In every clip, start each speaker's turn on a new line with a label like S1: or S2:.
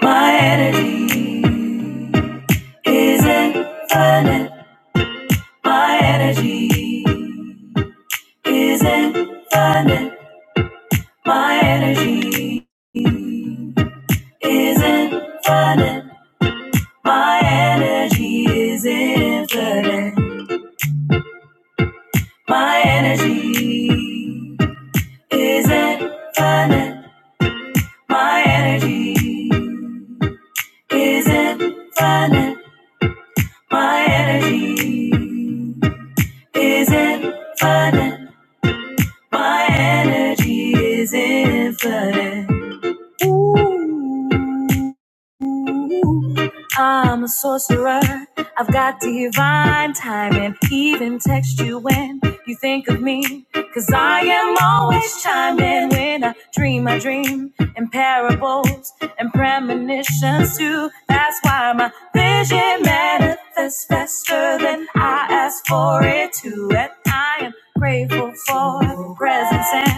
S1: My energy is infinite. My energy is infinite. My energy is infinite. My energy is infinite. My energy is infinite. My energy is infinite. My energy isn't flooding. My energy isn't flooding. Ooh. Ooh, I'm a sorcerer. I've got divine timing, even text you when you think of me. Cause I am always chiming when I dream my dream in parables and premonitions too. That's why my vision manifests faster than I ask for it to. And I am grateful for presence and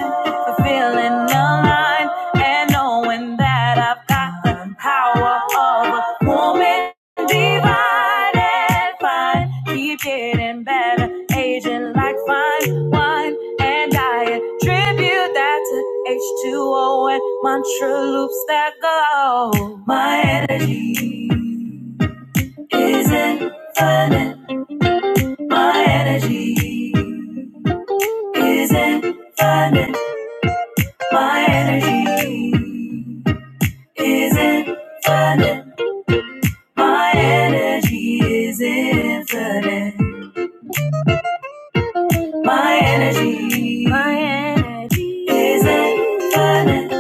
S1: fulfilling the line and knowing that I've got the power of a woman divine and fine. Keep getting better, aging like fine wine. And I attribute that to H2O and mantra loops that go. My energy is infinite. My energy is infinite. My energy is infinite. My energy is infinite. My energy, my energy is infinite.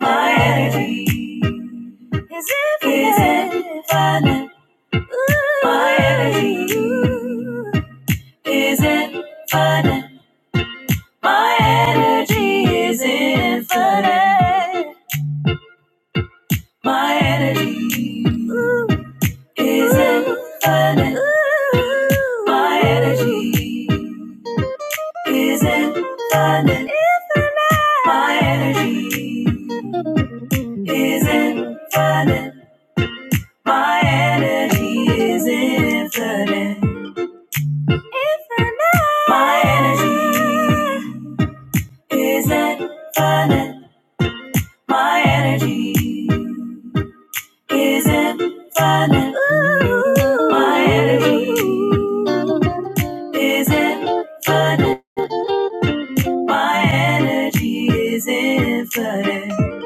S1: My energy is infinite. Is infinite. My energy is infinite. My energy is infinite. My energy. Isn't funny. My energy isn't funny. My energy isn't funny. My energy is infinite. My energy isn't funny. My energy isn't funny. My energy isn't funny. My energy is infinite.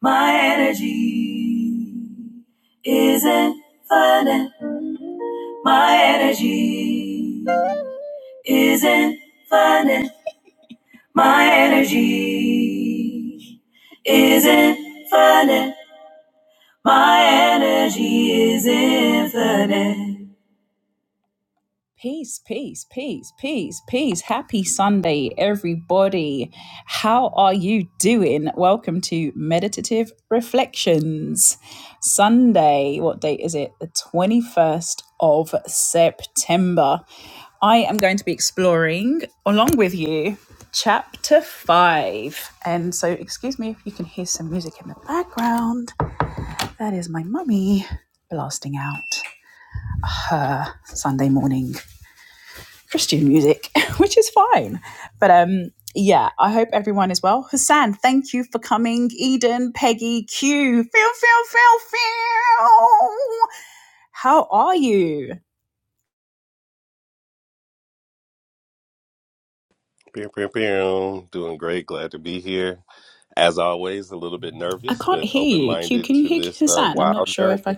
S1: My energy is infinite. My energy is infinite. My energy is infinite. My energy is infinite.
S2: Pew, pew, pew. Doing great. Glad to be here. As always, a little bit nervous, but open minded to this uh, wild journey.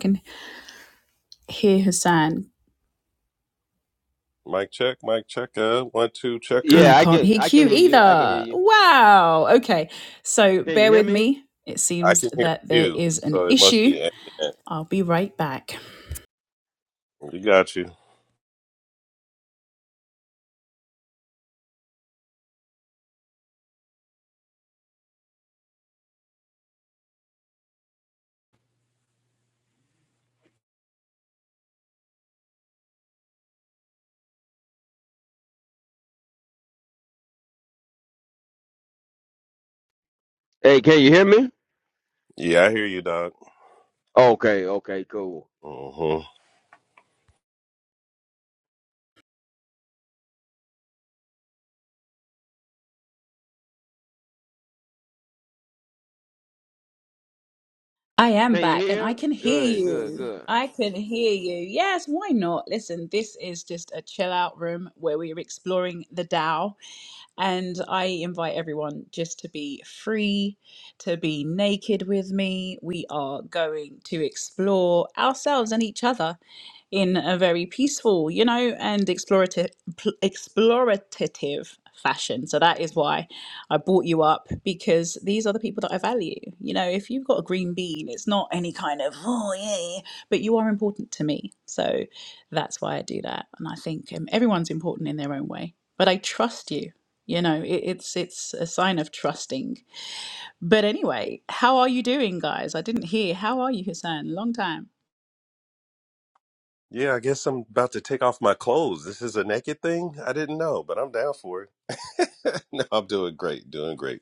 S2: Mic check, mic checker. One, two, checker.
S3: Yeah, I can I can hear you. I can hear you. Can you hear me?
S2: I can hear you, so it must be internet. You got you.
S3: Hey, can you hear me?
S2: Yeah, I hear you, dog.
S3: Okay, okay, cool.
S2: hmm
S3: Can you hear? Good, good, good.
S2: Yeah, I guess I'm about to take off my clothes. This is a naked thing? I didn't know, but I'm down for it. no, I'm doing great. Doing great.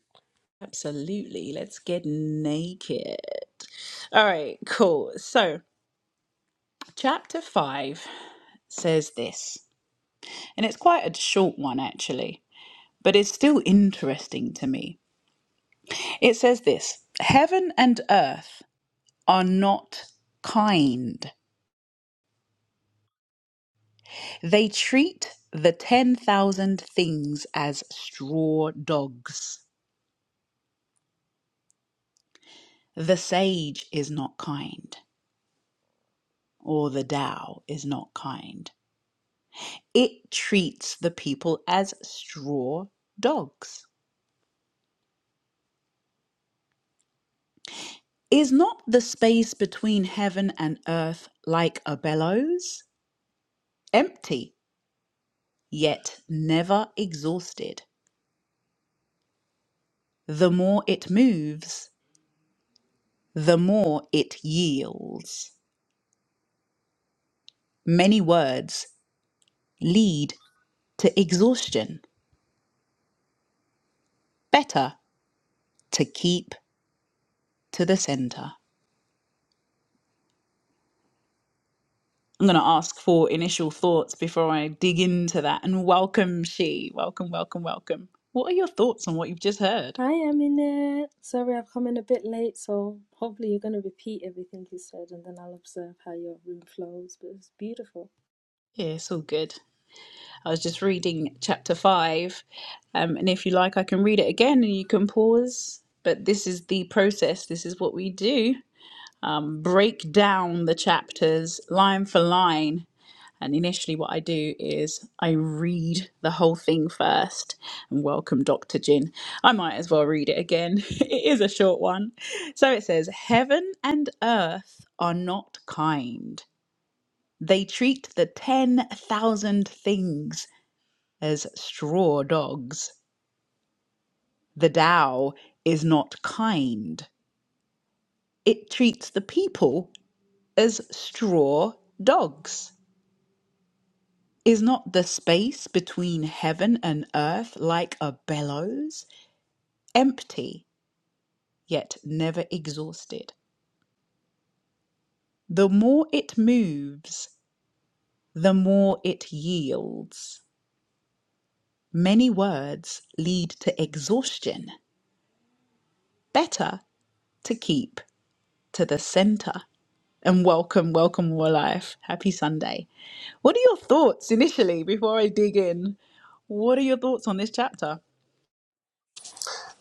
S4: Hi, Aminette. Sorry I've come in a bit late, so hopefully you're going to repeat everything you said and then I'll observe how your room flows. But it's beautiful.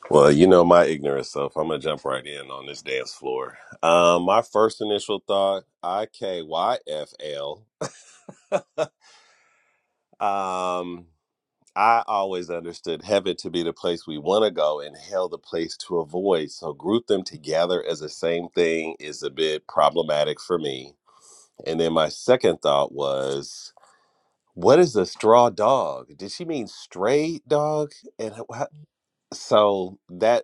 S2: Well, you know my ignorant self. I'm gonna jump right in on this dance floor. Um, my first initial thought, I K Y F L. Um, I always understood heaven to be the place we want to go and hell the place to avoid. So group them together as the same thing is a bit problematic for me. And then my second thought was, what is a straw dog? Did she mean stray dog? And how, so that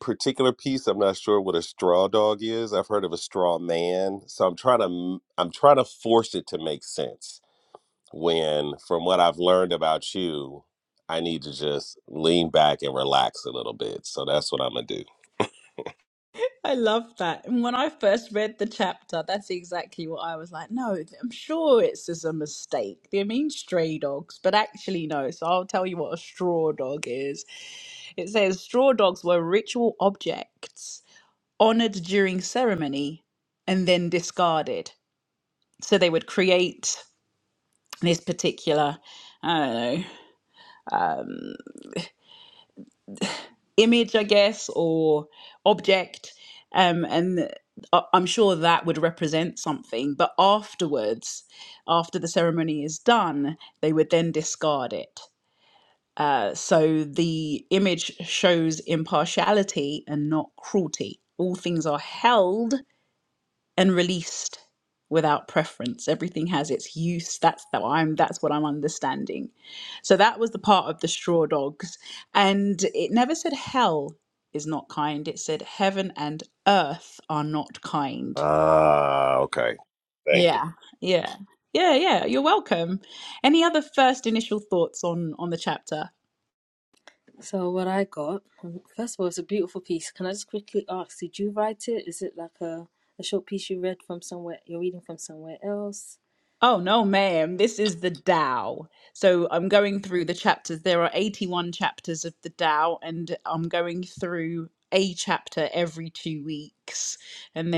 S2: particular piece i'm not sure what a straw dog is i've heard of a straw man so i'm trying to m- i'm trying to force it to make sense when from what i've learned about you i need to just lean back and relax a little bit so that's what i'm gonna do ah okay thank you
S4: So, what I got, um, first of all, it's a beautiful piece. Can I just quickly ask, did you write it? Is it like a, a short piece you read from somewhere, you're reading from somewhere else? Did-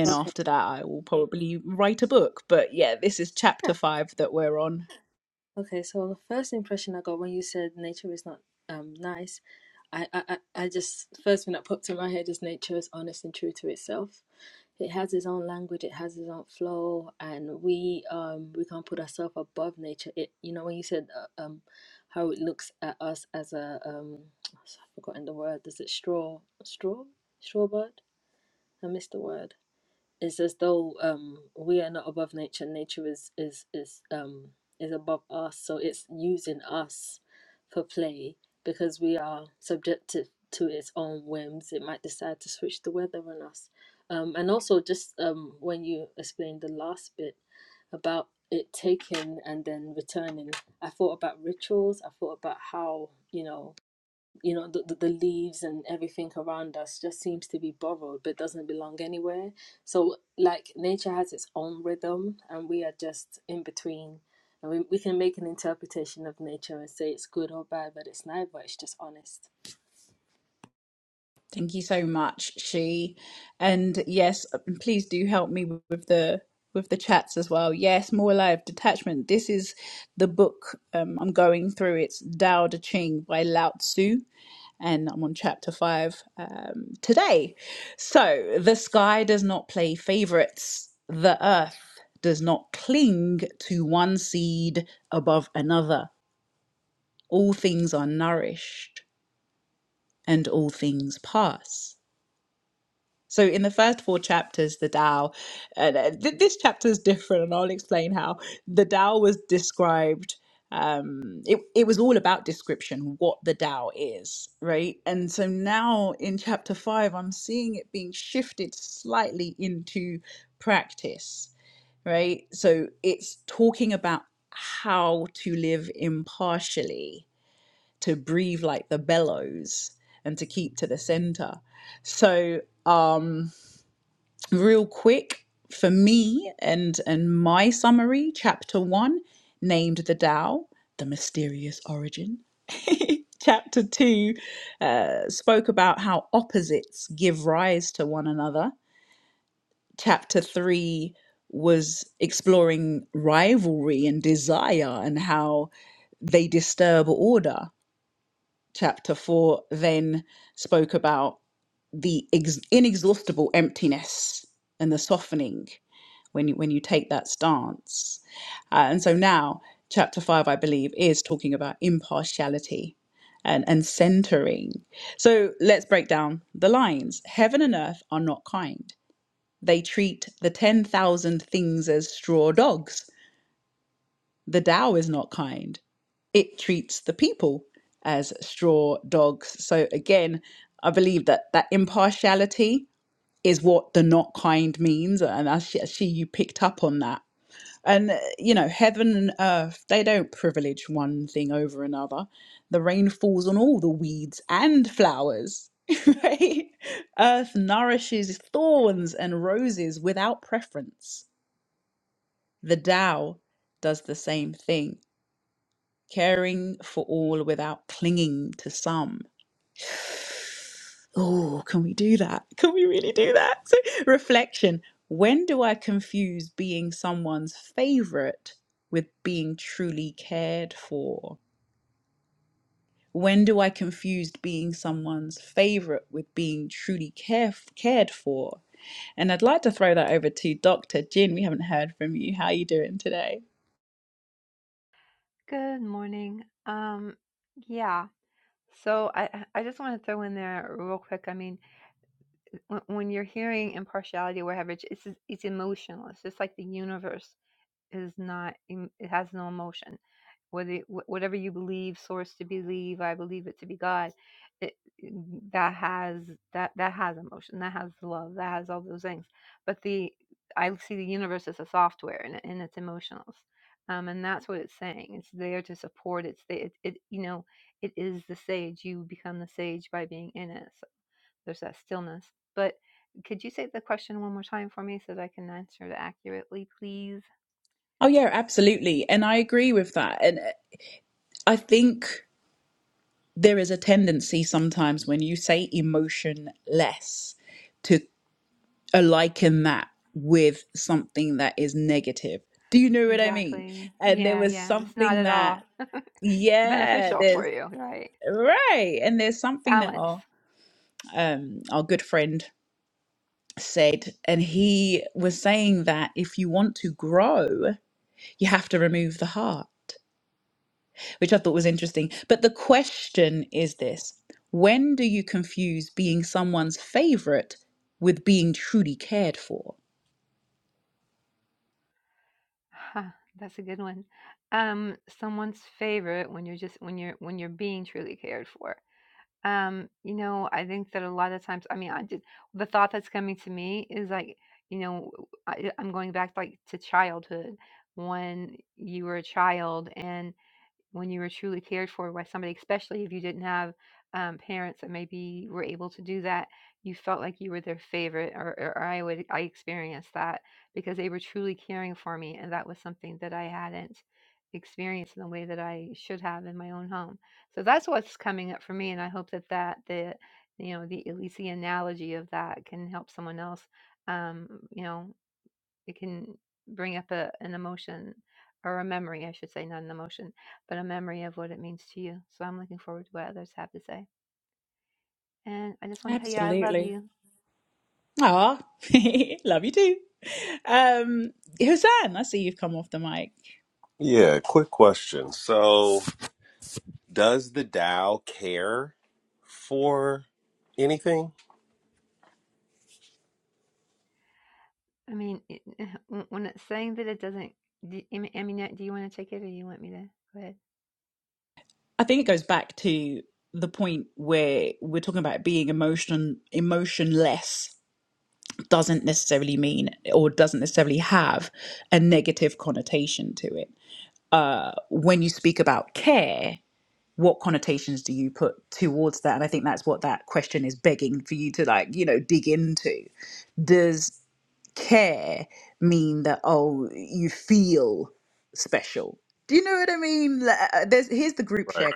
S4: Okay. Okay, so the first impression I got when you said nature is not um nice, I I I I just first thing that popped in my head is nature is honest and true to itself. It has its own language, it has its own flow, and we um we can't put ourselves above nature. It you know when you said uh, um how it looks at us as a um I've forgotten the word. Is it straw straw straw bird? I missed the word it's as though um, we are not above nature. Nature is is is um, is above us, so it's using us for play because we are subjected to its own whims. It might decide to switch the weather on us, um, and also just um, when you explained the last bit about it taking and then returning, I thought about rituals. I thought about how you know you know the, the the leaves and everything around us just seems to be borrowed but doesn't belong anywhere so like nature has its own rhythm and we are just in between and we, we can make an interpretation of nature and say it's good or bad but it's neither it's just honest
S5: Good morning. Um, yeah. So I I just want to throw in there real quick. I mean, when, when you're hearing impartiality or whatever, it's it's it's emotional. It's just like the universe is not em- it has no emotion whether wh- whatever you believe source to believe i believe it to be god it, mm, that has that that has emotion that has love that has all those things but the i see the universe as a software and, and it's emotionals um, and that's what it's saying it's there to support it's the, it, it you know it is the sage you become the sage by being in it so there's that stillness but could you say the question one more time for me so that I can answer it accurately, please? Exactly. Yeah, yeah. It's not at all. It's beneficial for you, right? Balance. Huh, that's a good one. Um, someone's favorite when you're just when you're when you're being truly cared for. Um, you know, I think that a lot of times, I mean, I did the thought that's coming to me is like, you know, I, I'm going back like to childhood when you were a child and. when you were truly cared for by somebody, especially if you didn't have um, parents that maybe were able to do that, you felt like you were their favorite, or, or I would I experienced that because they were truly caring for me, and that was something that I hadn't experienced in the way that I should have in my own home. So that's what's coming up for me, and I hope that that the you know the at least the analogy of that can help someone else. Um, you know, it can bring up a, an emotion or a memory, I should say, not an emotion, but a memory of what it means to you. So I'm looking forward to what others have to say. And I just want to tell you, I love you.
S2: yeah quick question so does the Tao care for anything?
S5: I mean, it, when it's saying that it doesn't, do, I mean, do you want to take it or you want me to go ahead?
S2: Right.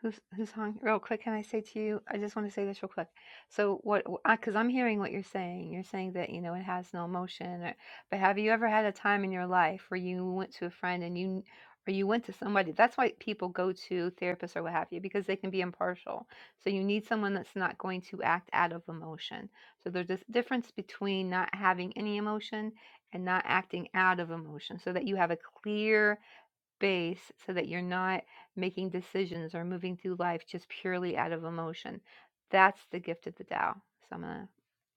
S5: Who's who's hung? Real quick, can I say to you? I just want to say this real quick. So what? Because I'm hearing what you're saying. You're saying that you know it has no emotion. Or, but have you ever had a time in your life where you went to a friend and you, or you went to somebody? That's why people go to therapists or what have you because they can be impartial. So you need someone that's not going to act out of emotion. So there's this difference between not having any emotion and not acting out of emotion, so that you have a clear space so that you're not making decisions or moving through life just purely out of emotion. That's the gift of the Tao. So I'm going to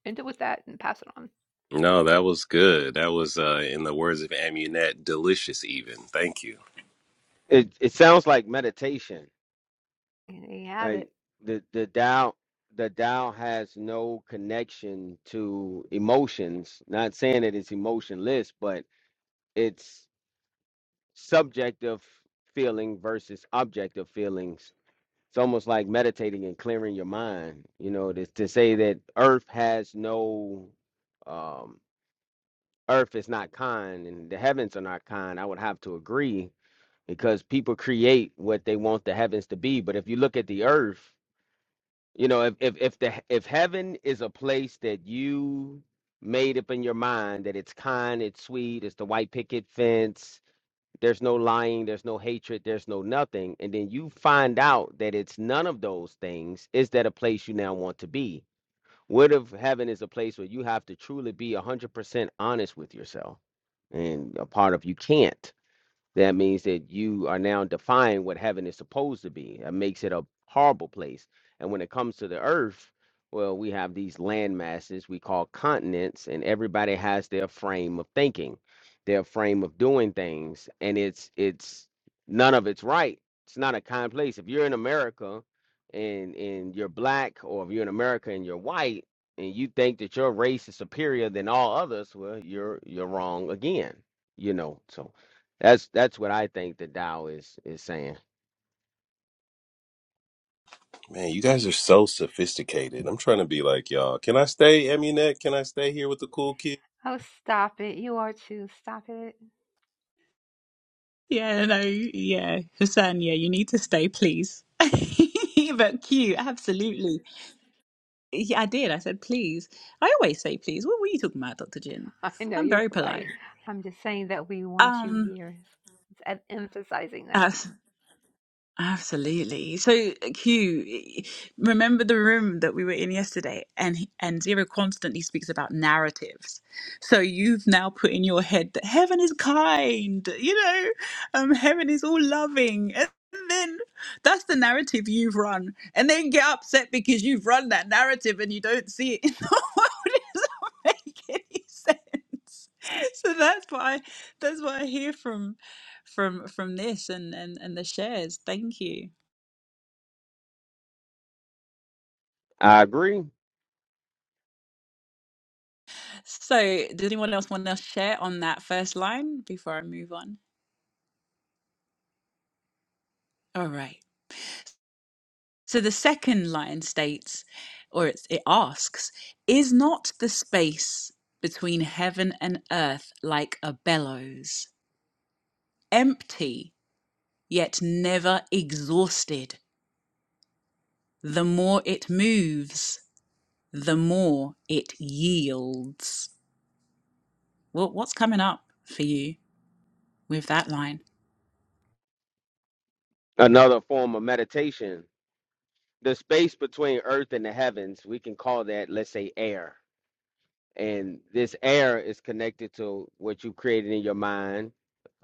S5: end it with that and pass it on.
S2: No, that was good. That was, uh, in the words of Amunet, delicious even. Thank you.
S3: It it sounds like meditation.
S5: And There you have
S3: Like
S5: it.
S3: the the Tao the Tao has no connection to emotions. Not saying that it's emotionless, but it's subjective feeling versus objective feelings. It's almost like meditating and clearing your mind. You know, to, to say that Earth has no um earth is not kind and the heavens are not kind, I would have to agree because people create what they want the heavens to be. But if you look at the earth, you know, if if if the if heaven is a place that you made up in your mind that it's kind, it's sweet, it's the white picket fence, there's no lying, there's no hatred, there's no nothing, and then you find out that it's none of those things, is that a place you now want to be? What if heaven is a place where you have to truly be 100% honest with yourself? And a part of you can't that means that you are now defying what heaven is supposed to be. It makes it a horrible place. And when it comes to the earth, well, we have these land masses we call continents, and everybody has their frame of thinking, their frame of doing things, and it's it's none of it's right. It's not a kind place. If you're in America and and you're black, or if you're in America and you're white, and you think that your race is superior than all others, well, you're you're wrong again. You know, so that's that's what I think the Tao is is saying.
S2: Man, you guys are so sophisticated. I'm trying to be like y'all. Can I stay, Amunet? Can I stay here with the cool kid?
S5: Oh, stop it. You are too. Stop it. I know you're polite. I'm just saying that we want you here. It's em- emphasizing that.
S3: I agree. Another form of meditation, the space between earth and the heavens, we can call that, let's say, air. And this air is connected to what you created in your mind,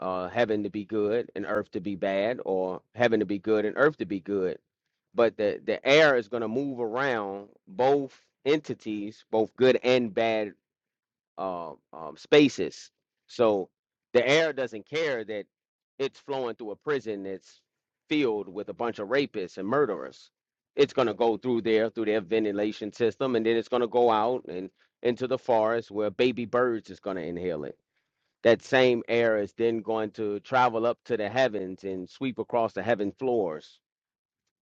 S3: uh, heaven to be good and earth to be bad, or heaven to be good and earth to be good. But the the air is going to move around both entities, both good and bad um, um, spaces. So the air doesn't care that it's flowing through a prison that's filled with a bunch of rapists and murderers. It's going to go through there, through their ventilation system, and then it's going to go out and into the forest where baby birds is going to inhale it. That same air is then going to travel up to the heavens and sweep across the heaven floors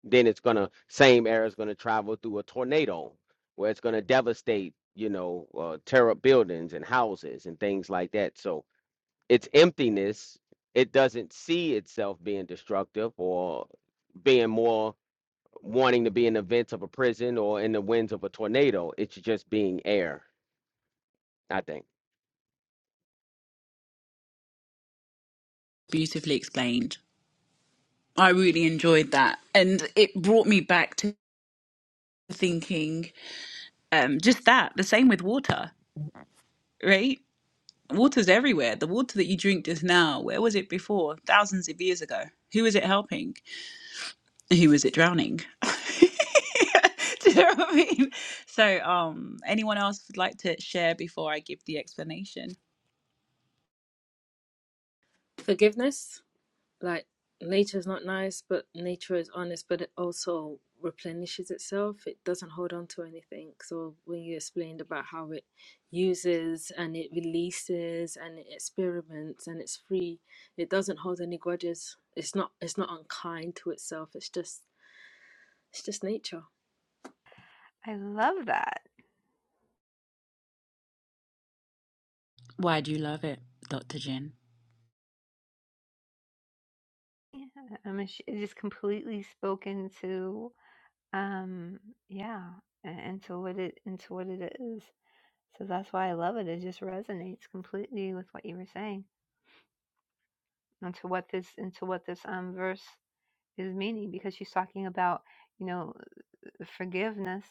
S3: then it's gonna same air is gonna travel through a tornado where it's gonna devastate you know uh, tear up buildings and houses and things like that so it's emptiness it doesn't see itself being destructive or being more wanting to be in the vents of a prison or in the winds of a tornado it's just being air i think
S4: forgiveness like nature is not nice, but nature is honest, but it also replenishes itself. It doesn't hold on to anything. So when you explained about how it uses and it releases and it experiments and it's free, it doesn't hold any grudges. It's not it's not unkind to itself. It's just it's just nature.
S5: I love that. Yeah. I mean, she it just completely spoken to, um, yeah, a- into what it, into what it is. So that's why I love it. It just resonates completely with what you were saying and to what this into what this um verse is meaning because she's talking about, you know, forgiveness.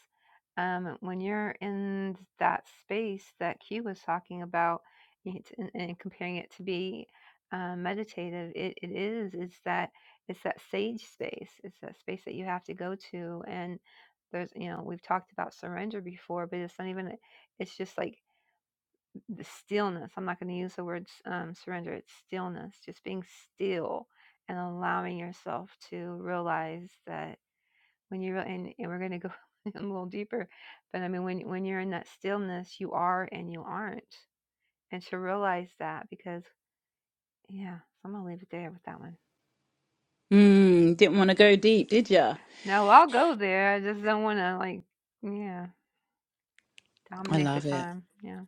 S5: Um, when you're in that space that Q was talking about and, and comparing it to be um, meditative, it, it is, it's that, it's that sage space. It's that space that you have to go to. And there's, you know, we've talked about surrender before, but it's not even, it's just like the stillness. I'm not going to use the word um, surrender, it's stillness, just being still and allowing yourself to realize that when you're, and, and we're going to go a little deeper, but I mean, when, when you're in that stillness, you are and you aren't. And to realize that because, yeah, so I'm going to leave it there with that one. No, I'll go there. I just don't want to, like, yeah, dominate the time. Yeah.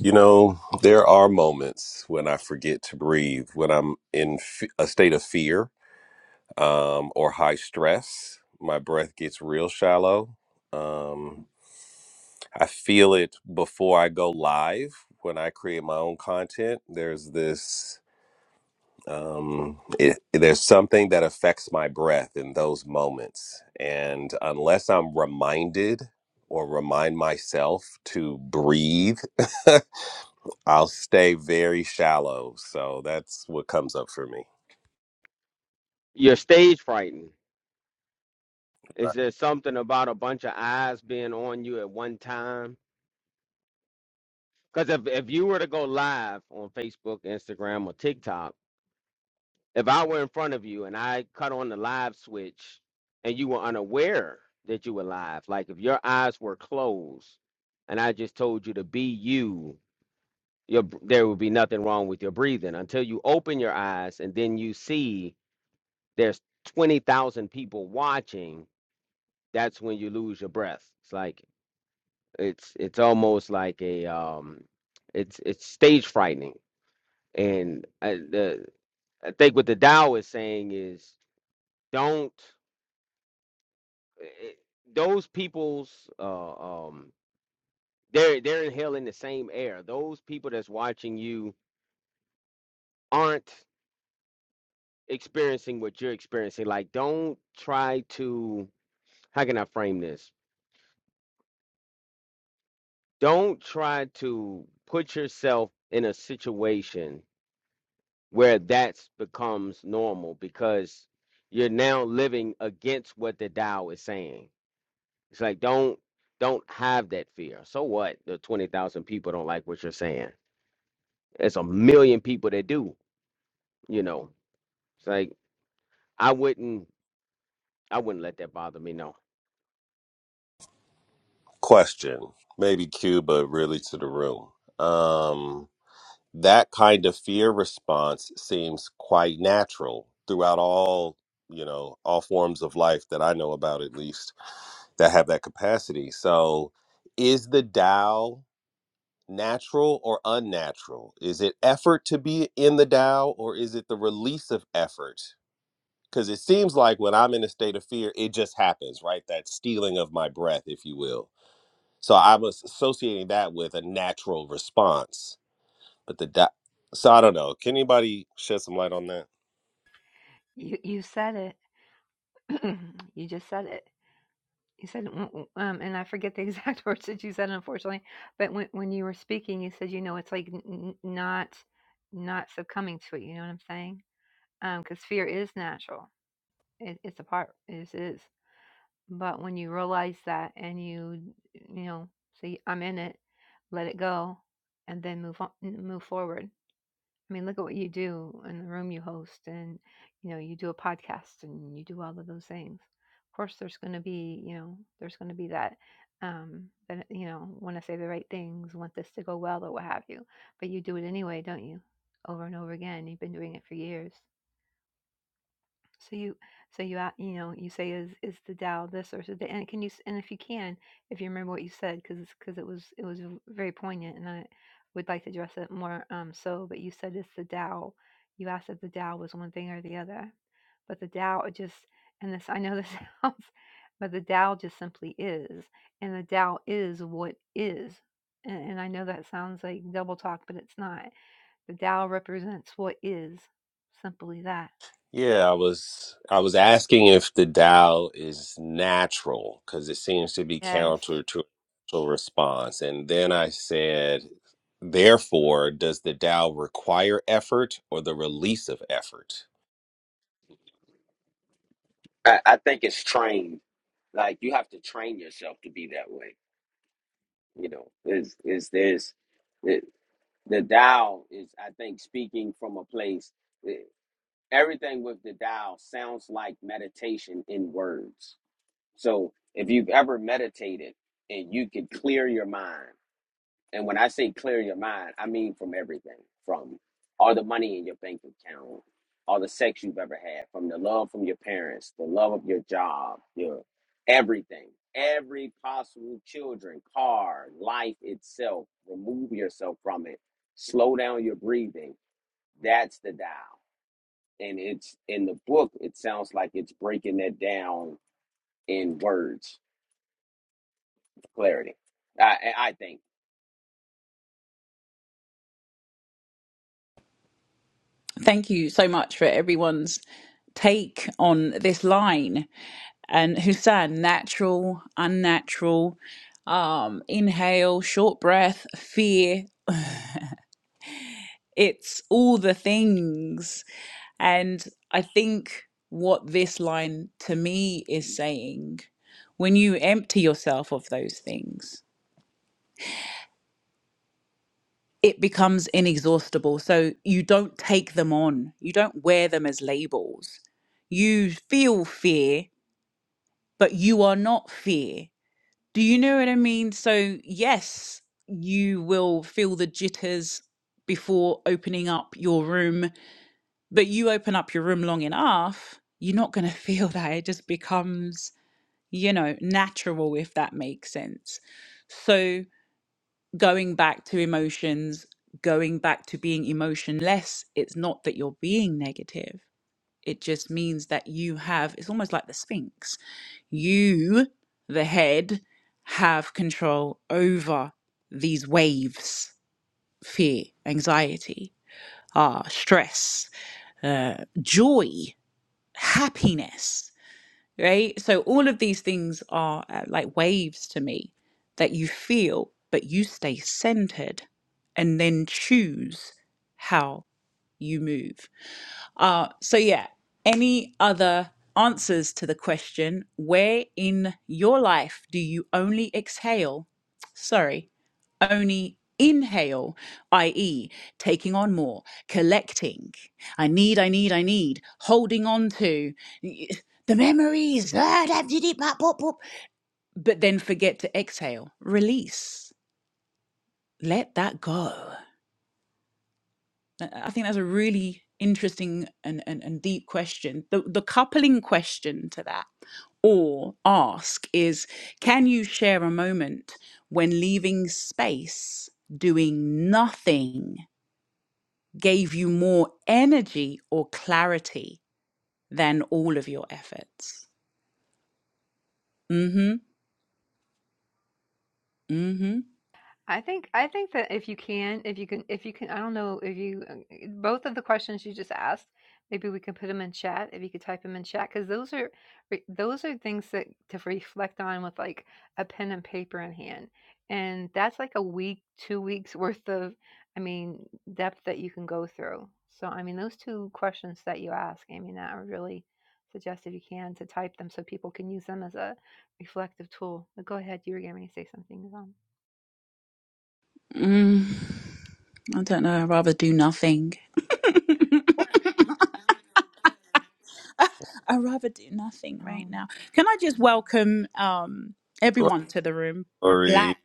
S2: You know, there are moments when I forget to breathe, when I'm in f- a state of fear um, or high stress. My breath gets real shallow. Um, I feel it before I go live when I create my own content. There's this, um, it, there's something that affects my breath in those moments. And unless I'm reminded or remind myself to breathe, I'll stay very shallow. So that's what comes up for me.
S3: you're stage frightened is there something about a bunch of eyes being on you at one time because if, if you were to go live on facebook instagram or tiktok If I were in front of you and I cut on the live switch and you were unaware that you were live, like if your eyes were closed and I just told you to be you, your, br- there would be nothing wrong with your breathing until you open your eyes and then you see there's 20,000 people watching. That's when you lose your breath. It's like, it's, it's almost like a, um, it's, it's stage frightening. And I, the, I think what the Tao is saying is don't. it- those people's uh, um they're they're inhaling the same air. Those people that's watching you aren't experiencing what you're experiencing. Like, don't try to how can I frame this? Don't try to put yourself in a situation where that becomes normal because you're now living against what the Tao is saying. It's like don't don't have that fear. So what? The twenty thousand people don't like what you're saying It's a million people that do, you know. It's like I wouldn't I wouldn't let that bother me, no.
S2: Question, maybe Q, but really to the room. Um, that kind of fear response seems quite natural throughout all you know all forms of life that i know about at least that have that capacity so is the Tao natural or unnatural is it effort to be in the Tao or is it the release of effort because it seems like when i'm in a state of fear it just happens right that stealing of my breath if you will so i was associating that with a natural response but the di- so I don't know. Can anybody shed some light on that?
S5: You, you said it. you just said it. You said, w- w- um, and I forget the exact words that you said, unfortunately. But when when you were speaking, you said, you know, it's like n- n- not not succumbing to it. You know what I'm saying? Because fear is natural. It, it's a part. It is, it is. But when you realize that and you, you know, see, I'm in it, let it go, and then move on, move forward. I mean, look at what you do in the room you host, and you know, you do a podcast and you do all of those things. Of course, there's going to be, you know, there's going to be that, um, that you know, want to say the right things, want this to go well, or what have you. But you do it anyway, don't you? Over and over again. You've been doing it for years. So you, so you, a- you know, you say is is the Tao this or is it the and can you s- and if you can, if you remember what you said, because because it was it was v- very poignant, and I would like to address it more. Um, so, but you said it's the Tao. You asked if the Tao was one thing or the other, but the Tao it just and this I know this sounds, but the Tao just simply is, and the Tao is what is. And, and I know that sounds like double talk, but it's not. The Tao represents what is, simply that.
S2: Yeah, I was I was asking if the Tao is natural because it seems to be
S5: Yes.
S2: counter to a natural response, and then I said, therefore, does the Tao require effort or the release of effort?
S3: I, I think it's trained. Like you have to train yourself to be that way. You know, is is there's it, the Tao is I think speaking from a place. eh, everything with the Tao sounds like meditation in words. So if you've ever meditated and you could clear your mind And when I say clear your mind, I mean from everything, from all the money in your bank account, all the sex you've ever had, from the love from your parents, the love of your job, your everything, every possible children, car, life itself. Remove yourself from it. Slow down your breathing. That's the dial. And it's in the book, it sounds like it's breaking that down in words, clarity. I, I I think.
S5: I think I think that if you can, if you can, if you can, I don't know if you uh, eh, both of the questions you just asked, maybe we can put them in chat if you could type them in chat because those are re- those are things that to reflect on with like a pen and paper in hand, and that's like a week, two weeks worth of, I mean, depth that you can go through. So I mean, those two questions that you ask, I mean, that I would really suggest if you can to type them so people can use them as a reflective tool. But go ahead, you were going to say something. Um,
S2: Glory,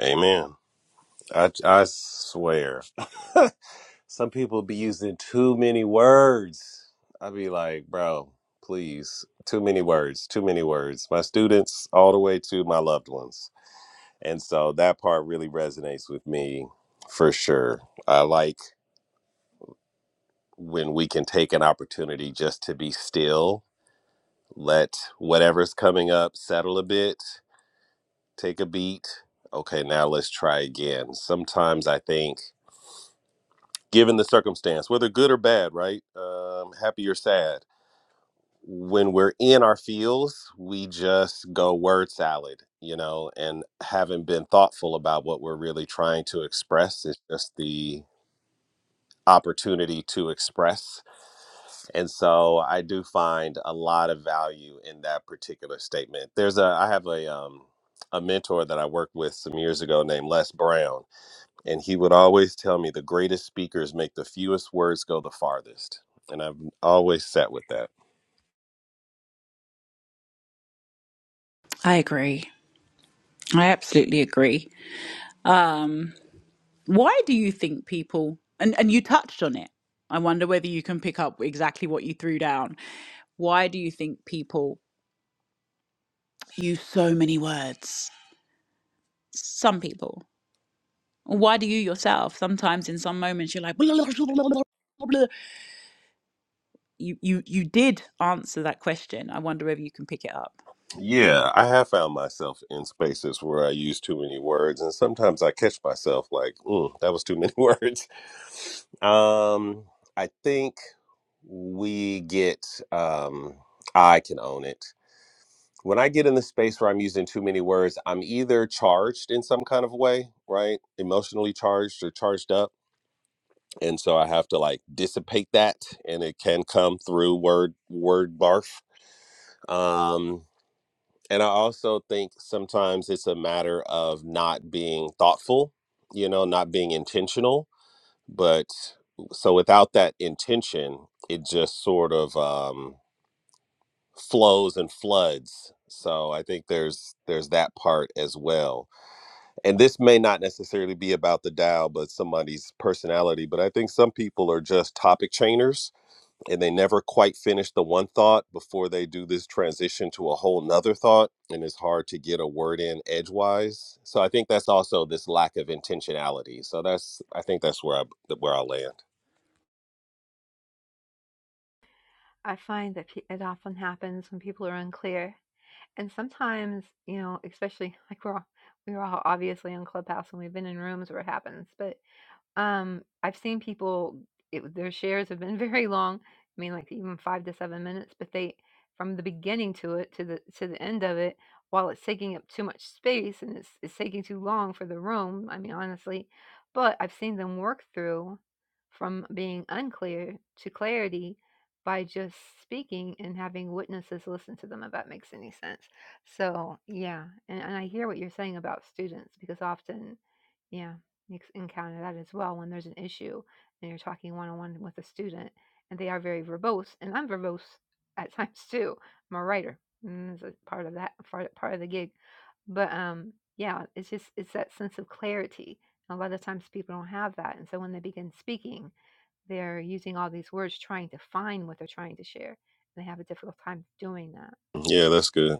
S2: Amen. I I swear. Some people be using too many words. I be like, bro, please, too many words, too many words. My students, all the way to my loved ones. And so that part really resonates with me for sure. I like when we can take an opportunity just to be still, let whatever's coming up settle a bit, take a beat. Okay, now let's try again. Sometimes I think given the circumstance, whether good or bad, right? Um, happy or sad. when we're in our fields, we just go word salad, you know, and haven't been thoughtful about what we're really trying to express. It's just the opportunity to express. And so I do find a lot of value in that particular statement. There's a I have a um a mentor that I worked with some years ago named Les Brown, and he would always tell me the greatest speakers make the fewest words go the farthest. And I've always sat with that. Yeah, I have found myself in spaces where I use too many words, and sometimes I catch myself like, mm, that was too many words. Um, I think we get, um, I can own it. When I get in the space where I'm using too many words, I'm either charged in some kind of way, right? Emotionally charged or charged up. And so I have to like dissipate that, and it can come through word word barf. Um, and I also think sometimes it's a matter of not being thoughtful, you know, not being intentional. But so without that intention, it just sort of um, flows and floods. So I think there's there's that part as well. And this may not necessarily be about the Dow, but somebody's personality. But I think some people are just topic chainers and they never quite finish the one thought before they do this transition to a whole nother thought and it's hard to get a word in edgewise so i think that's also this lack of intentionality so that's i think that's where i where i land
S5: I find that it often happens when people are unclear. And sometimes, you know, especially like we're all, we're all obviously on Clubhouse and we've been in rooms where it happens, but um, I've seen people it their shares have been very long. I mean, like, even 5 to 7 minutes, but they from the beginning to it to the to the end of it, while it's taking up too much space and it's it's taking too long for the room, I mean, honestly. But I've seen them work through from being unclear to clarity by just speaking and having witnesses listen to them, if that makes any sense. So, yeah, and and I hear what you're saying about students because often yeah ex- encounter that as well when there's an issue and you're talking one on one with a student and they are very verbose and I'm verbose at times too. I'm a writer. And it's a part of that part, part of the gig. But um yeah, it's just it's that sense of clarity. And A lot of times people don't have that. And so when they begin speaking, they're using all these words trying to find what they're trying to share. And they have a difficult time doing that.
S2: yeah that's good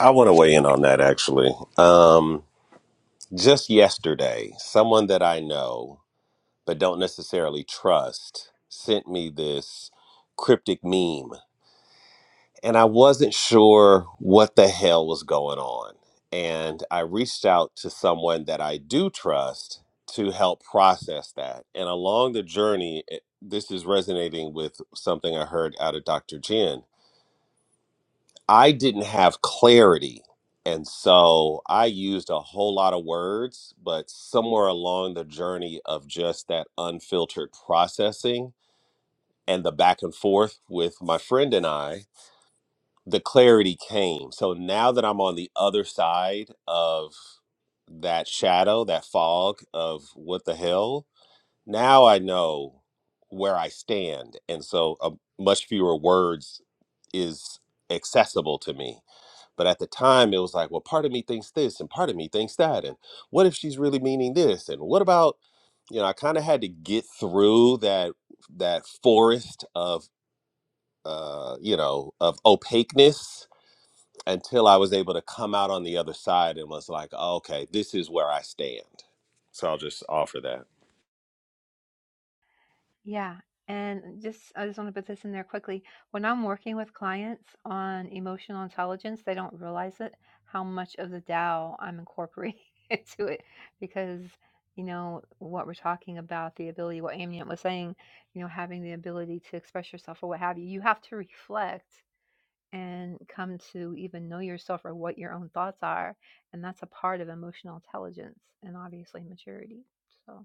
S2: i want to weigh in on that actually um just yesterday someone that i know but don't necessarily trust sent me this cryptic meme and I wasn't sure what the hell was going on. And I reached out to someone that I do trust to help process that. And along the journey, it- this is resonating with something I heard out of Dr. Jen. I didn't have clarity. And so I used a whole lot of words, but somewhere along the journey of just that unfiltered processing and the back and forth with my friend and I, the clarity came. So now that I'm on the other side of that shadow, that fog of what the hell, now I know where I stand. And so uh, much fewer words is accessible to me. But at the time, it was like, well, part of me thinks this and part of me thinks that. And what if she's really meaning this? And what about, you know, I kind of had to get through that that forest of, uh, you know, of opaqueness until I was able to come out on the other side and was like, "Oh, okay, this is where I stand. So I'll just offer that.
S5: Yeah. And just, I just want to put this in there quickly. When I'm working with clients on emotional intelligence, they don't realize it how much of the Tao I'm incorporating into it because, you know, what we're talking about, the ability, what Amnient was saying, you know, having the ability to express yourself or what have you, you have to reflect and come to even know yourself or what your own thoughts are. And that's a part of emotional intelligence and obviously maturity. So.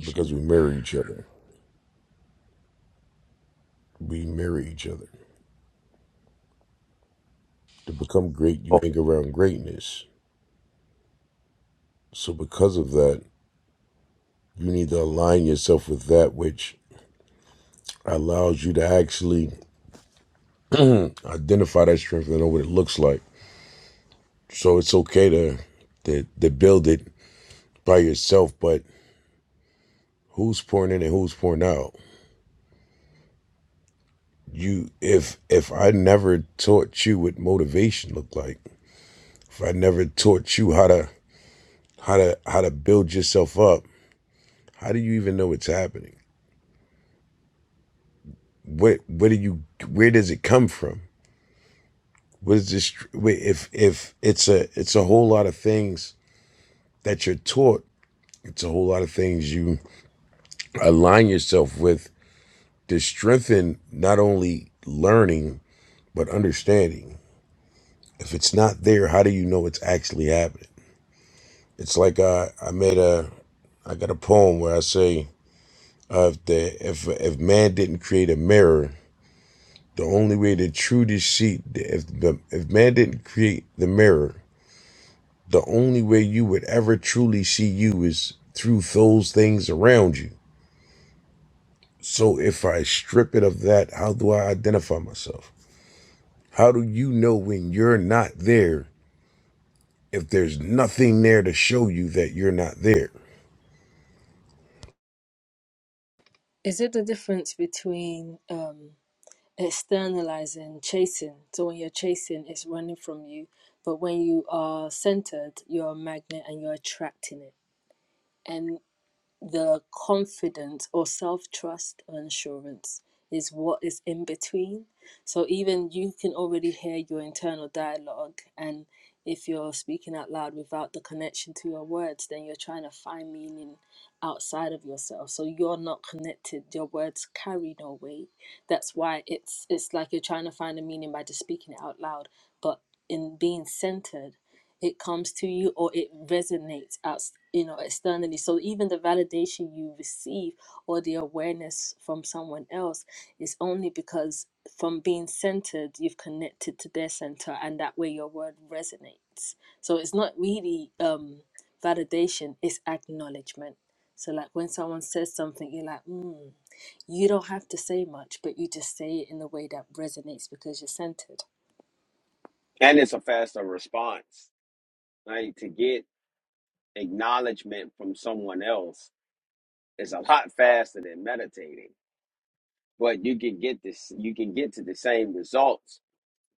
S6: because we mirror each other. We mirror each other. To become great, you
S2: Oh,
S6: hang around greatness. So, because of that, you need to align yourself with that which allows you to actually identify that strength and know what it looks like. So, it's okay to, to, to build it by yourself, but who's pouring in and who's pouring out? You, if if I never taught you what motivation looked like, if I never taught you how to how to how to build yourself up, how do you even know it's happening? what what do you where does it come from what is this if if it's a it's a whole lot of things that you're taught it's a whole lot of things you align yourself with to strengthen not only learning but understanding if it's not there how do you know it's actually happening it's like i i made a i got a poem where i say uh, if the if if man didn't create a mirror the only way to truly see if the if man didn't create the mirror the only way you would ever truly see you is through those things around you. So if I strip it of that, how do I identify myself? How do you know when you're not there if there's nothing there to show you that you're not there?
S4: Is it the difference between um externalizing chasing so when you're chasing it's running from you but when you are centered you're a magnet and you're attracting it and the confidence or self trust or assurance is what is in between. So even you can already hear your internal dialogue, and if you're speaking out loud without the connection to your words, then you're trying to find meaning outside of yourself. So you're not connected. Your words carry no weight. That's why it's it's like you're trying to find a meaning by just speaking it out loud, but in being centered it comes to you or it resonates out you know externally so even the validation you receive or the awareness from someone else is only because from being centered you've connected to their center and that way your word resonates so it's not really um validation it's acknowledgement so like when someone says something you're like mm, you don't have to say much but you just say it in a way that resonates because you're centered
S3: And it's a faster response, right? To get acknowledgement from someone else is a lot faster than meditating. But you can get this you can get to the same results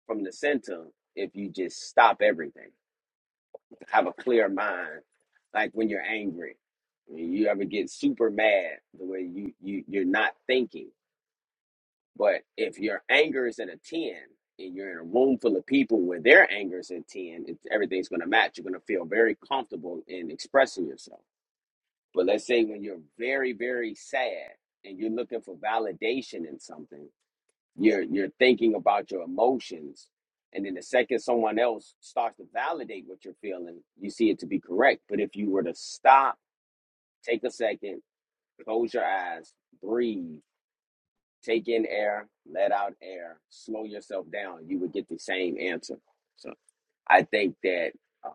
S3: from the center if you just stop everything. Have a clear mind. Like when you're angry. You ever get super mad the way you, you you're not thinking. But if your anger is at a 10 and you're in a room full of people where their anger is at 10, it, everything's gonna match. You're gonna feel very comfortable in expressing yourself But let's say when you're very, very sad and you're looking for validation in something, you're you're thinking about your emotions, and then the second someone else starts to validate what you're feeling, you see it to be correct. But if you were to stop, take a second, close your eyes, breathe, take in air, let out air, slow yourself down, you would get the same answer. So I think that uh,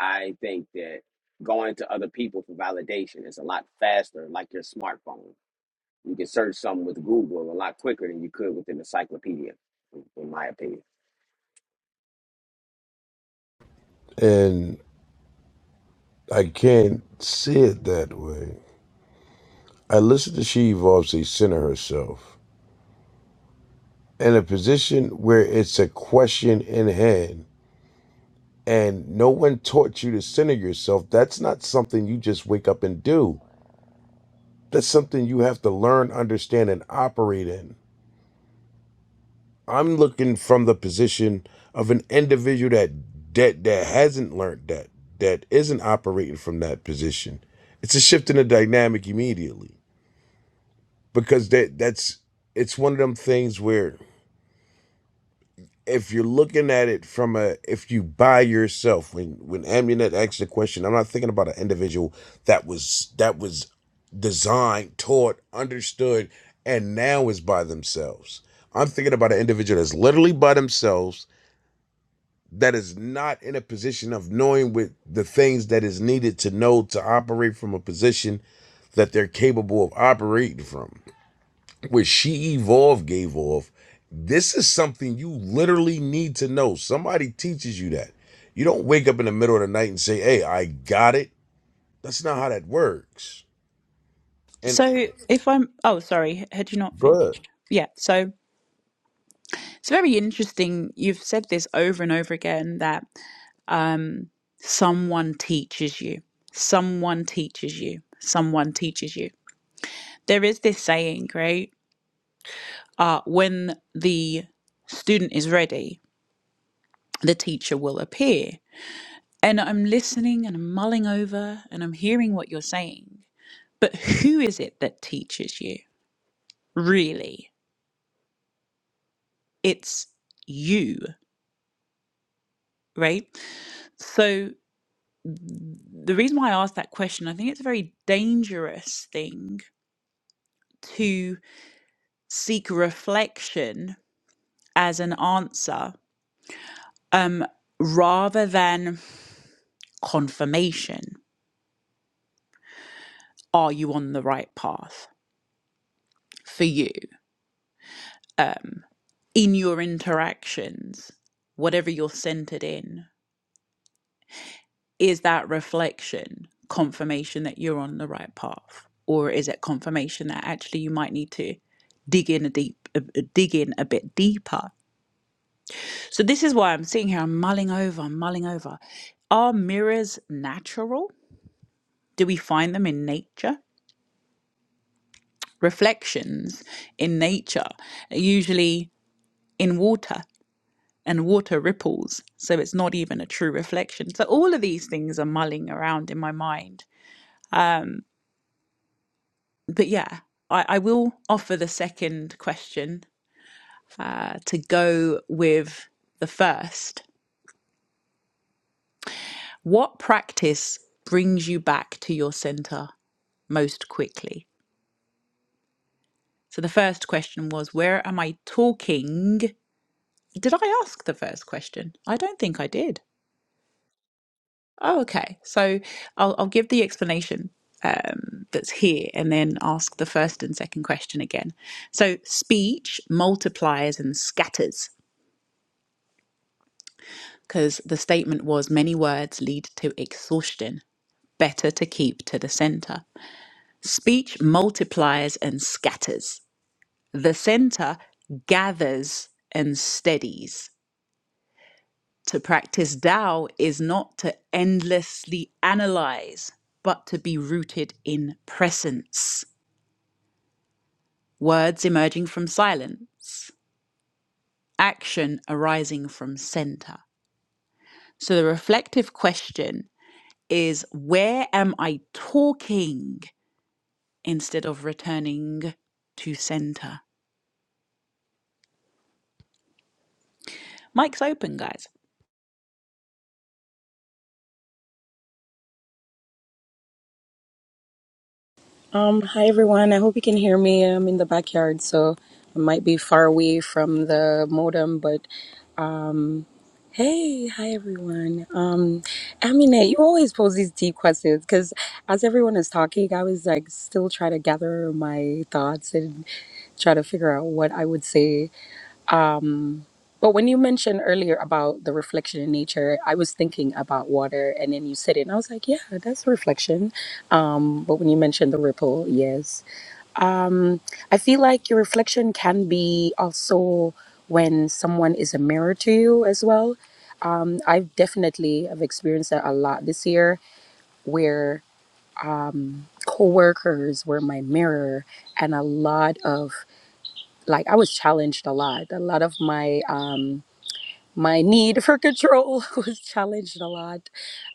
S3: I think that going to other people for validation is a lot faster, like your smartphone. You can search something with Google a lot quicker than you could with an encyclopedia, in my opinion.
S6: And I can't see it that way. I listen to she evolves a center herself in a position where it's a question in hand and no one taught you to center yourself. That's not something you just wake up and do That's something you have to learn, understand, and operate in. I'm looking from the position of an individual that that that hasn't learned that, that isn't operating from that position. It's a shift in the dynamic immediately because that that's it's one of them things where if you're looking at it from a if you buy yourself when when Amunet asks the question, I'm not thinking about an individual that was that was designed, taught, understood, and now is by themselves. I'm thinking about an individual that's literally by themselves that is not in a position of knowing with the things that is needed to know to operate from a position that they're capable of operating from what she evolved gave off this is something you literally need to know somebody teaches you that you don't wake up in the middle of the night and say hey i got it that's not how that works and good
S7: Um, hi everyone. I hope you can hear me. I'm in the backyard, so I might be far away from the modem, but um, hey, hi everyone. Um, Aminette, you always pose these deep questions because as everyone is talking, I was like still trying to gather my thoughts and try to figure out what I would say. Um, but when you mentioned earlier about the reflection in nature, I was thinking about water, and then you said it, and I was like, yeah, that's reflection. Um, but when you mentioned the ripple, yes. Um, I feel like your reflection can be also when someone is a mirror to you as well. Um, I've definitely have experienced that a lot this year, where um, coworkers were my mirror, and a lot of like I was challenged a lot. A lot of my um, my need for control was challenged a lot.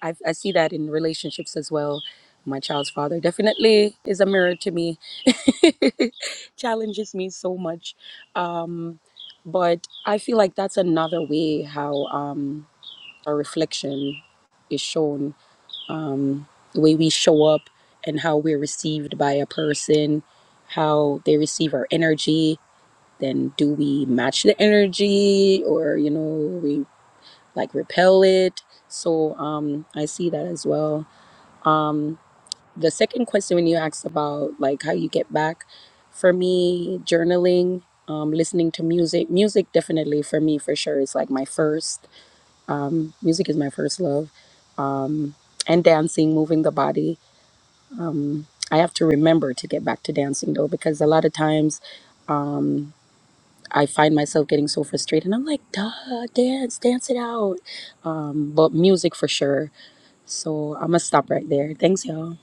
S7: I, I see that in relationships as well. My child's father definitely is a mirror to me challenges me so much. Um, but I feel like that's another way how um, a reflection is shown, um, the way we show up and how we're received by a person, how they receive our energy. Then do we match the energy or, you know, we like repel it? So um, I see that as well. Um, the second question when you asked about like how you get back for me journaling um, listening to music music definitely for me for sure is like my first um, music is my first love um, and dancing moving the body um, i have to remember to get back to dancing though because a lot of times um, i find myself getting so frustrated and i'm like duh dance dance it out um, but music for sure so i'm gonna stop right there thanks y'all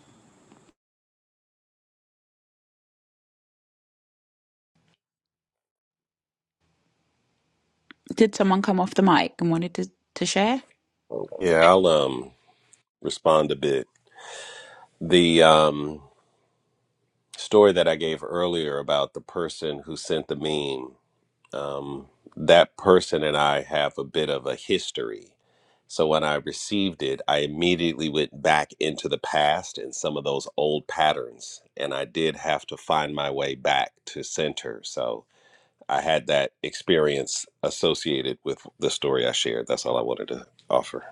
S2: Yeah, I'll um respond a bit. The um story that I gave earlier about the person who sent the meme, um, that person and I have a bit of a history. So when I received it, I immediately went back into the past and some of those old patterns. And I did have to find my way back to center. So I had that experience associated with the story I shared. That's all I wanted to offer.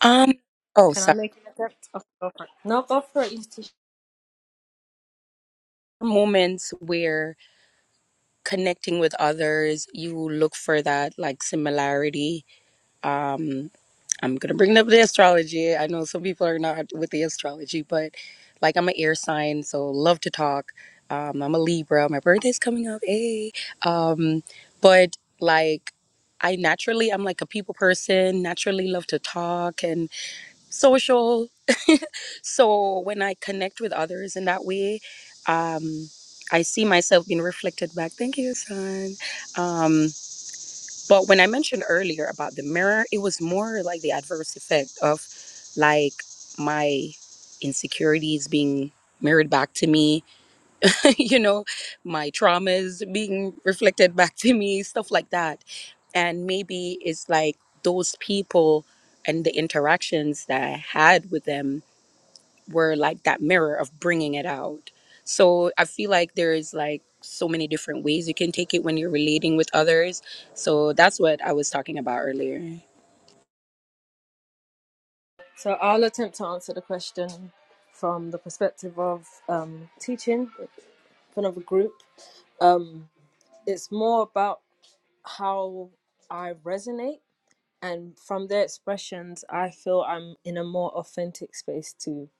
S7: um oh
S4: Can I
S7: sorry
S4: make an attempt? Oh, go for it. no go for it
S7: moments where connecting with others, you look for that like similarity. Um, I'm gonna bring up the astrology. I know some people are not with the astrology, but like I'm an air sign, so love to talk. Um, I'm a Libra. My birthday's coming up. Hey, um, but like. I naturally, I'm like a people person, naturally love to talk and social. So when I connect with others in that way, um, I see myself being reflected back. Thank you, son. Um, but when I mentioned earlier about the mirror, it was more like the adverse effect of like my insecurities being mirrored back to me, you know, my traumas being reflected back to me, stuff like that. And maybe it's like those people and the interactions that I had with them were like that mirror of bringing it out. So I feel like there is like so many different ways you can take it when you're relating with others. So that's what I was talking about earlier.
S4: So I'll attempt to answer the question from the perspective of um, teaching in front of a group. Um, it's more about how I resonate, and from their expressions, I feel I'm in a more authentic space to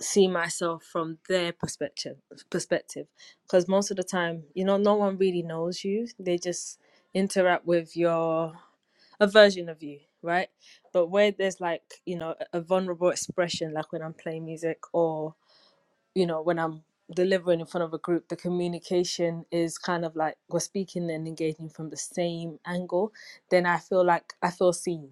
S4: see myself from their perspective. Perspective, because most of the time, you know, no one really knows you. They just interact with your a version of you, right? But where there's like, you know, a a vulnerable expression, like when I'm playing music or, you know, when I'm delivering in front of a group, the communication is kind of like we're speaking and engaging from the same angle, then I feel like I feel seen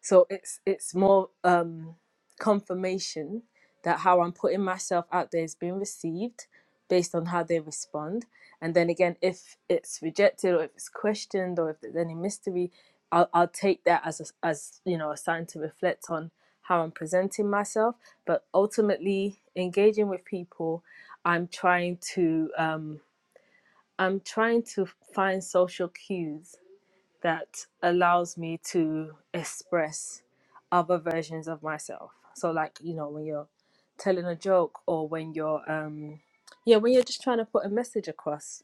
S4: so it's it's more um confirmation that how i'm putting myself out there is being received based on how they respond and then again if it's rejected or if it's questioned or if there's any mystery i'll, I'll take that as a, as you know a sign to reflect on how i'm presenting myself but ultimately engaging with people i'm trying to um i'm trying to find social cues that allows me to express other versions of myself. So like, you know, when you're telling a joke or when you're um yeah, when you're just trying to put a message across,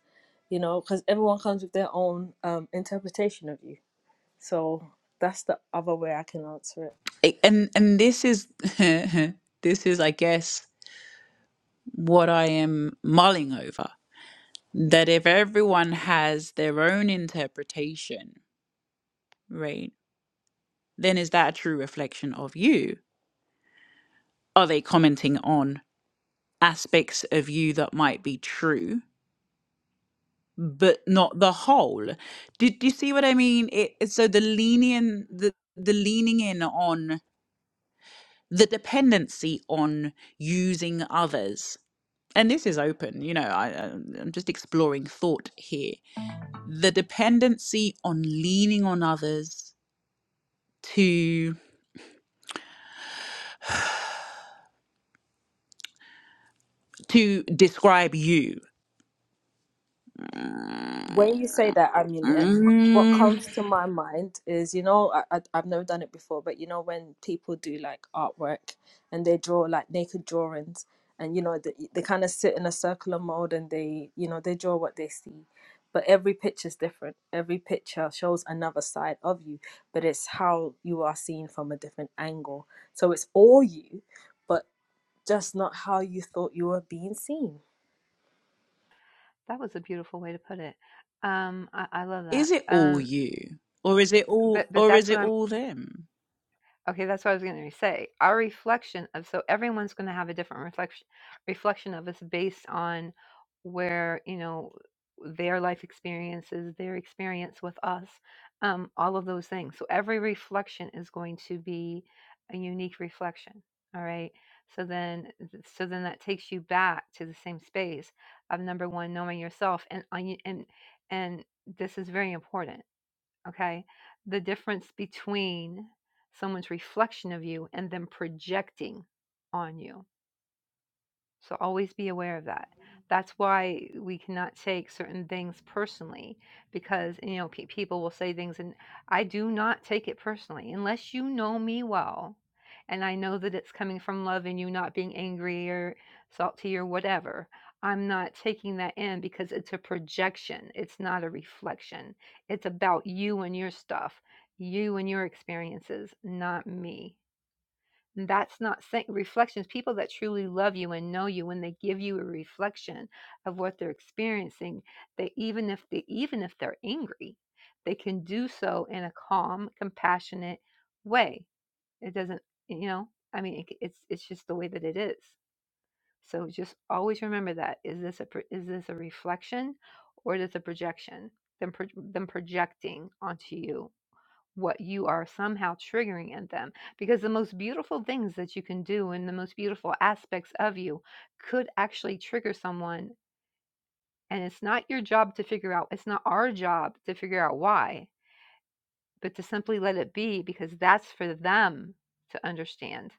S4: you know, cuz everyone comes with their own um interpretation of you. So that's the other way I can answer it. When you say that amulet, what comes to my mind is, you know, I, I, I've never done it before, but you know, when people do like artwork and they draw like naked drawings and, you know, they, they kind of sit in a circular mode and they, you know, they draw what they see. But every picture's different. Every picture shows another side of you, but it's how you are seen from a different angle. So it's all you, but just not how you thought you were being seen.
S5: That was a beautiful way to put it. Um, I, I love that. Um, but but that's what I'm Okay, that's what I was going to say. Our reflection of so everyone's going to have a different reflection reflection of us based on where you know their life experiences, their experience with us, um, all of those things. So every reflection is going to be a unique reflection. All right. So then, so then that takes you back to the same space of number one, knowing yourself, and on you- and and this is very important okay the difference between someone's reflection of you and them projecting on you so always be aware of that. That's why we cannot take certain things personally because, you know, pe- people will say things and I do not take it personally unless you know me well and I know that it's coming from love and you not being angry or salty or whatever. I'm not taking that in because it's a projection. It's not a reflection. It's about you and your stuff, you and your experiences, not me. And That's not saying reflections. People that truly love you and know you, when they give you a reflection of what they're experiencing, they even if they even if they're angry, they can do so in a calm, compassionate way. It doesn't, you know. I mean, it, it's it's just the way that it is. So just always remember that: is this a pro- is this a reflection, or is this a projection? Them pro- them projecting onto you what you are somehow triggering in them because the most beautiful things that you can do and the most beautiful aspects of you could actually trigger someone and it's not your job to figure out it's not our job to figure out why but to simply let it be because that's for them to understand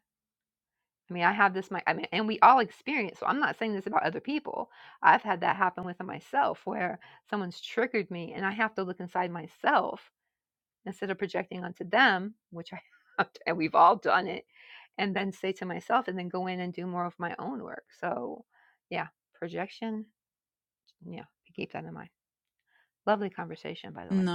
S5: i mean i have this my i mean and we all experience so i'm not saying this about other people i've had that happen with myself where someone's triggered me and i have to look inside myself instead of projecting onto them, which I have to- and we've all done it, and then say to myself, and then go in and do more of my own work. So, yeah, projection. Yeah, keep that in mind. Lovely conversation, by the way.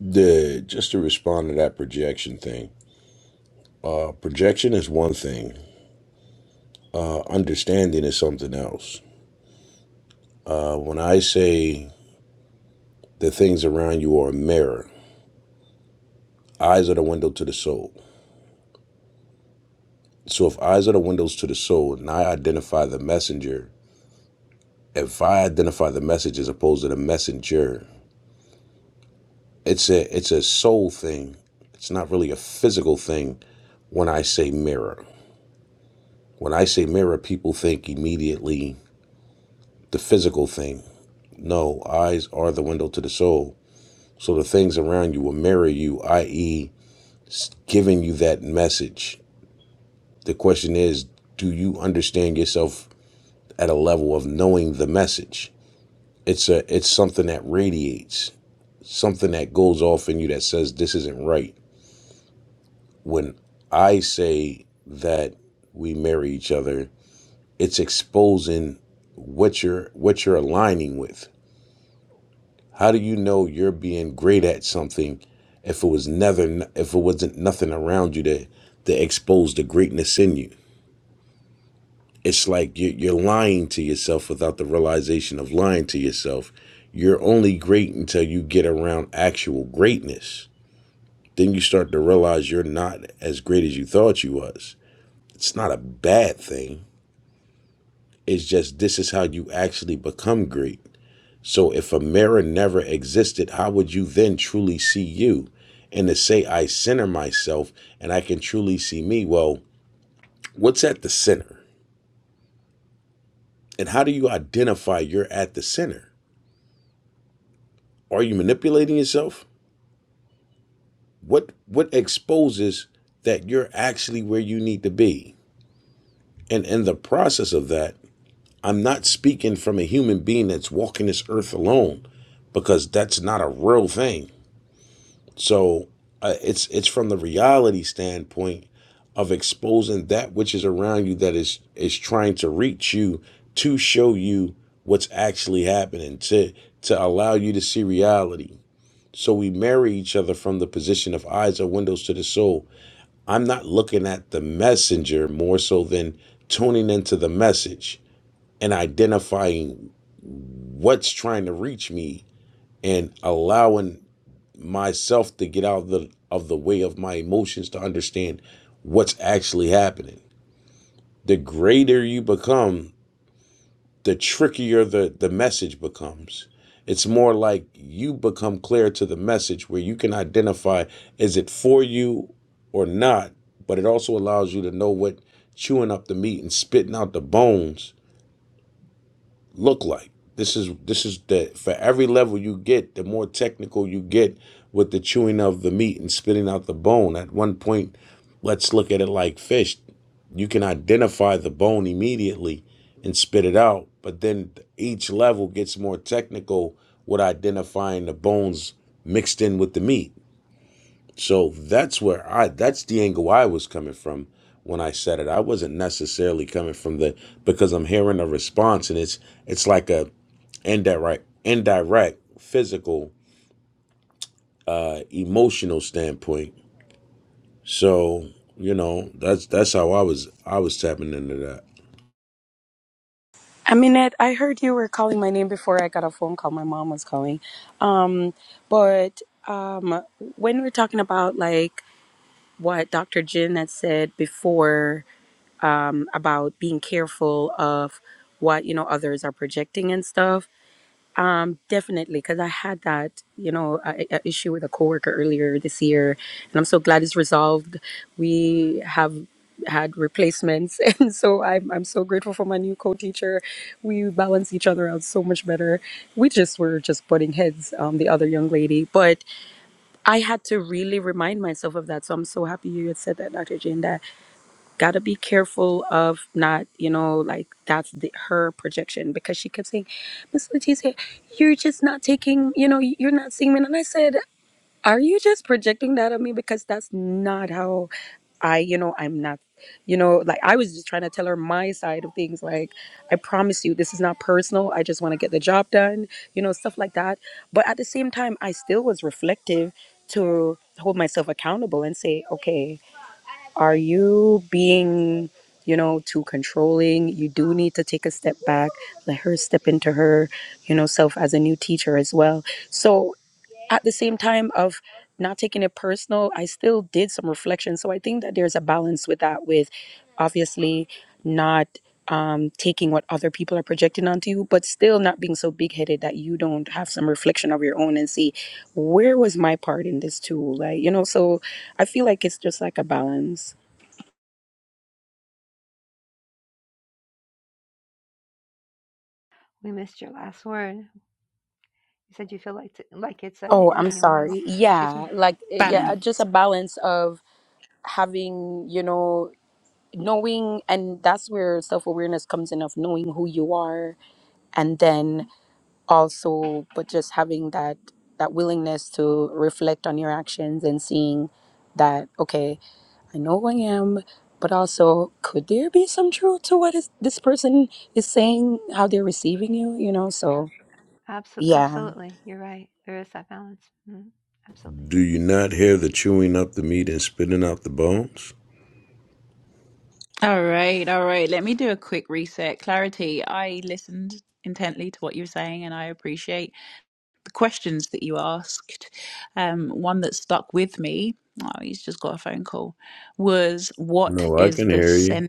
S6: The, just to respond to that projection thing, uh, projection is one thing, uh, understanding is something else. Uh, when I say the things around you are a mirror, eyes are the window to the soul. So if eyes are the windows to the soul and I identify the messenger if I identify the message as opposed to the messenger, it's a it's a soul thing. It's not really a physical thing when I say mirror. When I say mirror, people think immediately the physical thing. No, eyes are the window to the soul. So the things around you will mirror you, i.e., giving you that message. The question is, do you understand yourself at a level of knowing the message? It's a it's something that radiates, something that goes off in you that says this isn't right. when I say that we marry each other, it's exposing what you're what you're aligning with. How do you know you're being great at something if it was never if it wasn't nothing around you that that exposed the greatness in you? It's like you- you're lying to yourself without the realization of lying to yourself. You're only great until you get around actual greatness. Then you start to realize you're not as great as you thought you was. It's not a bad thing It's just this is how you actually become great. So if a mirror never existed, how would you then truly see you? And to say I center myself and I can truly see me, well, what's at the center? And how do you identify you're at the center? Are you manipulating yourself? What what exposes that you're actually where you need to be? And in the process of that, I'm not speaking from a human being that's walking this earth alone because that's not a real thing. So uh, it's it's from the reality standpoint of exposing that which is around you that is is trying to reach you to show you what's actually happening to to allow you to see reality. So we marry each other from the position of eyes are windows to the soul. I'm not looking at the messenger more so than tuning into the message and identifying what's trying to reach me and allowing myself to get out of the of the way of my emotions to understand what's actually happening. The greater you become, the trickier the the message becomes. It's more like you become clear to the message where you can identify is it for you or not, but it also allows you to know what chewing up the meat and spitting out the bones look like. This is this is the for every level you get, the more technical you get with the chewing of the meat and spitting out the bone. At one point, let's look at it like fish. You can identify the bone immediately and spit it out, but then each level gets more technical with identifying the bones mixed in with the meat. So that's where I that's the angle I was coming from when I said it. I wasn't necessarily coming from the because I'm hearing a response and it's it's like a indirect indirect physical uh, emotional standpoint so you know that's that's how i was i was tapping into that
S7: I mean, I heard you were calling my name before I got a phone call. My mom was calling. Um, but um, when we're talking about like what Dr. Jin had said before um, about being careful of what you know others are projecting and stuff, Definitely, because I had that, you know, a, a issue with a coworker earlier this year, and I'm so glad it's resolved. We have had replacements, and so I'm I'm so grateful for my new co-teacher. We balance each other out so much better. We just were just butting heads, um, the other young lady, but I had to really remind myself of that. So I'm so happy you had said that, Dr. Jane, got to be careful of not, you know, like that's the, her projection because she kept saying, Miss Leticia, you're just not taking, you know, you're not seeing me. And I said, Are you just projecting that on me? Because that's not how I, you know, I'm not, you know, like I was just trying to tell her my side of things. Like, I promise you, this is not personal. I just want to get the job done, you know, stuff like that. But at the same time, I still was reflective to hold myself accountable and say, Okay, are you being you know too controlling you do need to take a step back let her step into her you know self as a new teacher as well so at the same time of not taking it personal i still did some reflection so i think that there's a balance with that with obviously not um, taking what other people are projecting onto you but still not being so big-headed that you don't have some reflection of your own and see where was my part in this too like you know so i feel like it's just like a balance
S5: We missed your last word. You said you feel like t- like it's a,
S7: Oh,
S5: and
S7: I'm
S5: then you went out.
S7: sorry.
S5: Excuse
S7: Yeah,
S5: me.
S7: like eh, yeah, uh,
S1: Balance.
S7: just a balance of having, you know, knowing and that's where self-awareness comes in of knowing who you are and then also but just having that that willingness to reflect on your actions and seeing that okay, I know who I am, but also could there be some truth to what is, this person is saying, how they're receiving you, you know? So,
S5: Absolutely,
S7: yeah.
S5: absolutely. You're right. There is that balance. Mhm. Absolutely.
S6: do you not hear the chewing up the meat and spitting out the bones no i can hear you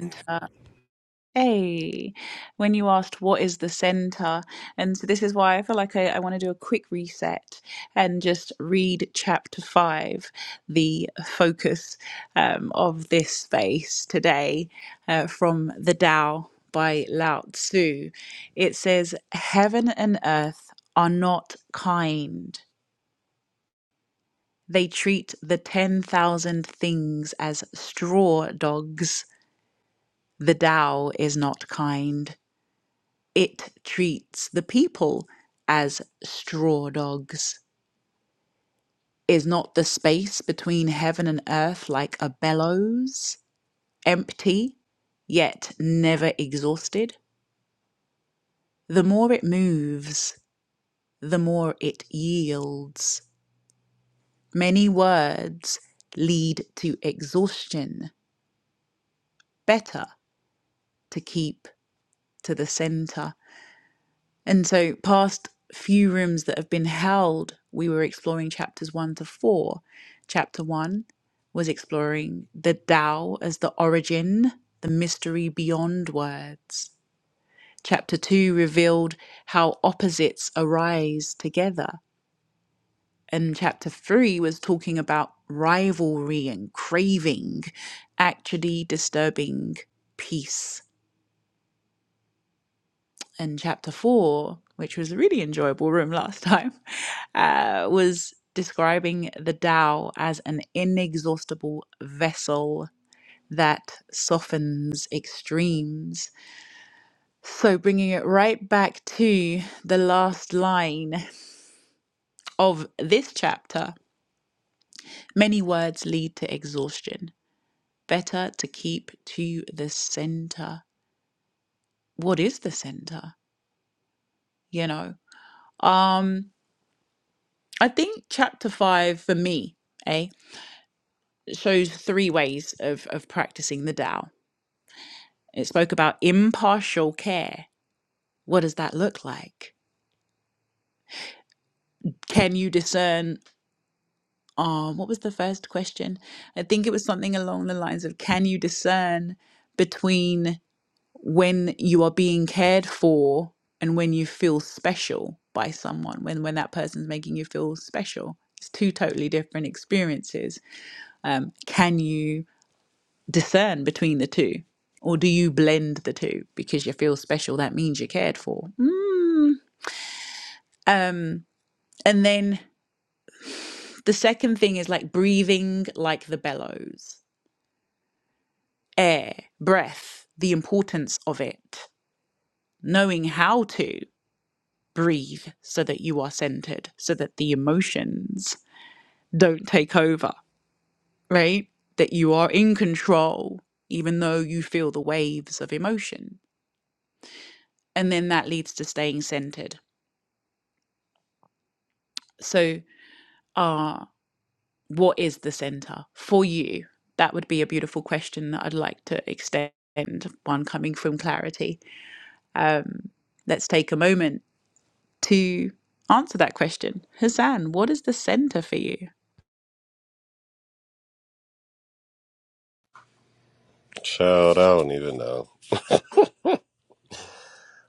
S2: Child, I don't even know.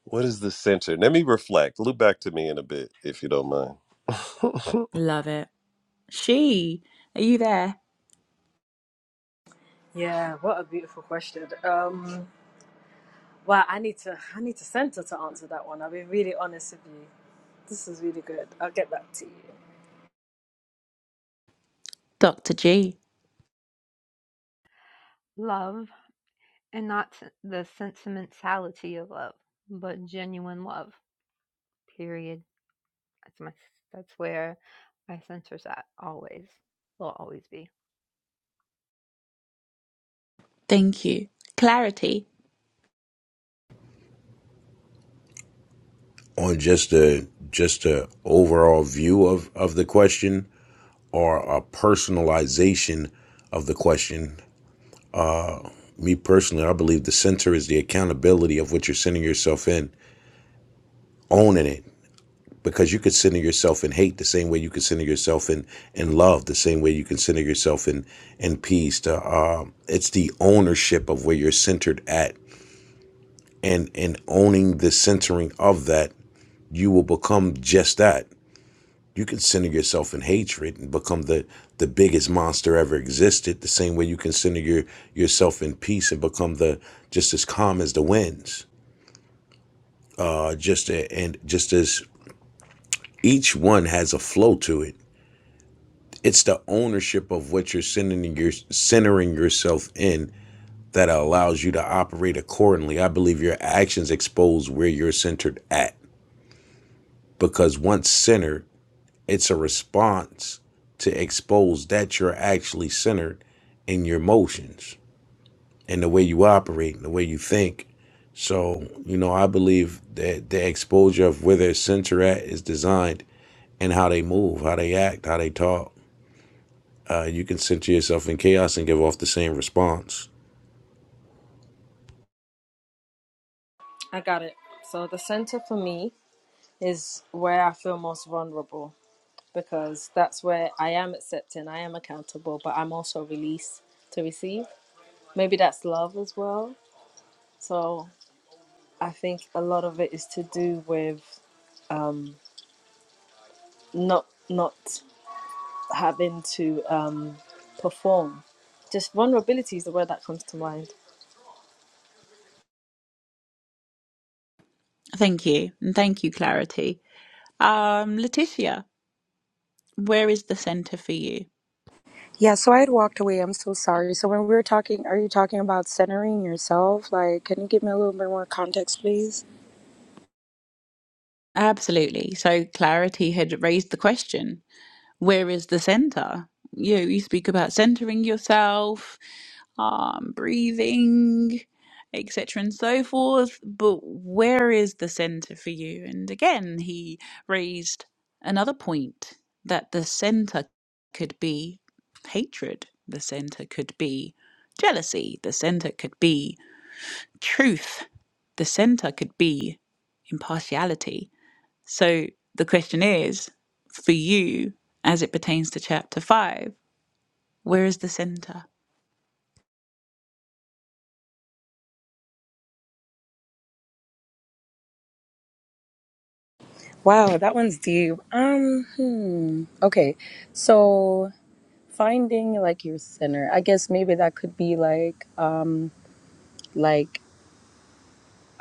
S2: What is the center? Let me reflect. Look back to me in a bit, if you don't mind.
S4: Yeah, what a beautiful question. Um, Wow, I need to I need to center to answer that one. I'll be really honest with you. This is really good. I'll get back to you.
S5: Love, and not the sentimentality of love, but genuine love. Period. That's my that's where my sensors at always. Will always be.
S6: on just a just a overall view of of the question or a personalization of the question me personally i believe the center is the accountability of what you're sending yourself in owning it because you could center yourself in hate the same way you could center yourself in in love the same way you can center yourself in in peace to, um, it's the ownership of where you're centered at and and owning the centering of that you will become just that you can center yourself in hatred and become the the biggest monster ever existed the same way you can center your yourself in peace and become the just as calm as the winds uh just a, and just as each one has a flow to it it's the ownership of what you're centering, your, centering yourself in that allows you to operate accordingly. I believe your actions expose where you're centered at because once centered, it's a response to expose that you're actually centered in your motions and the way you operate and the way you think. So, you know, I believe that the exposure of where their center at is designed and how they move, how they act, how they talk. uh, you can center yourself in chaos and give off the same response.
S4: I got it. So the center for me is where I feel most vulnerable because that's where I am accepting, I am accountable, but I'm also released to receive. Maybe that's love as well. So I think a lot of it is to do with um, not not having to um, perform. Just vulnerability is the word that comes to mind.
S7: Yeah, so I had walked away. I'm so sorry. So when we were talking, are you talking about centering yourself? Like, can you give me a little bit more context, please? Wow, that one's deep. Um, hmm. Okay. So finding like your center. I guess maybe that could be like um like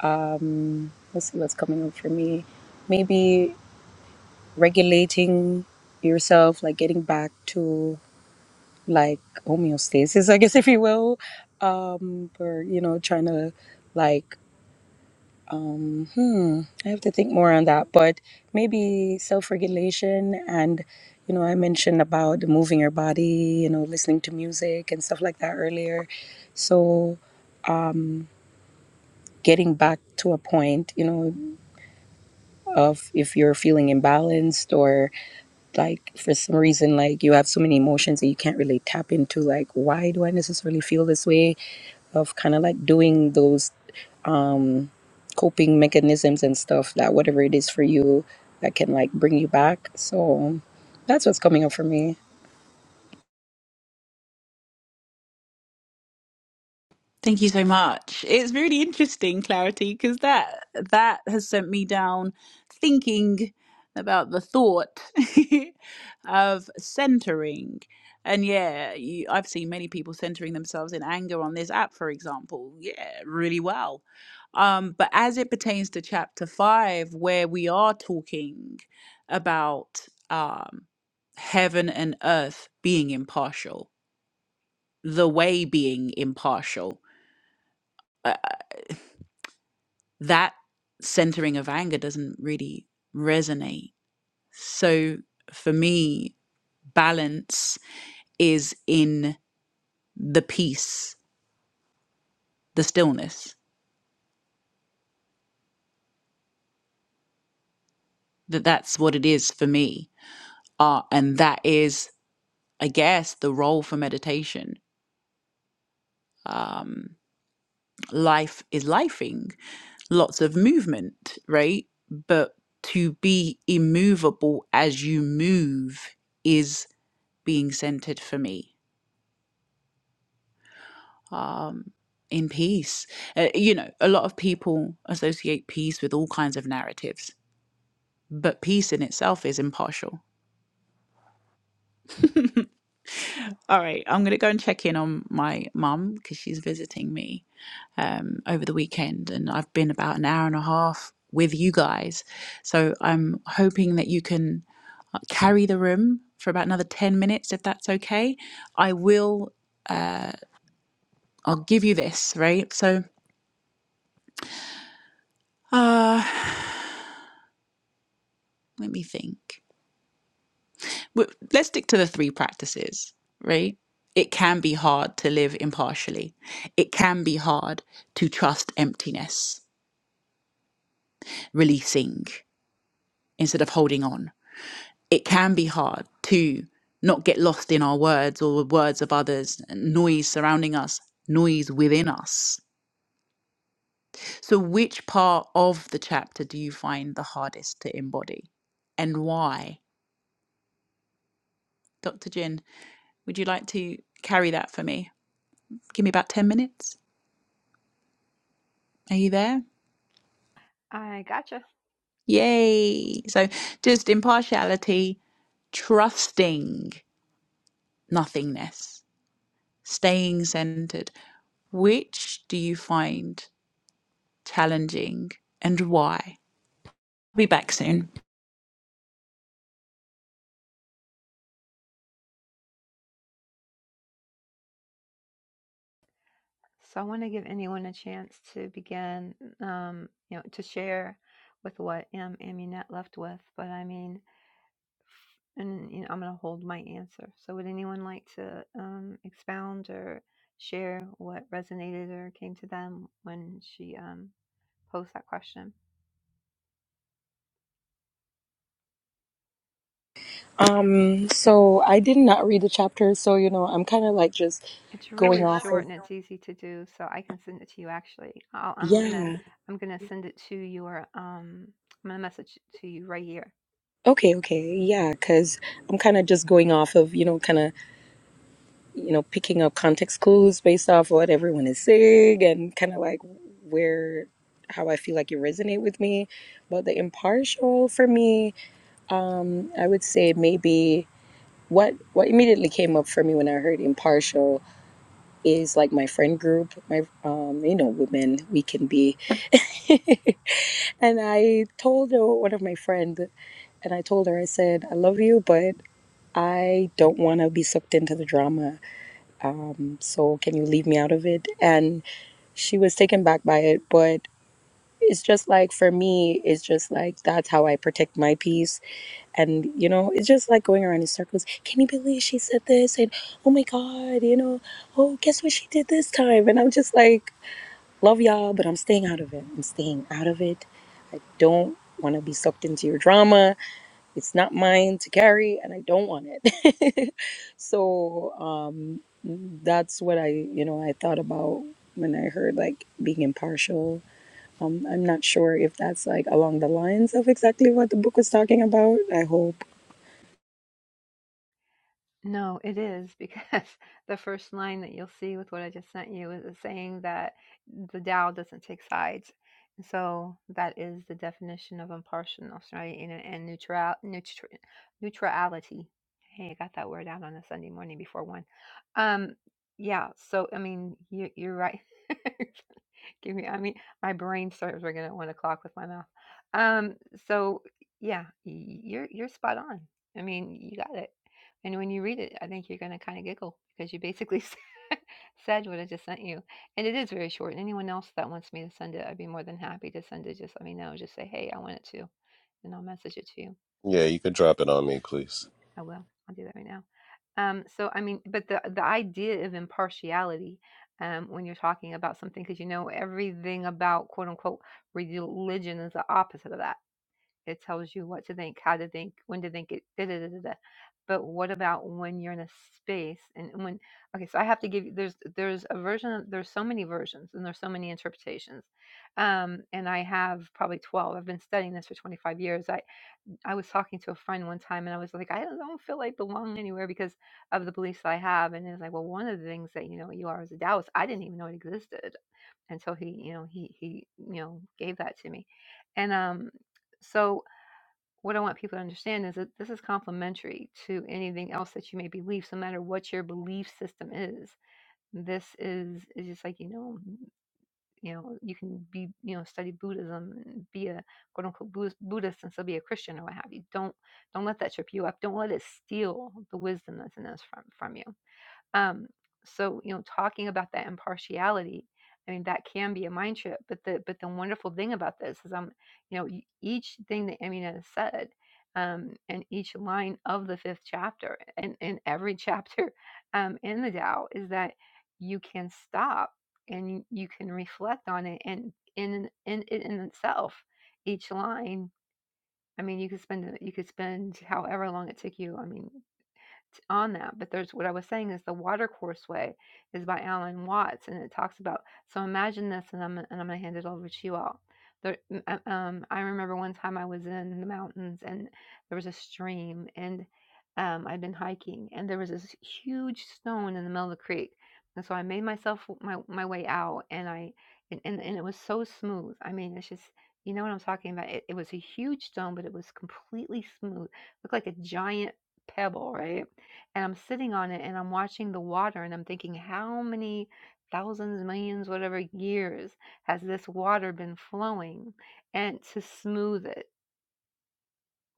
S7: um let's see what's coming up for me. Maybe regulating yourself, like getting back to like homeostasis, I guess if you will. Um, or you know, trying to like Um, hmm, I have to think more on that, but maybe self-regulation and, you know, I mentioned about moving your body, you know, listening to music and stuff like that earlier. So getting back to a point, you know, of if you're feeling imbalanced or like for some reason, like you have so many emotions that you can't really tap into, like, why do I necessarily feel this way? Of kind of like doing those um, coping mechanisms and stuff that whatever it is for you that can like bring you back. So that's what's coming up for me.
S5: I gotcha. So I want to give anyone a chance to begin, um, you know, to share with what am Amunet left with. But I mean, and you know, I'm gonna hold my answer. So would anyone like to um, expound or share what resonated or came to them when she um, posed that question?
S7: Um, so I did not read the chapter, so you know, I'm kind of like just
S5: It's
S7: going
S5: really
S7: off
S5: short
S7: of
S5: and it's easy to do, so I can send it to you actually. I'll, I'm gonna
S7: yeah.
S5: I'm gonna send it to your um I'm gonna message it to you right here.
S7: Okay, okay. Yeah, 'cause I'm kind of just going off of, you know, kind of, you know, picking up context clues based off what everyone is saying and kind of like where how I feel like you resonate with me. But the impartial for me Um, I would say maybe what what immediately came up for me when I heard impartial is like my friend group, my um, you know, women we can be. And I told uh, one of my friend, and I told her I said I love you, but I don't want to be sucked into the drama. Um, so can you leave me out of it? And she was taken back by it, but it's just like for me, it's just like that's how I protect my peace and you know it's just like going around in circles can you believe she said this and oh my god you know oh guess what she did this time and i'm just like love y'all but i'm staying out of it i'm staying out of it i don't want to be sucked into your drama it's not mine to carry and i don't want it so um that's what i you know i thought about when i heard like being impartial um, i'm not sure if that's like along the lines of exactly what the book was talking about i hope
S5: No, it is because the first line that you'll see with what I just sent you is it saying that the Tao doesn't take sides. And so that is the definition of impartialness, right? And, and neutral, neutral neutrality. Hey, I got that word out on a Sunday morning before one. Um, yeah. So I mean, you, you're right. Give me, I mean, my brain starts working at one o'clock with my mouth. Um, so yeah, y- you're you're spot on. I mean, you got it. And when you read it, I think you're gonna kind of giggle because you basically said said what I just sent you, and it is very short. And anyone else that wants me to send it, I'd be more than happy to send it. Just let me know. Just say, hey, I want it to, and I'll message it to you.
S2: Yeah, you can drop it on me, please.
S5: I will. I'll do that right now. Um, so I mean, but the the idea of impartiality um, when you're talking about something, because you know everything about quote unquote religion is the opposite of that. It tells you what to think, how to think, when to think it. Da, da, da, da, da. But what about when you're in a space and when? Okay, so I have to give you. There's there's a version. Of, there's so many versions and there's so many interpretations. Um, and I have probably 12. I've been studying this for 25 years. I. I was talking to a friend one time and I was like, I don't don't feel like belonging anywhere because of the beliefs I have. And it was like, well, one of the things that, you know, you are as a Taoist, I didn't even know it existed until he, you know, he, he, you know, gave that to me. And, um, so what I want people to understand is that this is complementary to anything else that you may believe, so no matter what your belief system is. This is, is just like, you know, you know you can be you know study buddhism and be a quote unquote Buddhist Buddhist and still be a christian or what have you don't don't let that trip you up don't let it steal the wisdom that's in us from from you um, so you know, talking about that impartiality, I mean, that can be a mind trip. But the but the wonderful thing about this is, I'm you know, e- each thing that Amina said, um, and each line of the fifth chapter, and and every chapter, um, in the Tao is that you can stop and you you can reflect on it, and in in in, in itself, each line. I mean, you could spend you could spend however long it took you. I mean, on that. But there's what I was saying is the Watercourse Way is by Alan Watts, and it talks about. So imagine this, and I'm and I'm gonna hand it over to you all. There, uh, um, I remember one time I was in the mountains, and there was a stream, and um, I'd been hiking, and there was this huge stone in the middle of the creek, and so I made myself my my way out, and I and and, and it was so smooth. I mean, it's just. You know what I'm talking about? It, it was a huge stone, but it was completely smooth. It Looked like a giant pebble, right? and I'm sitting on it and I'm watching the water and I'm thinking, how many thousands, millions, whatever years has this water been flowing and to smooth it?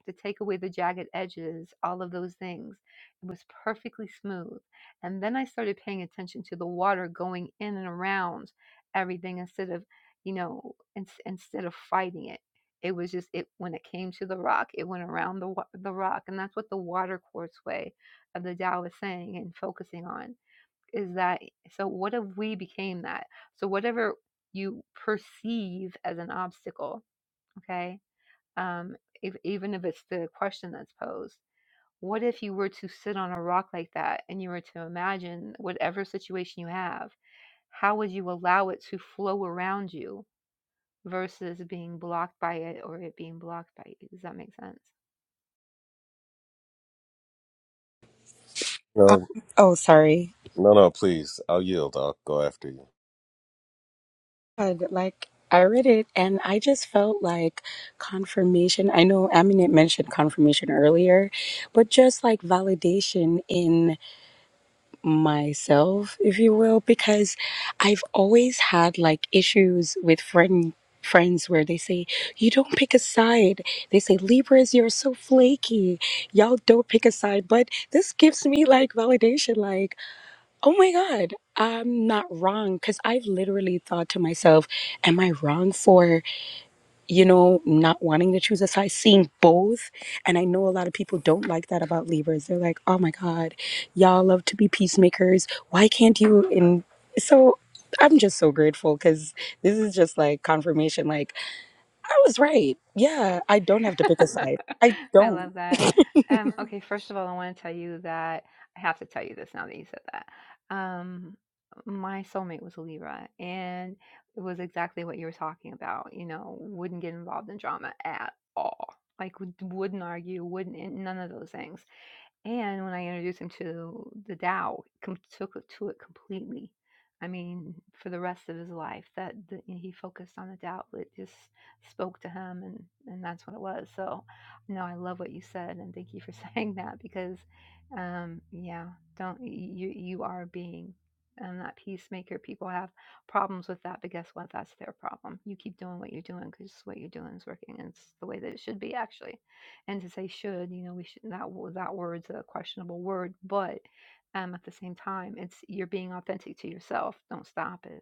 S5: to take away the jagged edges, all of those things. It was perfectly smooth. And then I started paying attention to the water going in and around everything instead of, you know, in, instead of fighting it. It was just it when it came to the rock, it went around the the rock, and that's what the water quartz way of the Tao is saying and focusing on is that. So what if we became that? So whatever you perceive as an obstacle, okay, um, if, even if it's the question that's posed. What if you were to sit on a rock like that and you were to imagine whatever situation you have, how would you allow it to flow around you versus being blocked by it or it being blocked by you? Does that make sense?
S7: Um,
S2: No,
S7: oh, sorry.
S2: no, no, please. I'll yield. I'll go after you.
S7: And, Like I read it, and I just felt like confirmation. I know Aminet mentioned confirmation earlier, but just like validation in myself, if you will, because I've always had like issues with friend friends where they say you don't pick a side they say libras you're so flaky y'all don't pick a side but this gives me like validation like. Oh my God, I'm not wrong. Because I've literally thought to myself, am I wrong for, you know, not wanting to choose a side, Seeing both. And I know a lot of people don't like that about Libras. They're like, oh my God, y'all love to be peacemakers. Why can't you? And so I'm just so grateful because this is just like confirmation. Like, I was right. Yeah, I don't have to pick a side. I
S5: I
S7: don't.
S5: love that. Um, okay, first of all, I want to tell you that I have to tell you this now that you said that. Um, my soulmate was a Libra, and it was exactly what you were talking about. You know, wouldn't get involved in drama at all. Like, would- wouldn't argue, wouldn't, none of those things. And when I introduced him to the Tao, com- took it to it completely. I mean, for the rest of his life, that the, he focused on the Tao, it just spoke to him, and and that's what it was. So, no, I love what you said, and thank you for saying that because, um, yeah, don't you you are being. and that peacemaker. People have problems with that, but guess what? That's their problem. You keep doing what you're doing because what you're doing is working. And it's the way that it should be, actually and to say should you know we should that that word's a questionable word but um at the same time it's you're being authentic to yourself don't stop it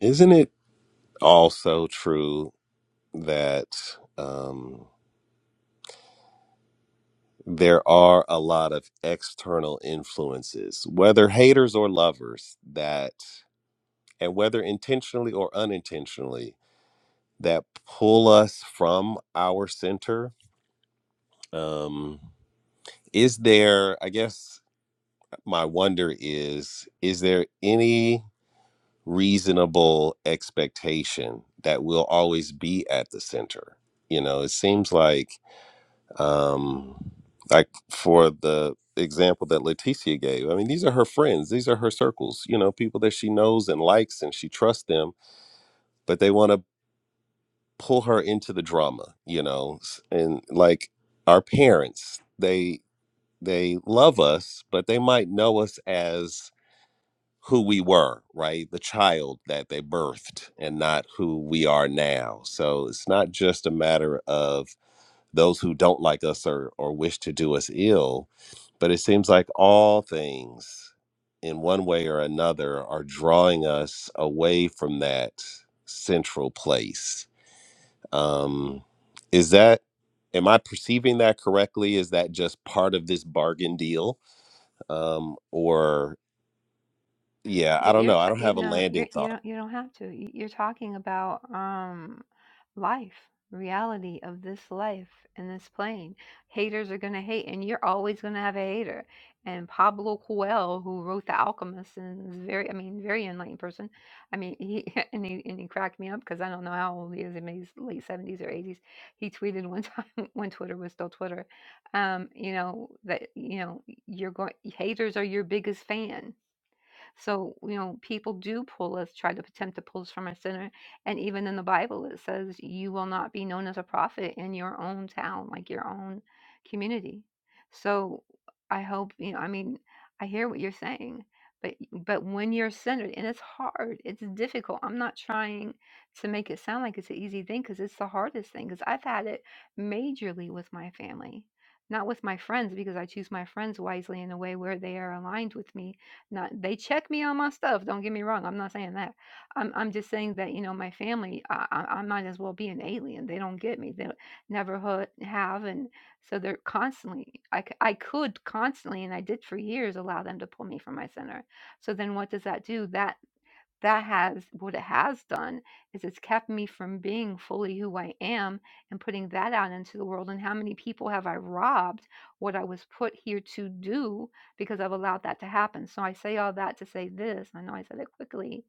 S2: Isn't it also true that um, there are a lot of external influences, whether haters or lovers, that, and whether intentionally or unintentionally, that pull us from our center um is there i guess my wonder is is there any reasonable expectation that we'll always be at the center you know it seems like um like for the example that leticia gave i mean these are her friends these are her circles you know people that she knows and likes and she trusts them but they want to pull her into the drama, you know, s- and like our parents, they they love us, but they might know us as who we were, right? The child that they birthed and not who we are now. So it's not just a matter of those who don't like us or, or wish to do us ill. But it seems like all things, in one way or another, are drawing us away from that central place. Um, is that am I perceiving that correctly? Is that just part of this bargain deal? Um, or yeah,
S5: You-
S2: I don't
S5: You're,
S2: know. I
S5: t-
S2: don't
S5: you
S2: have a
S5: know, you're,
S2: landing
S5: you
S2: thought.
S5: don't, you don't have to. You- You're talking about um, life, reality of this life and this plane. Haters are gonna hate, and you're always gonna have a hater. And Pablo Coelho, who wrote The Alchemist, and is very, I mean, very enlightened person. I mean, he and he and he cracked me up because I don't know how old he is. Maybe he's late seventies or eighties. He tweeted one time when Twitter was still Twitter. Um, you know that you know you're going. Haters are your biggest fan so, you know, people do pull us, try to attempt to pull us from our center. And even in the Bible, it says, you will not be known as a prophet in your own town, like your own community. So I hope, you know, I mean, I hear what you're saying. But, but when you're centered and it's hard it's difficult i'm not trying to make it sound like it's an easy thing because it's the hardest thing because i've had it majorly with my family not with my friends because i choose my friends wisely in a way where they are aligned with me not they check me on my stuff. Don't get me wrong. I'm not saying that. I'm I'm just saying that you know my family. I I, I might as well be an alien. They don't get me. They do never ho- have, and so they're constantly. I c- I could constantly, and I did for years, allow them to pull me from my center. So then, what does that do? That that has what it has done is it's kept me from being fully who I am and putting that out into the world. And how many people have I robbed what I was put here to do because I've allowed that to happen? So I say all that to say this. I know I said it quickly.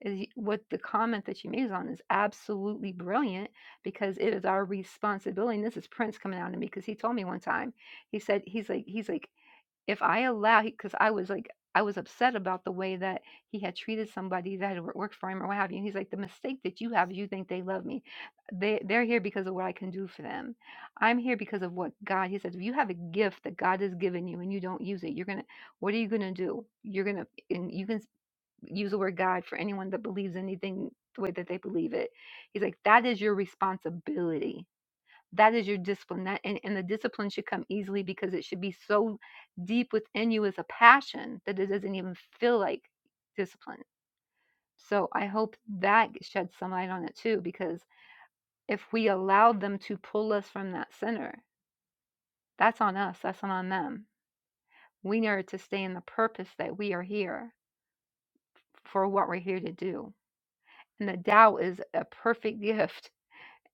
S5: Is y- what the comment that you made on is absolutely brilliant because it is our responsibility. And this is Prince coming out to me because he told me one time. He said he's like he's like if I allow because I was like I was upset about the way that he had treated somebody that had wor- worked for him or what have you. And he's like, the mistake that you have is you think they love me. They they're here because of what I can do for them. I'm here because of what God. He says, if you have a gift that God has given you and you don't use it, you're gonna. What are you gonna do? You're gonna and you can s- use the word God for anyone that believes anything the way that they believe it. He's like, that is your responsibility that is your discipline that, and, and the discipline should come easily because it should be so deep within you as a passion that it doesn't even feel like discipline so i hope that sheds some light on it too because if we allow them to pull us from that center that's on us that's not on them we need to stay in the purpose that we are here for what we're here to do and the Tao is a perfect gift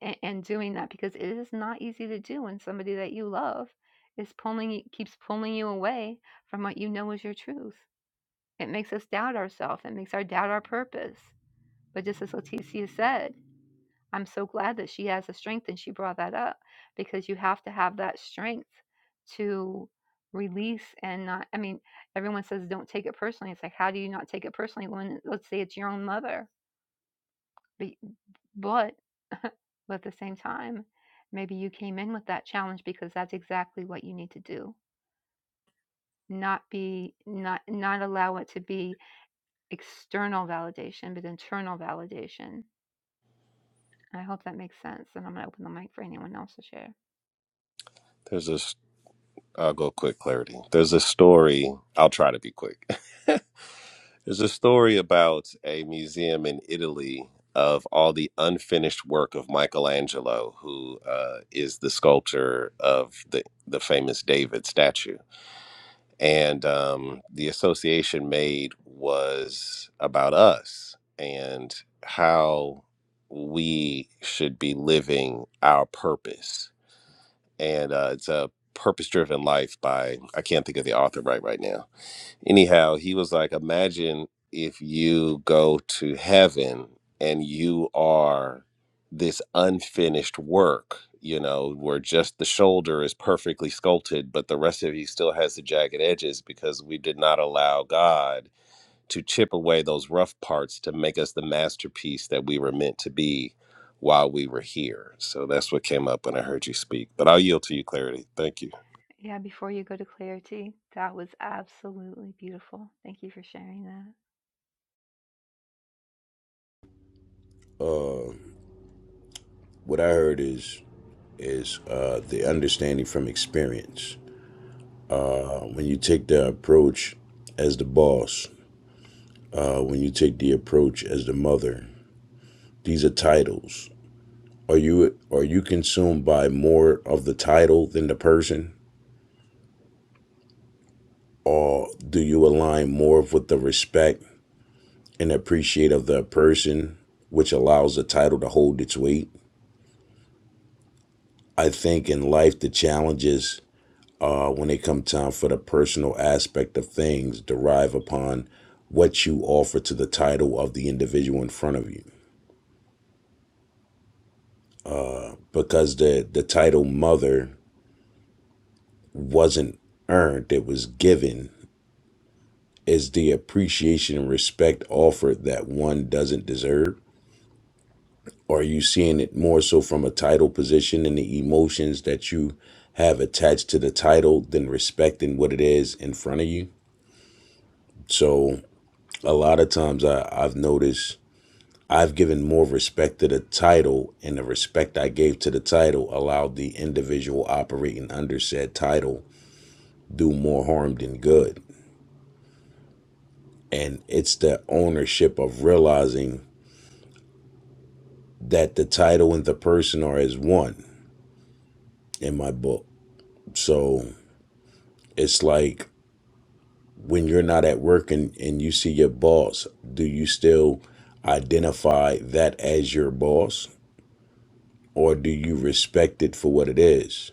S5: and, and doing that because it is not easy to do when somebody that you love is pulling you keeps pulling you away from what you know is your truth it makes us doubt ourselves it makes our doubt our purpose but just as leticia said i'm so glad that she has the strength and she brought that up because you have to have that strength to release and not i mean everyone says don't take it personally it's like how do you not take it personally when let's say it's your own mother but, but But at the same time, maybe you came in with that challenge because that's exactly what you need to do. Not be not not allow it to be external validation, but internal validation. I hope that makes sense. And I'm gonna open the mic for anyone else to share.
S2: There's this. I'll go quick clarity. There's a story. I'll try to be quick. There's a story about a museum in Italy of all the unfinished work of Michelangelo, who uh, is the sculptor of the the famous David statue and um, the association made was about us and how we should be living our purpose and uh, it's a purpose driven life by i can't think of the author right right now anyhow, he was like, imagine if you go to heaven and you are this unfinished work, you know, where just the shoulder is perfectly sculpted, but the rest of you still has the jagged edges because we did not allow God to chip away those rough parts to make us the masterpiece that we were meant to be while we were here. So that's what came up when I heard you speak. But I'll yield to you, Clarity. Thank you.
S5: Yeah, before you go to clarity, that was absolutely beautiful. Thank you for sharing that.
S6: What I heard is is uh, the understanding from experience. When you take the approach as the boss, uh, when you take the approach as the mother, these are titles. Are you are you consumed by more of the title than the person? Do you align more with the respect and appreciate of the person, which allows the title to hold its weight? I think in life the challenges uh, when it come time for the personal aspect of things derive upon what you offer to the title of the individual in front of you because the the title mother wasn't earned it was given is the appreciation and respect offered that one doesn't deserve or are you seeing it more so from a title position and the emotions that you have attached to the title than respecting what it is in front of you so a lot of times I, i've noticed I've given more respect to the title, and the respect I gave to the title allowed the individual operating under said title do more harm than good. And it's the ownership of realizing that the title and the person are as one in my book. So it's like when you're not at work and, and you see your boss, do you still identify that as your boss? Or do you respect it for what it is?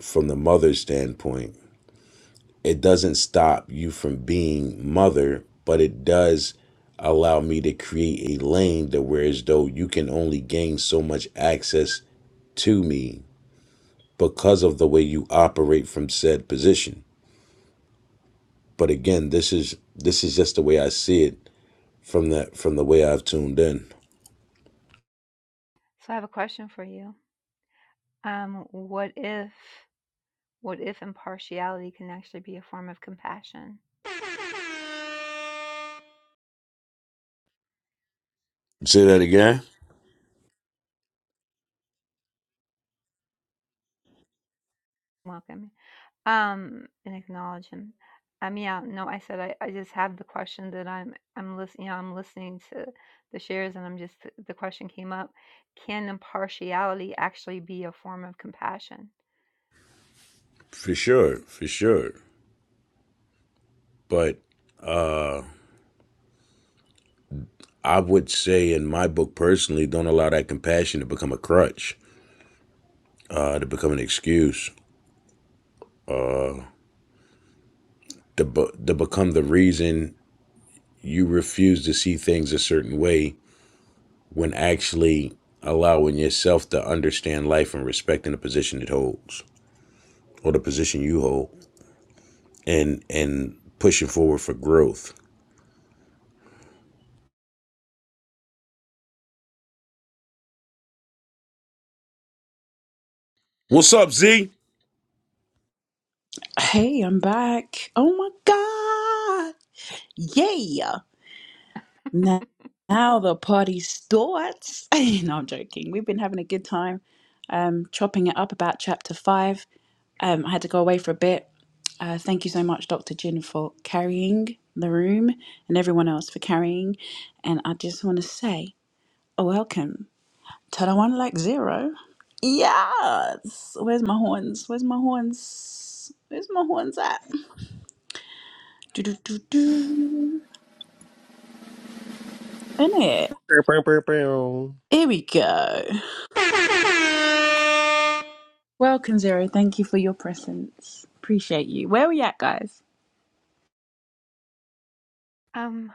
S6: From the mother's standpoint, it doesn't stop you from being mother, but it does allow me to create a lane that where as though you can only gain so much access to me because of the way you operate from said position. But again, this is this is just the way I see it from the from the way I've tuned in.
S5: So I have a question for you. Um, what if what if impartiality can actually be a form of compassion?
S6: Say that again?
S5: Welcome. Um, and acknowledge him. Um, yeah, no, I said I, I just have the question that I'm I'm listening. You know, I'm listening to the shares, and I'm just the question came up. Can impartiality actually be a form of compassion?
S6: For sure, for sure. But I would say in my book personally, don't allow that compassion to become a crutch, uh, to become an excuse to, bu- to become the reason you refuse to see things a certain way when actually allowing yourself to understand life and respecting the position it holds or the position you hold and and pushing forward for growth what's up z
S2: Bow, bow, bow, bow.
S5: Um,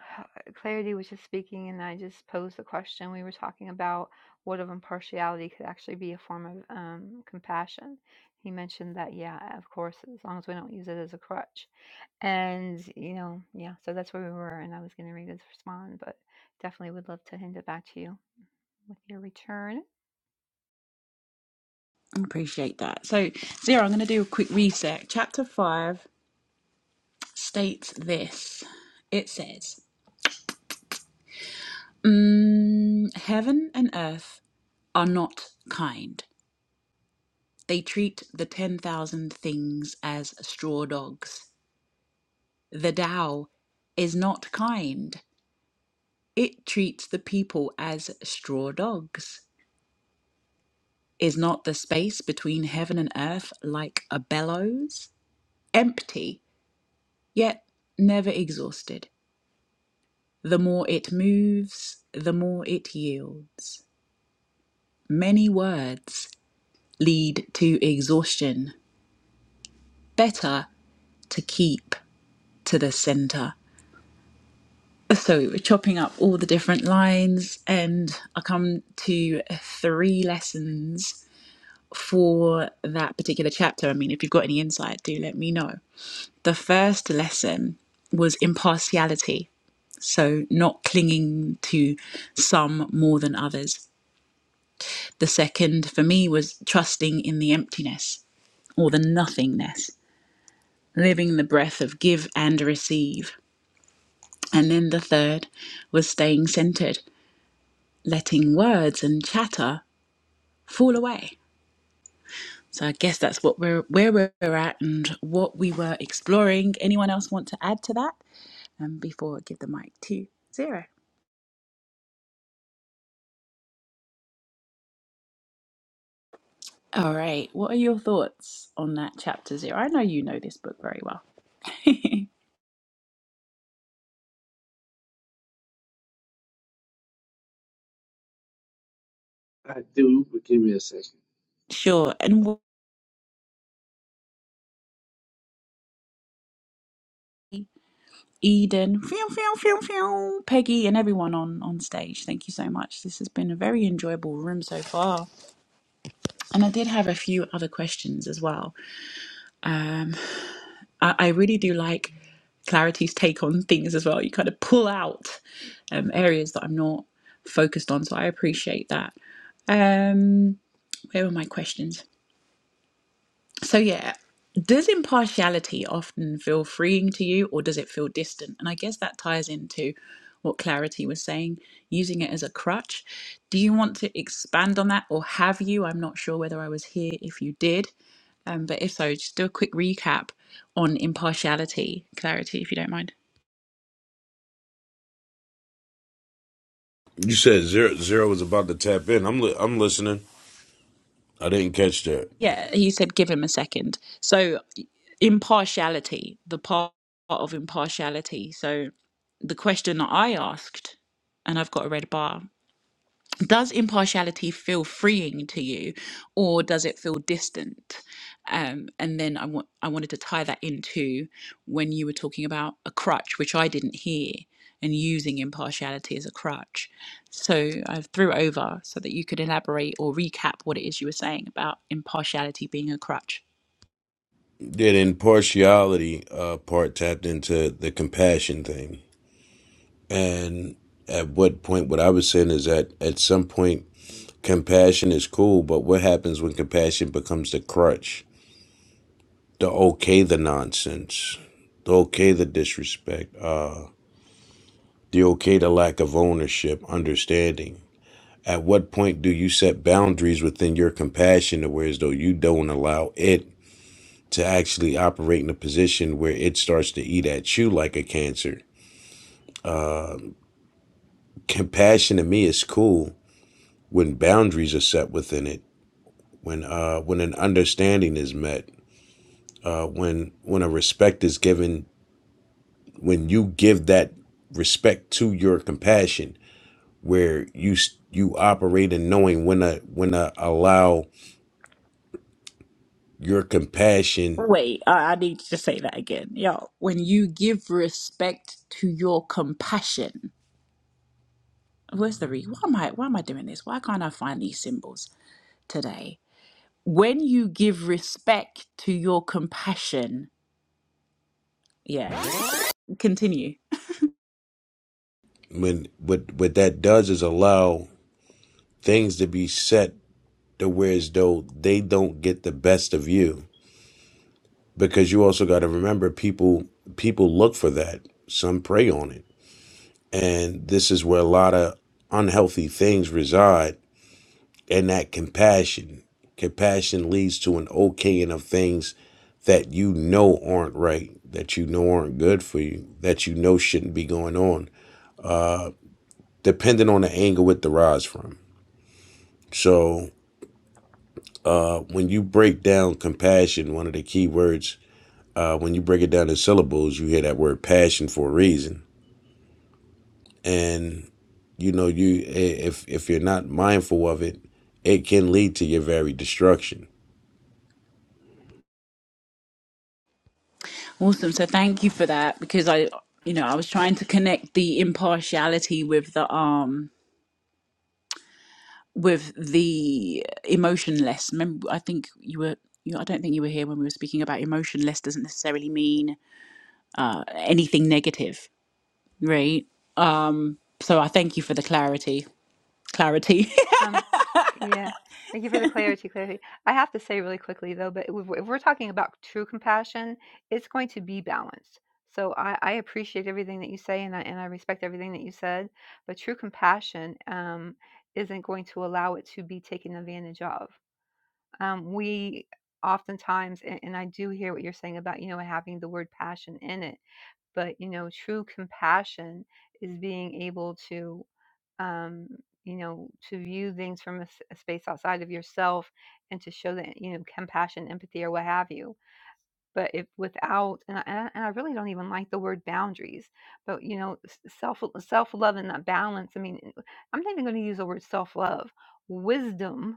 S5: Clarity was just speaking, and I just posed the question. We were talking about what of impartiality could actually be a form of um, compassion. He mentioned that, yeah, of course, as long as we don't use it as a crutch. And, you know, yeah, so that's where we were, and I was going to read his respond, but definitely would love to hand it back to you with your return.
S8: I do, but give me a second.
S6: you said zero zero was about to tap in i'm li- i'm listening i didn't catch that that impartiality uh part tapped into the compassion thing and at what point what i was saying is that at some point Compassion is cool, but what happens when compassion becomes the crutch? The okay the nonsense, the okay the disrespect, uh, the okay the lack of ownership, understanding. At what point do you set boundaries within your compassion to where as though you don't allow it to actually operate in a position where it starts to eat at you like a cancer? Compassion to me is cool when boundaries are set within it, when uh when an understanding is met, uh when when a respect is given when you give that respect to your compassion where you s- you operate in knowing when to when to allow your compassion when what what that does is allow things to be set to where as though they don't get the best of you because you also got to remember people people look for that some prey on it and this is where a lot of unhealthy things reside and that compassion. Compassion leads to an okaying of things that you know aren't right, that you know aren't good for you, that you know shouldn't be going on, depending on the angle it derives from. So when you break down compassion, one of the key words, uh, when you break it down in syllables, you hear that word passion for a reason. And you know, you if if you're not mindful of it, it can lead to your very destruction.
S5: Um, yeah. Thank you for the clarity, clarity. I have to say really quickly though, but if we're if we're talking about true compassion, it's going to be balanced. So I, I appreciate everything that you say, and I and I respect everything that you said. But true compassion um, isn't going to allow it to be taken advantage of. Um, we oftentimes, and, and I do hear what you're saying about you know having the word passion in it but you know true compassion is being able to um you know to view things from a, s- a space outside of yourself and to show that you know compassion empathy or what have you but if without and I, and I and I really don't even like the word boundaries but you know s- self self love and that balance i mean i'm not even going to use the word self love wisdom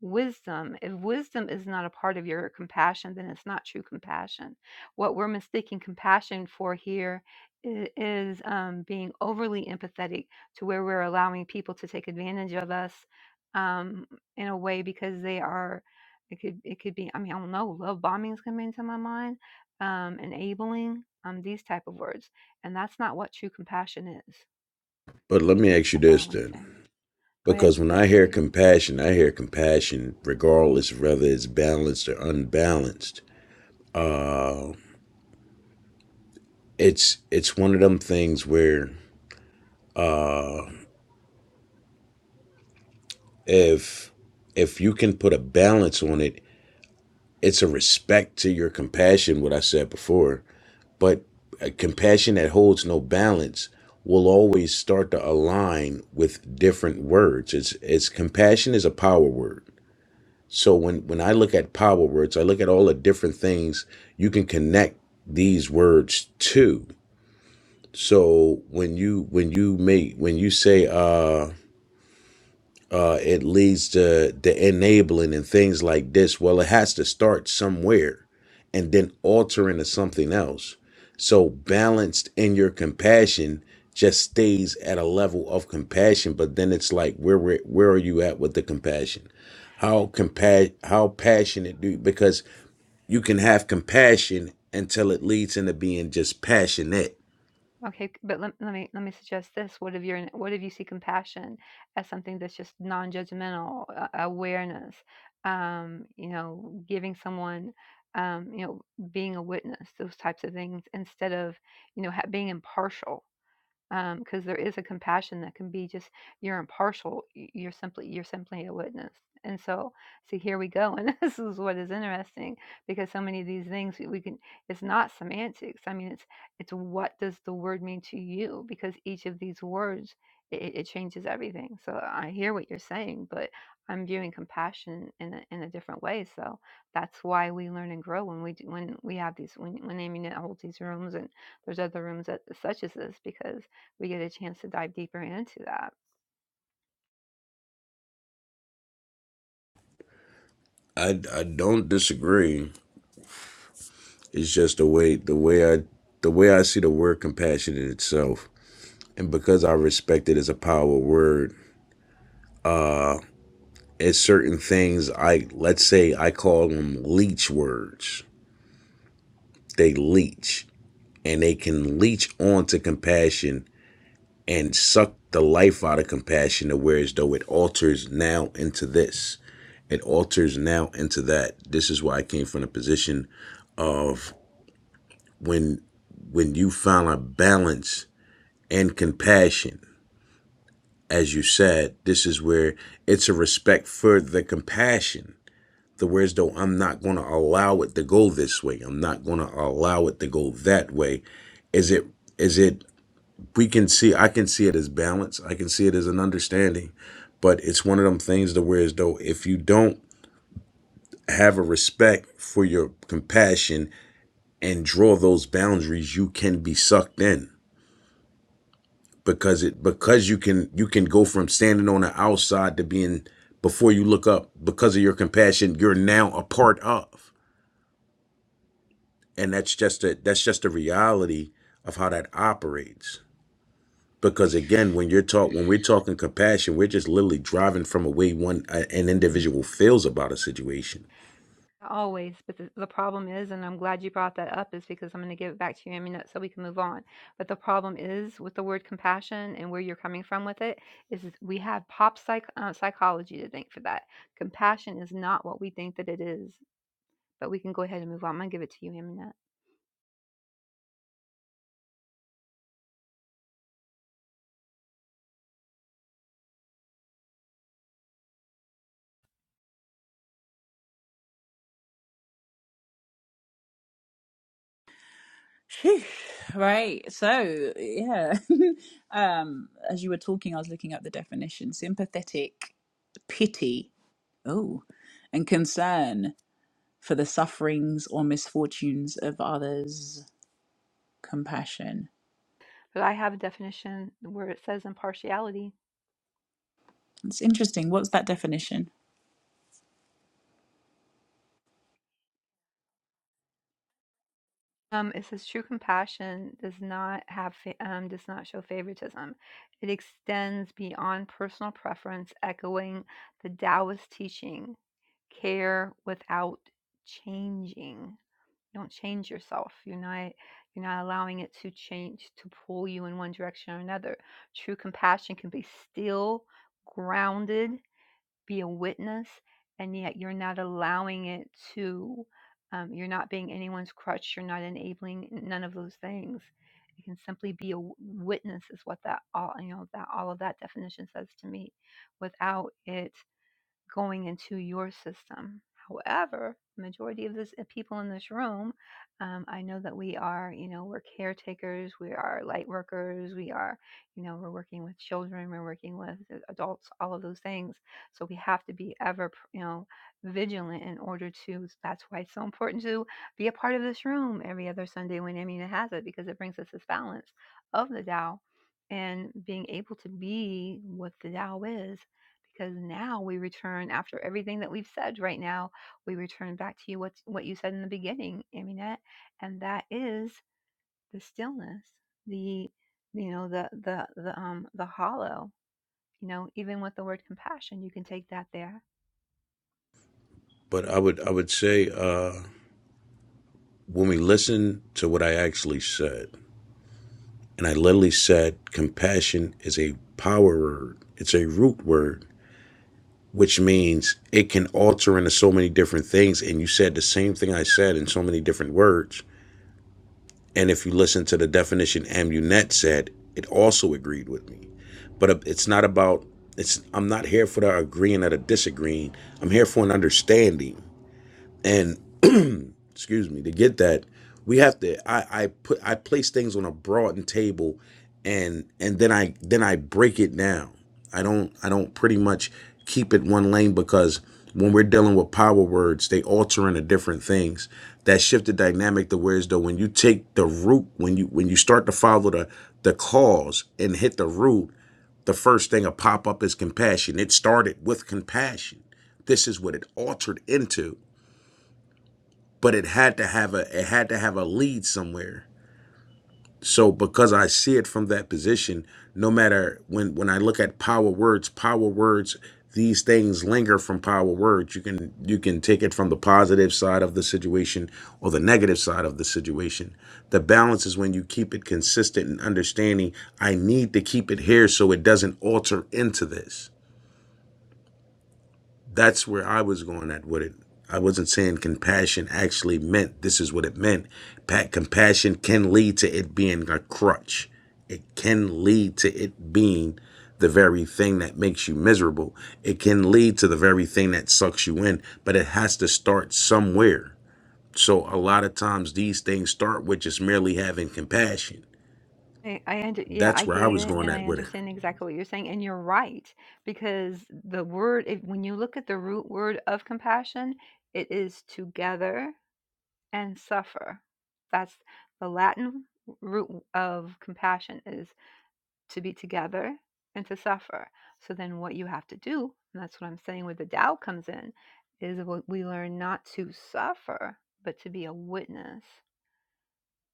S5: wisdom. If wisdom is not a part of your compassion, then it's not true compassion. What we're mistaking compassion for here i- is um, being overly empathetic to where we're allowing people to take advantage of us um, in a way because they are. It could it could be. I mean, I don't know. Love bombings come into my mind. Um, enabling um, these type of words, and that's not what true compassion is.
S6: But let me ask you
S5: That's all I
S6: this
S5: wanted to
S6: then
S5: say. Go ahead.
S6: Because when
S5: Go ahead,
S6: I hear
S5: Clarity.
S6: compassion, I hear compassion regardless of whether it's balanced or unbalanced. It's it's one of them things where if if you can put a balance on it, it's a respect to your compassion, what I said before. But a compassion that holds no balance will always start to align with different words. It's it's compassion is a power word So when when I look at power words, I look at all the different things you can connect these words to. So when you when you make when you say uh uh, it leads to the enabling and things like this. Well, it has to start somewhere and then alter into something else. So balanced in your compassion just stays at a level of compassion, but then it's like where where, where are you at with the compassion? How compa- how passionate do you because you can have compassion until it leads into being just passionate.
S5: Okay, c- but let, let me let me suggest this. What if you're what if you see compassion as something that's just non-judgmental uh, awareness? Um, you know, giving someone, um, you know, being a witness, those types of things, instead of you know ha- being impartial because there is a compassion that can be just you're impartial y- you're simply you're simply a witness and so see here we go and this is what is interesting because so many of these things we we can it's not semantics i mean it's it's what does the word mean to you because each of these words it, it changes everything so i hear what you're saying but i'm viewing compassion in a, in a different way so that's why we learn and grow when we do, when we have these when when amy holds these rooms and there's other rooms that such as this because we get a chance to dive deeper into that.
S6: I, I don't disagree. It's just the way the way I the way I see the word compassion in itself. And because I respect it as a power word, it's certain things I let's say I call them leech words. They leech and they can leech onto compassion and suck the life out of compassion to where as though it alters now into this. It alters now into that. This is why I came from the position of when when you find a balance and compassion as you said, this is where it's a respect for the compassion. The words, though, I'm not going to allow it to go this way. I'm not going to allow it to go that way. Is it, is it, we can see, I can see it as balance. I can see it as an understanding, but it's one of them things the words though, if you don't have a respect for your compassion and draw those boundaries, you can be sucked in because it because you can you can go from standing on the outside to being before you look up because of your compassion you're now a part of and that's just a that's just a reality of how that operates because again when you're talk when we're talking compassion we're just literally driving from a way one a- an individual feels about a situation
S5: Always, but the, the problem is, and I'm glad you brought that up, is because I'm going to give it back to you, Aminette, so we can move on. But the problem is with the word compassion and where you're coming from with it is we have pop psych, uh, psychology to thank for that. Compassion is not what we think that it is. But we can go ahead and move on. I'm going to give it to you, Aminette. But I have a definition where it says impartiality Um, it says true compassion does not have fa- um, does not show favoritism. It extends beyond personal preference, echoing the Taoist teaching: care without changing. You don't change yourself. You're not you're not allowing it to change to pull you in one direction or another. True compassion can be still, grounded, be a witness, and yet you're not allowing it to. Um, you're not being anyone's crutch. You're not enabling none of those things. It can simply be a w- witness, is what that all you know that all of that definition says to me, without it going into your system. However, majority of this uh, people in this room, um, I know that we are, you know, we're caretakers, we are light workers, we are, you know, we're working with children, we're working with uh, adults, all of those things. So we have to be ever, you know, vigilant in order to. That's why it's so important to be a part of this room every other Sunday when Amina has it because it brings us this balance of the Tao and being able to be what the Tao is because now we return after everything that we've said right now we return back to you what what you said in the beginning Aminette and that is the stillness the you know the the the um the hollow you know even with the word compassion you can take that there
S6: but i would i would say uh when we listen to what i actually said and i literally said compassion is a power word it's a root word which means it can alter into so many different things. And you said the same thing I said in so many different words. And if you listen to the definition Amunet said, it also agreed with me. But uh, it's not about it's. I'm not here for the agreeing or the disagreeing. I'm here for an understanding. and excuse me, to get that, we have to I, I put I place things on a broadened table and and then I then I break it down. I don't I don't pretty much keep it one lane because when we're dealing with power words, they alter into different things. That shift the dynamic to whereas though when you take the root, when you when you start to follow the the cause and hit the root, the first thing to pop up is compassion. It started with compassion. This is what it altered into but it had to have a it had to have a lead somewhere so because i see it from that position no matter when when i look at power words power words these things linger from power words you can you can take it from the positive side of the situation or the negative side of the situation the balance is when you keep it consistent and understanding i need to keep it here so it doesn't alter into this That's where I was going at with it. I wasn't saying compassion actually meant this is what it meant. Pat compassion can lead to it being a crutch. It can lead to it being the very thing that makes you miserable. It can lead to the very thing that sucks you in, but it has to start somewhere. So a lot of times these things start with just merely having compassion.
S5: I, I under, yeah,
S6: That's
S5: I
S6: where I
S5: get
S6: was
S5: it,
S6: going
S5: and
S6: at
S5: I
S6: with it.
S5: understand exactly what you're saying, and you're right because the word, if, when you look at the root word of compassion, it is together and suffer. That's the Latin root of compassion is to be together and to suffer. So then what you have to do, and that's what I'm saying where the Tao comes in, is what we learn not to suffer, but to be a witness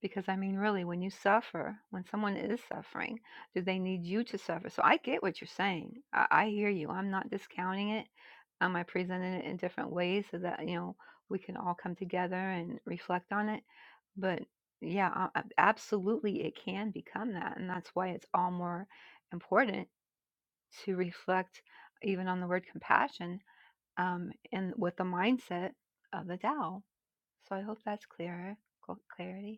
S5: because I mean, really, when you suffer, when someone is suffering, do they need you to suffer? So I get what you're saying. I, I hear you. I'm not discounting it. Um, I presented it in different ways so that you know we can all come together and reflect on it. But yeah, a- a- absolutely, it can become that, and that's why it's all more important to reflect even on the word compassion um, and with the mindset of the Tao. So I hope that's clearer, cl- clarity.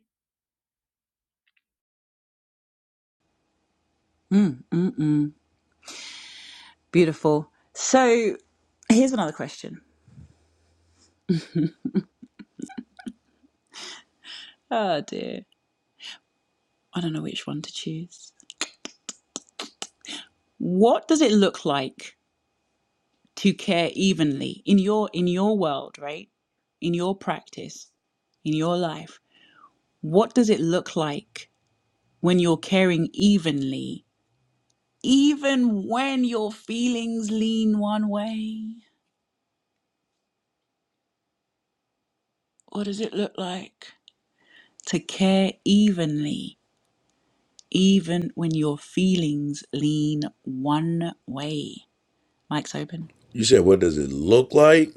S6: You said what does it look like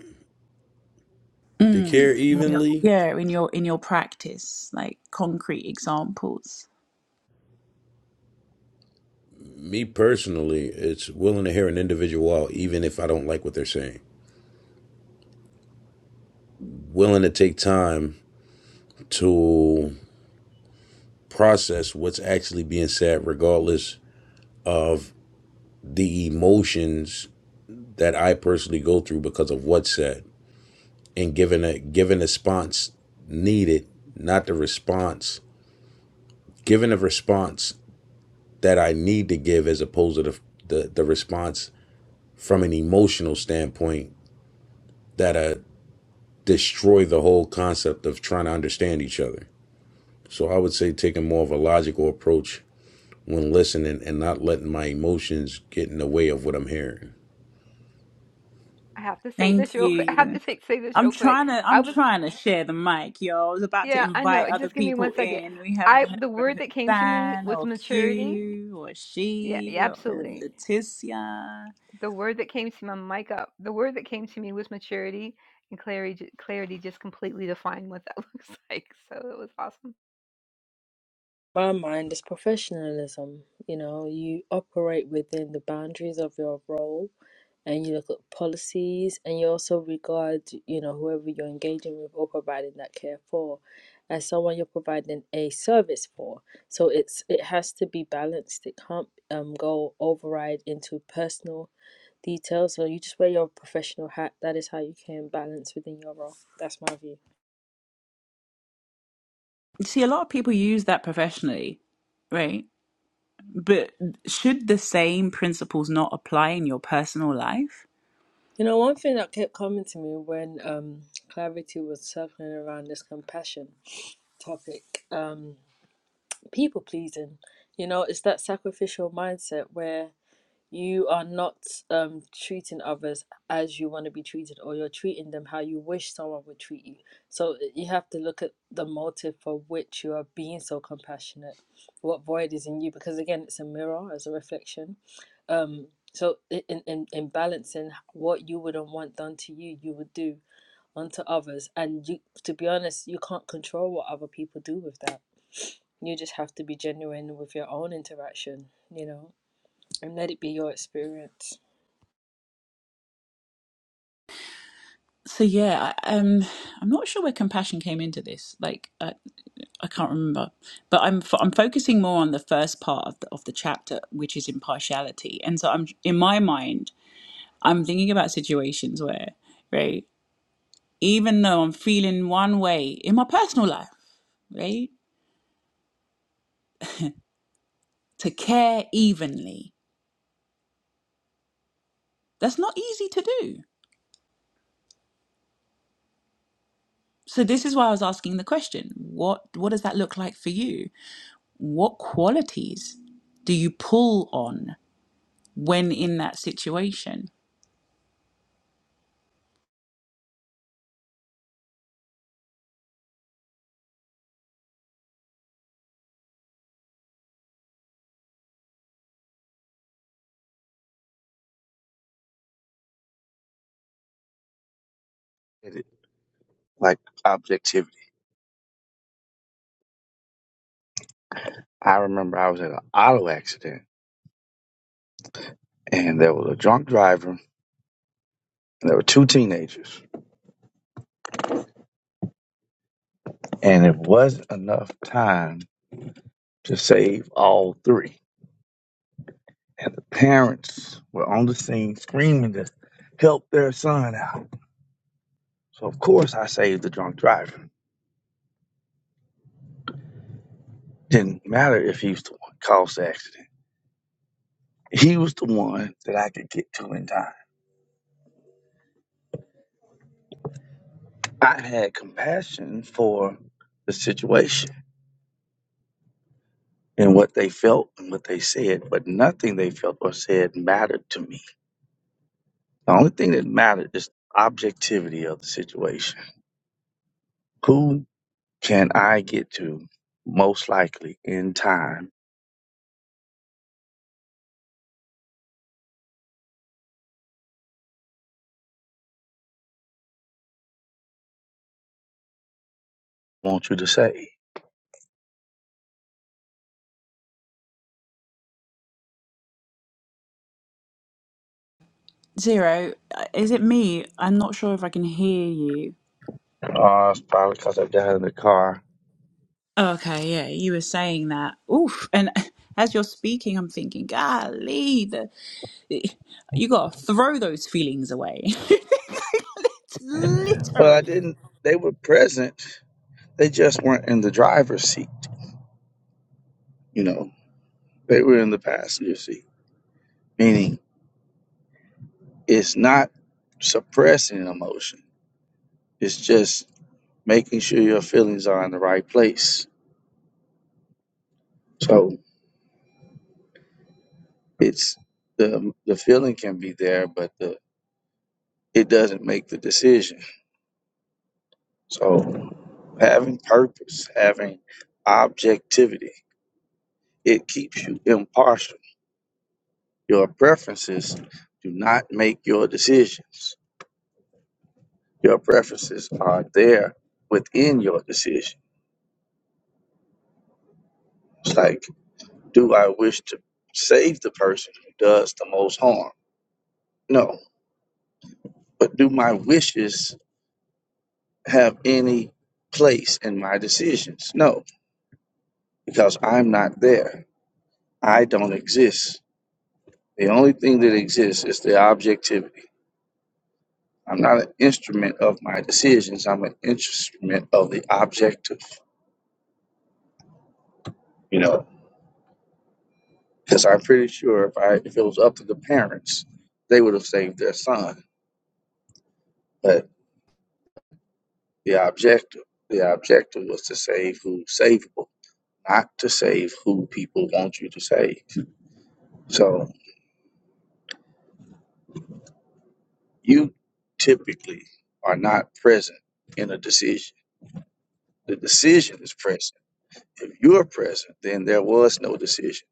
S6: to care
S1: Yep.
S6: evenly? Me personally, it's willing to hear an individual even if I don't like what they're saying. Willing to take time to process what's actually being said, regardless the emotions that I personally go through because of what's said, and giving a giving a response needed, not the response. Giving a response that I need to give, as opposed to the the, the response from an emotional standpoint that uh destroy the whole concept of trying to understand each other So I would say taking more of a logical approach when listening and not letting my emotions get in the way of what I'm hearing.
S5: I have to say this real quick. I have to say, say this real quick. I was, yeah, I know. Just give me one second. I the word that came to me was maturity. Yeah, yeah, absolutely. The word that came to my mic up. The word that came to me was maturity, and clarity. ju- Clarity just completely defined what that looks like. So it was awesome.
S4: my mind is professionalism. You know, you operate within the boundaries of your role and you look at policies and you also regard, you know, whoever you're engaging with or providing that care for as someone you're providing a service for. So it's it has to be balanced. It can't um go override into personal details. So you just wear your professional hat. That is how you can balance within your role. That's my view. You know, one thing that kept coming to me when um, Clarity was circling around this compassion topic, um, people pleasing, you know, is that sacrificial mindset where you are not um treating others as you want to be treated or you're treating them how you wish someone would treat you so uh, you have to look at the motive for which you are being so compassionate what void is in you because again it's a mirror as a reflection um so in in, in balancing what you wouldn't want done to you you would do unto others and you to be honest you can't control what other people do with that you just have to be genuine with your own interaction you know and let it be your experience
S8: It- Like objectivity. I remember I was in an auto accident and there was a drunk driver and there were two teenagers. And it wasn't enough time to save all three. And the parents were on the scene screaming to help their son out. So of course I saved the drunk driver. Didn't matter if he was the one that caused the accident. He was the one that I could get to in time. I had compassion for the situation and what they felt and what they said, but nothing they felt or said mattered to me. The only thing that mattered is objectivity of the situation. Who can I get to most likely in time? Want you to say? Oh, it's probably because I got in the car. Well, I didn't. They were present. They just weren't in the driver's seat. You know, they were in the passenger seat. Meaning, it's not suppressing an emotion. It's just making sure your feelings are in the right place So it's the um, the feeling can be there, but the it doesn't make the decision. So having purpose, having objectivity, it keeps you impartial. Your preferences do not make your decisions. Your preferences are there within your decision. It's like, do I wish to save the person who does the most harm? No. But do my wishes have any place in my decisions? No because I'm not there. I don't exist. The only thing that exists is the objectivity. I'm not an instrument of my decisions. I'm an instrument of the objective. You know, because I'm pretty sure if I if it was up to the parents, they would have saved their son. But the objective, the objective was to save who's savable, not to save who people want you to save. So you typically are not present in a decision. The decision is present If you're present, then there was no decision.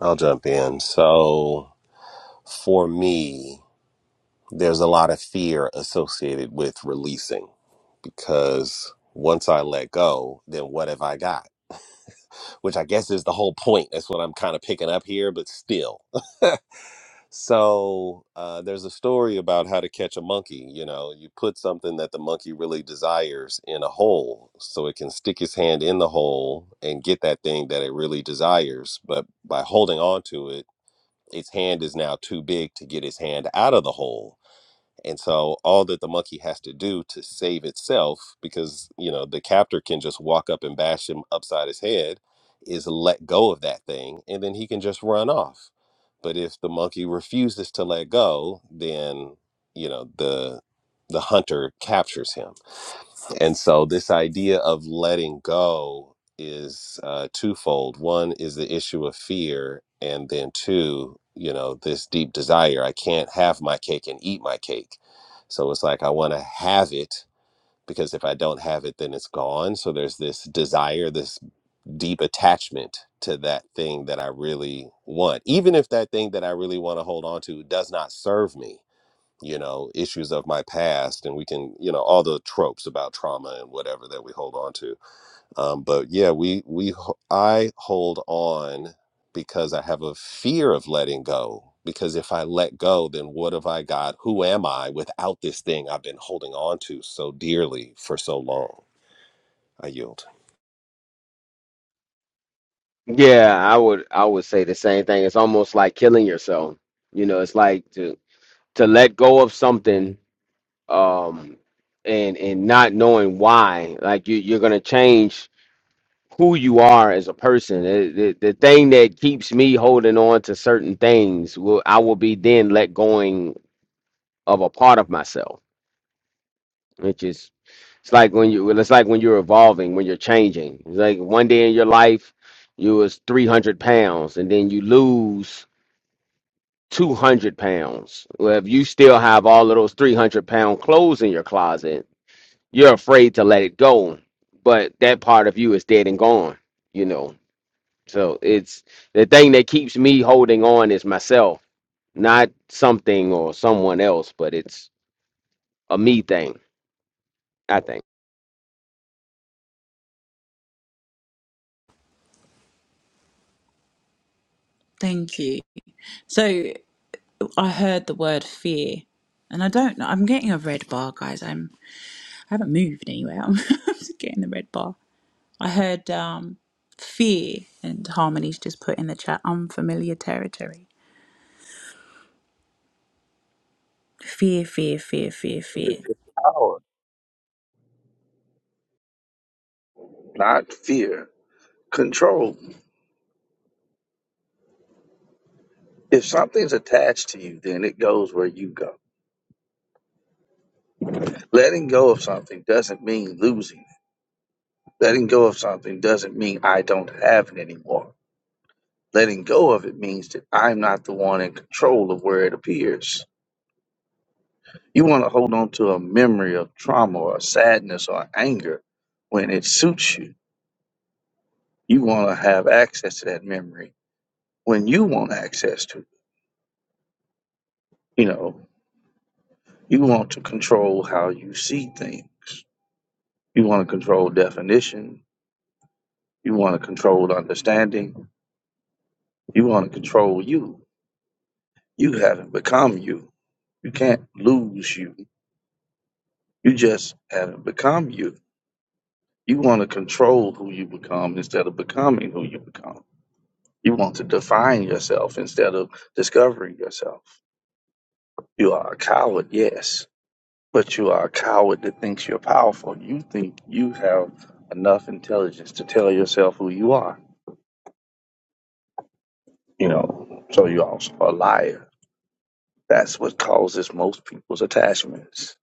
S2: I'll jump in. So. for me, there's a lot of fear associated with releasing because once I let go, then what have I got? Which I guess is the whole point. That's what I'm kind of picking up here, but still. So uh, there's a story about how to catch a monkey. You know, you put something that the monkey really desires in a hole so it can stick his hand in the hole and get that thing that it really desires. But by holding on to it, its hand is now too big to get its hand out of the hole. And so all that the monkey has to do to save itself, because you know the captor can just walk up and bash him upside his head, is let go of that thing, and then he can just run off. But if the monkey refuses to let go, then you know the the hunter captures him. And so this idea of letting go is uh, twofold. One is the issue of fear, and then two, you know, this deep desire. I can't have my cake and eat my cake. So it's like I want to have it because if I don't have it, then it's gone. So there's this desire, this deep attachment to that thing that I really want, even if that thing that I really want to hold on to does not serve me. You know, issues of my past, and we can, you know, all the tropes about trauma and whatever that we hold on to um, but yeah we we ho- i hold on because i have a fear of letting go because if i let go then what have i got who am i without this thing i've been holding on to so dearly for so long i yield
S3: Yeah, I would I would say the same thing. It's almost like killing yourself. You know, it's like to to let go of something um and and not knowing why. Like you you're gonna change who you are as a person. It- The, the thing that keeps me holding on to certain things will I will be then let going of a part of myself, It's like when you it's like when you're evolving, when you're changing. It's like one day in your life you was 300 pounds and then you lose 200 pounds. Well, if you still have all of those 300 pound clothes in your closet, you're afraid to let it go. But that part of you is dead and gone, you know. So it's the thing that keeps me holding on is myself, not something or someone else, but it's a me thing, I think.
S8: Power, not fear, control. If something's attached to you, then it goes where you go. Letting go of something doesn't mean losing. it. Letting go of something doesn't mean I don't have it anymore. Letting go of it means that I'm not the one in control of where it appears. You want to hold on to a memory of trauma or sadness or anger when it suits you. You want to have access to that memory when you want access to it. You know, You want to control how you see things. You want to control definition. You want to control understanding. You want to control you. You haven't become you. You can't lose you. You just haven't become you. You want to control who you become instead of becoming who you become. You want to define yourself instead of discovering yourself. You are a coward, yes, but you are a coward that thinks you're powerful. You think you have enough intelligence to tell yourself who you are You know, so you also a liar. That's what causes most people's attachments.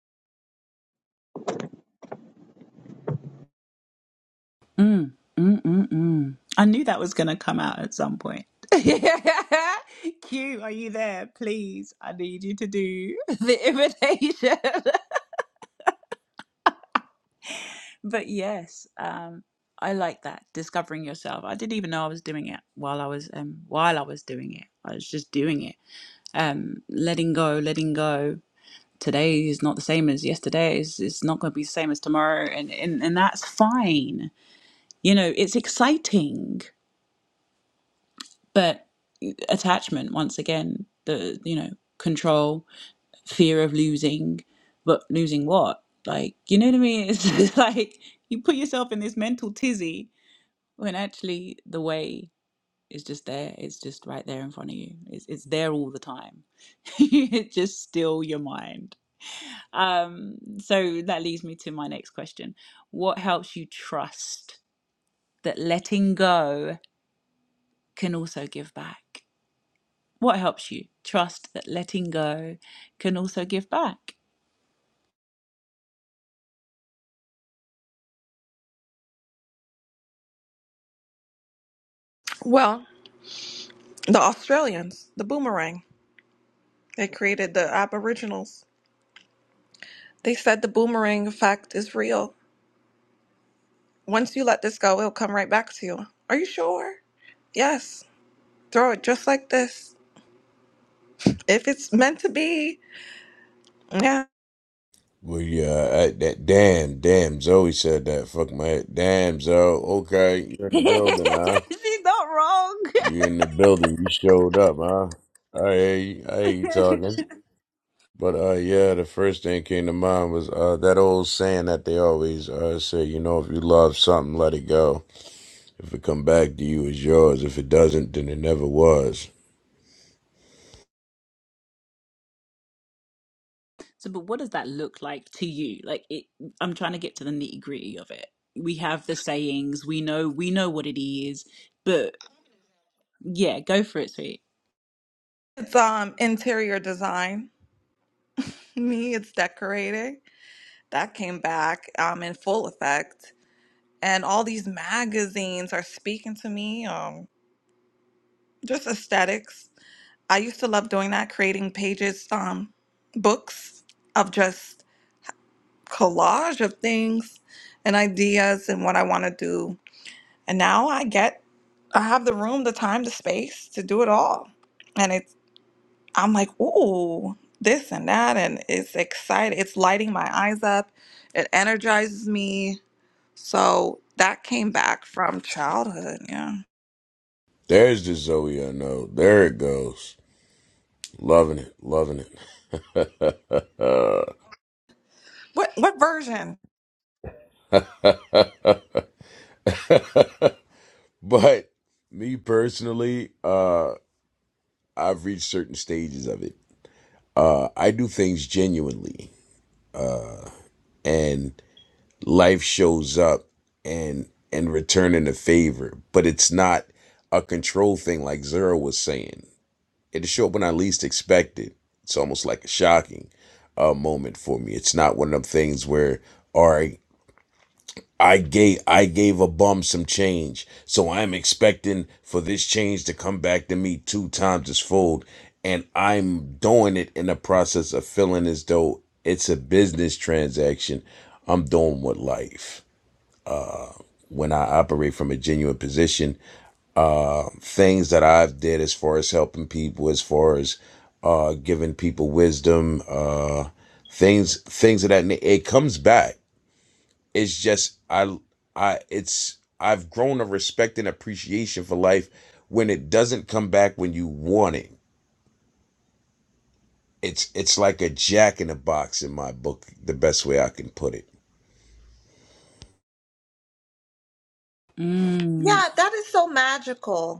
S9: Well, the Australians, the boomerang, they created the Aboriginals. They said the boomerang effect is real. Once you let this go, it'll come right back to you. Are you sure? Yes. Throw it just like this. If it's meant to be, yeah.
S6: Well, yeah, I, that damn, damn, Zoe said that. Fuck my head. Damn, Zoe. Okay, you're in the building, huh? You are in the building. You showed up, huh? I hear you, I hear you talking. But uh, yeah, the first thing came to mind was uh that old saying that they always uh say, you know, if you love something, let it go. If it come back to you, it's yours. If it doesn't, then it never was.
S9: It's um interior design. Me, it's decorating. That came back um in full effect. And all these magazines are speaking to me. Um, just aesthetics. I used to love doing that, creating pages, um, books of just collage of things and ideas and what I want to do. And now I get, I have the room, the time, the space to do it all. And it's, I'm like, ooh, this and that. And it's exciting. It's lighting my eyes up. It energizes me. So that came back from childhood. Yeah.
S6: There's the Zoe I know. There it goes. Loving it. Loving it. Uh,
S9: What, what version?
S6: but me personally, uh, I've reached certain stages of it. Uh, I do things genuinely and life shows up and, and returning a favor, but it's not a control thing like Zero was saying. It'll show up when I least expect it. It's almost like a shocking uh, moment for me. It's not one of them things where, all right. I gave I gave a bum some change, so I'm expecting for this change to come back to me two times its fold, and I'm doing it in the process of feeling as though it's a business transaction. I'm doing with life when I operate from a genuine position. Things that I've did as far as helping people, as far as uh, giving people wisdom, uh, things things of that. It comes back it's just I I it's I've grown a respect and appreciation for life when it doesn't come back when you want it. It's it's like a jack in a box in my book, the best way I can put it.
S9: Yeah, that is so magical.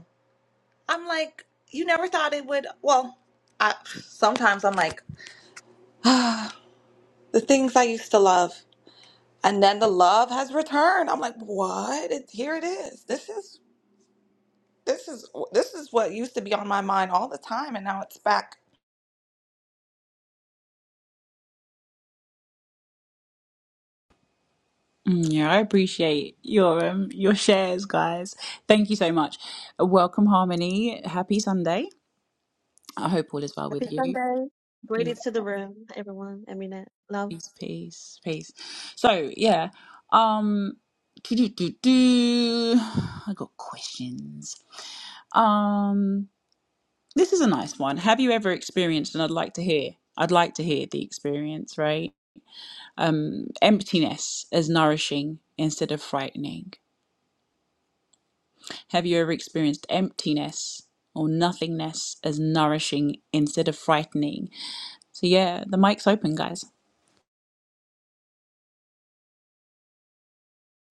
S9: I'm like, you never thought it would. Well, I, sometimes I'm like, the things I used to love, and then the love has returned. I'm like, what? It, here it is. This is this is this is what used to be on my mind all the time, and now it's back.
S10: Happy Sunday. Greetings to the room, everyone. I mean it. Love.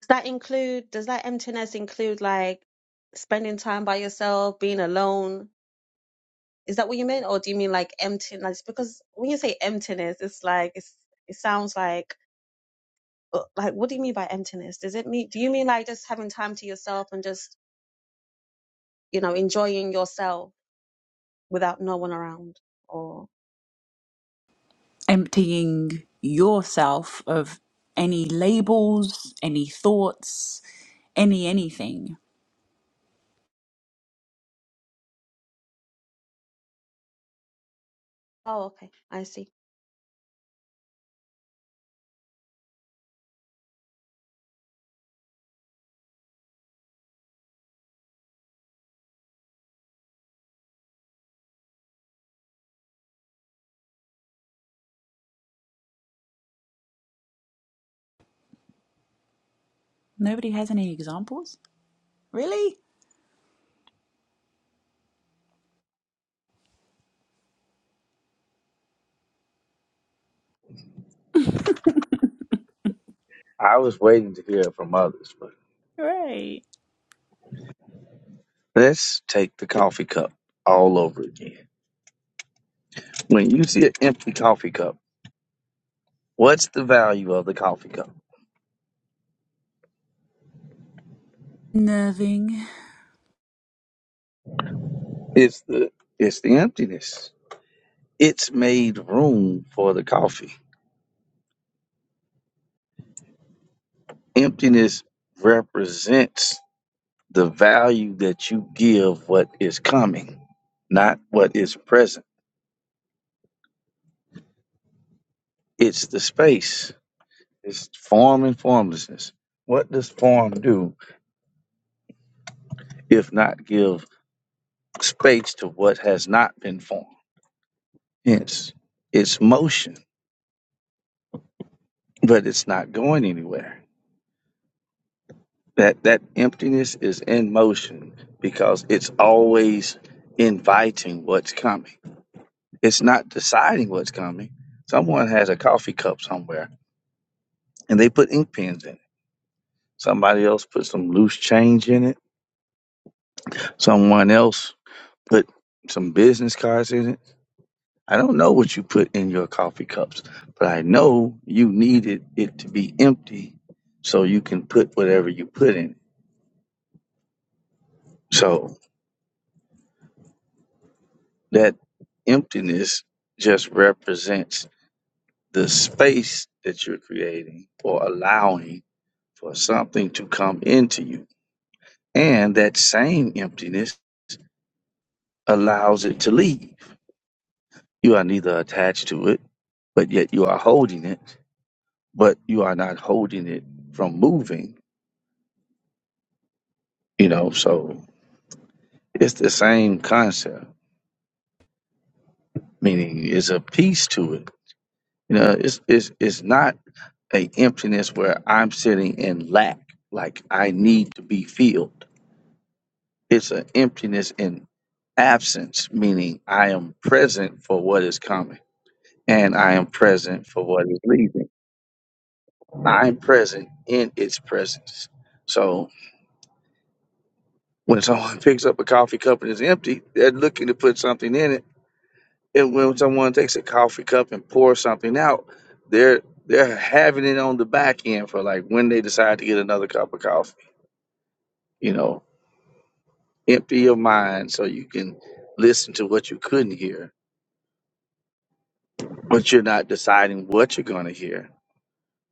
S10: Does that include, does that emptiness include like spending time by yourself, being alone? Is that what you mean? Or do you mean like emptiness? Because when you say emptiness, it's like, it's, it sounds like, uh, like, what do you mean by emptiness? Does it mean, do you mean like just having time to yourself and just, you know, enjoying yourself without no one around? Or, oh, okay. I see.
S8: I was waiting to hear from others, but let's take the coffee cup all over again. When you see an empty coffee cup, what's the value of the coffee cup? It's the it's the emptiness. It's made room for the coffee. Emptiness represents the value that you give what is coming, not what is present. It's the space It's form and formlessness. What does form do if not give space to what has not been formed? Hence, it's motion, but it's not going anywhere. That that emptiness is in motion because it's always inviting what's coming. It's not deciding what's coming. Someone has a coffee cup somewhere and they put ink pens in it. Somebody else put some loose change in it. Someone else put some business cards in it I don't know what you put in your coffee cups, but I know you needed it to be empty so you can put whatever you put in. So that emptiness just represents the space that you're creating or allowing for something to come into you. And that same emptiness allows it to leave. You are neither attached to it, but yet you are holding it, but you are not holding it from moving, you know, so It's the same concept, meaning it's a piece to it. You know, it's it's it's not a emptiness where I'm sitting in lack, like I need to be filled. It's an emptiness in absence, meaning I am present for what is coming and I am present for what is leaving. I'm present in its presence. So when someone picks up a coffee cup and it's empty, they're looking to put something in it if when someone takes a coffee cup and pours something out, they're they're having it on the back end for like when they decide to get another cup of coffee. You know, empty your mind so you can listen to what you couldn't hear, but you're not deciding what you're going to hear.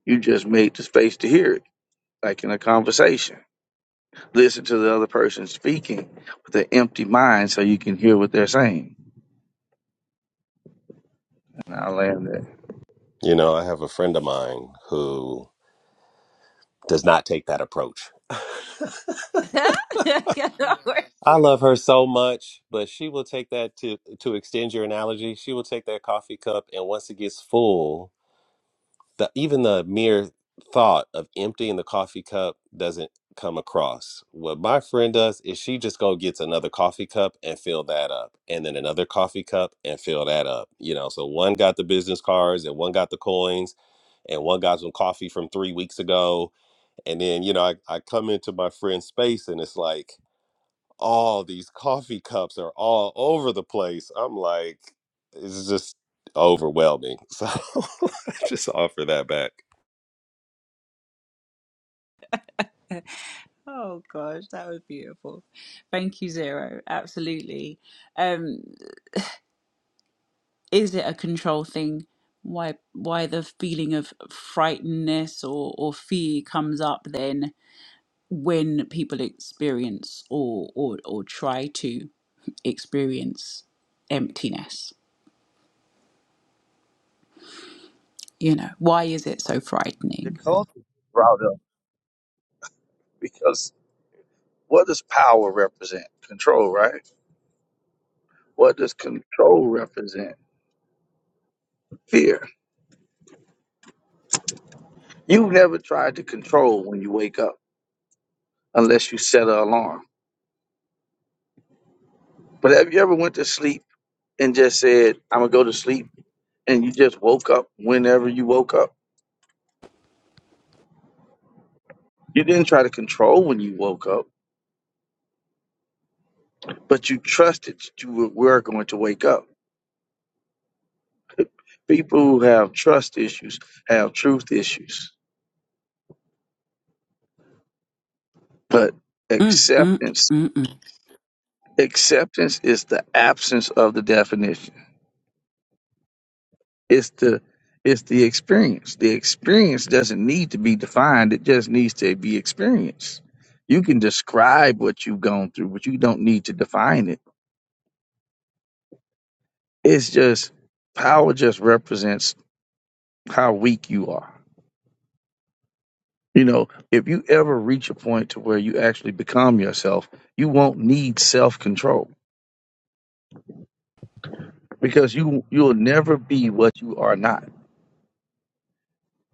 S8: You just made the space to hear it, like in a conversation. Listen to the other person speaking with an empty mind so you can hear what they're saying. And I land that.
S2: you know i have a friend of mine who does not take that approach i love her so much but she will take that to to extend your analogy she will take that coffee cup and once it gets full the even the mere thought of emptying the coffee cup doesn't come across. What my friend does is she just go gets another coffee cup and fill that up, and then another coffee cup and fill that up. You know, so one got the business cards and one got the coins, and one got some coffee from three weeks ago. And then you know, I, I come into my friend's space and it's like all these coffee cups are all over the place. I'm like, it's just overwhelming. So just offer that back.
S8: The culture brought up because what does power represent? Control, right? What does control represent? Fear. You've never tried to control when you wake up unless you set an alarm. But have you ever went to sleep and just said, I'm gonna go to sleep and you just woke up whenever you woke up? You didn't try to control when you woke up, but you trusted that you were were going to wake up. People who have trust issues have truth issues. But acceptance acceptance is the absence of the definition. It's the it's the experience. The experience doesn't need to be defined. It just needs to be experienced. You can describe what you've gone through, but you don't need to define it. It's just power just represents how weak you are. You know, if you ever reach a point to where you actually become yourself, you won't need self-control because you you'll never be what you are not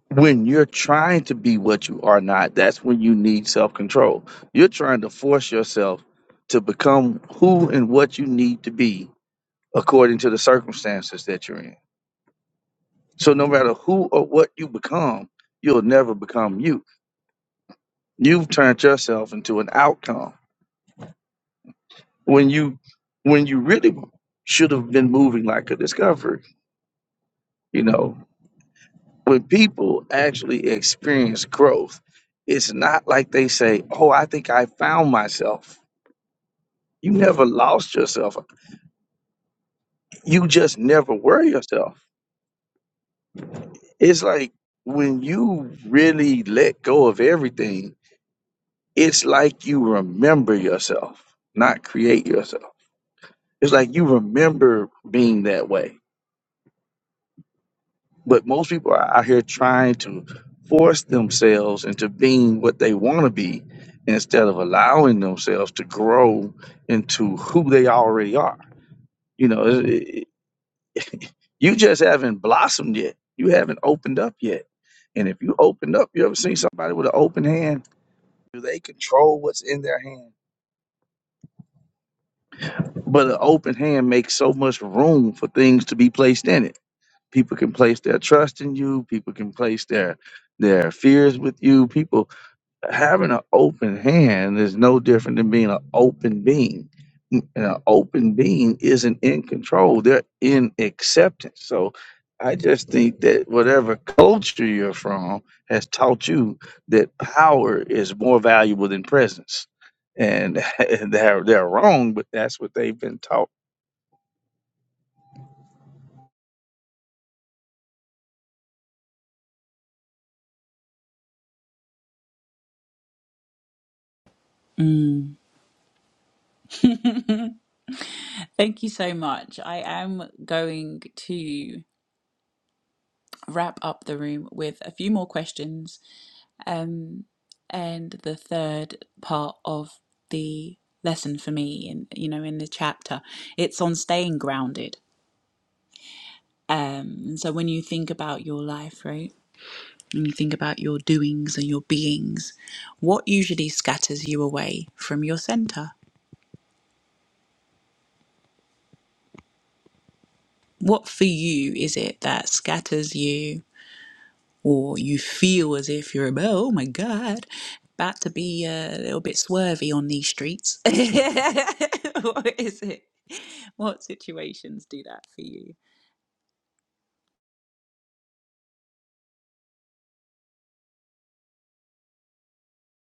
S8: when you're trying to be what you are not, that's when you need self control. You're trying to force yourself to become who and what you need to be according to the circumstances that you're in. So, no matter who or what you become, you'll never become you. You've turned yourself into an outcome when you when you really should have been moving like a discovery. You know, when people actually experience growth, it's not like they say, "Oh, I think I found myself." You never lost yourself. You just never were yourself. It's like when you really let go of everything, it's like you remember yourself, not create yourself. It's like you remember being that way. But most people are out here trying to force themselves into being what they want to be instead of allowing themselves to grow into who they already are. You know, it, You just haven't blossomed yet. You haven't opened up yet. And if you opened up, you ever seen somebody with an open hand? Do they control what's in their hand? But an open hand makes so much room for things to be placed in it. People can place their trust in you. People can place their their fears with you. People having an open hand is no different than being an open being. Mm, And an open being isn't in control, they're in acceptance. So I just think that whatever culture you're from has taught you that power is more valuable than presence. And they're, they're wrong, but that's what they've been taught.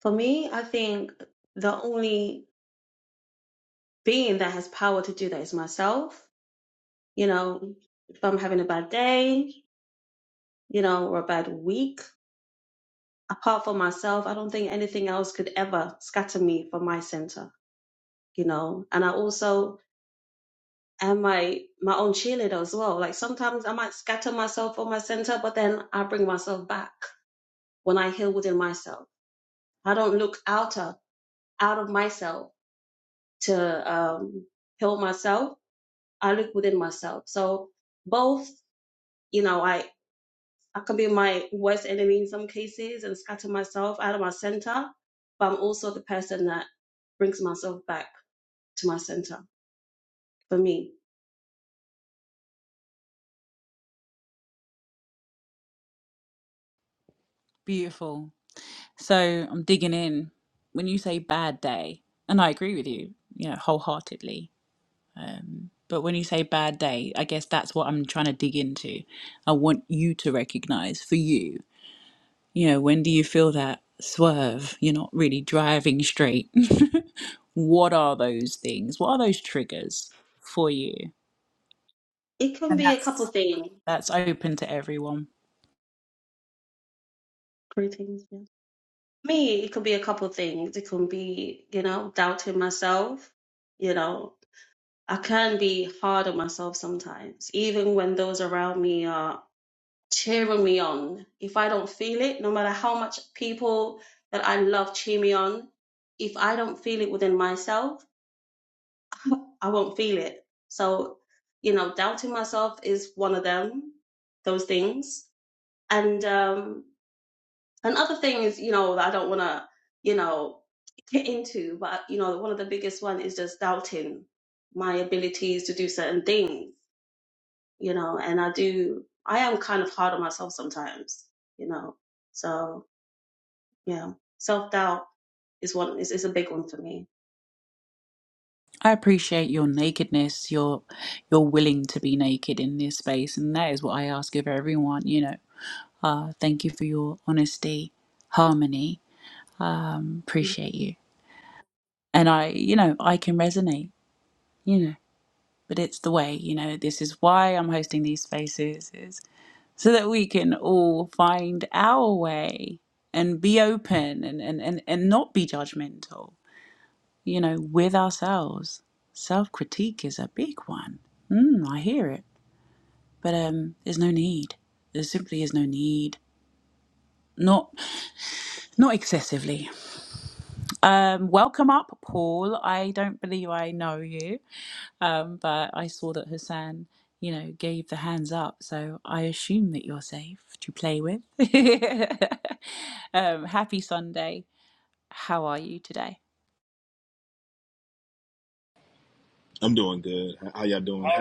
S10: For me, I think the only being that has power to do that is myself. You know, if I'm having a bad day, you know, or a bad week, apart from myself, I don't think anything else could ever scatter me from my center, you know. And I also am my my own cheerleader as well. Like sometimes I might scatter myself from my center, but then I bring myself back when I heal within myself. I don't look outer out of myself to um heal myself. I look within myself. So both, you know, I. I can be my worst enemy in some cases and scatter myself out of my center, but I'm also the person that brings myself back to my center for me. It can
S1: And
S10: be a couple
S1: that's.
S10: things. Three yeah. Me, it could be a couple things. It can be, you know, doubting myself. You know, I can be hard on myself sometimes, even when those around me are cheering me on. If I don't feel it, no matter how much people that I love cheer me on, if I don't feel it within myself, I won't feel it. So, you know, doubting myself is one of them, those things. And um another thing is, you know, that I don't wanna, you know, get into, but you know, one of the biggest one is just doubting my abilities to do certain things, you know, and I do I am kind of hard on myself sometimes, you know. So yeah. Self doubt is one is, is a big one for me. Mm-hmm.
S11: I'm doing good. How y'all doing? alright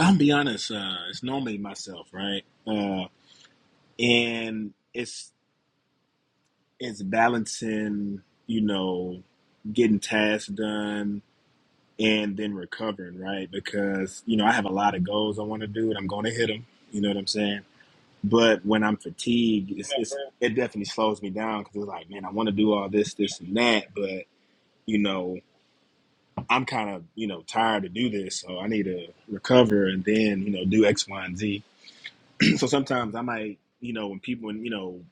S11: I'm be honest. Uh, it's normally myself, right? Uh, and it's it's balancing, you know, getting tasks done and then recovering, right? Because you know I have a lot of goals I want to do, and I'm going to hit them. You know what I'm saying? But when I'm fatigued, it's, it's it definitely slows me down because it's like, man, I want to do all this, this, and that, but you know, I'm kind of you know tired to do this, so I need to recover and then you know do X, Y, and Z So sometimes I might, you know, when people, when, you know,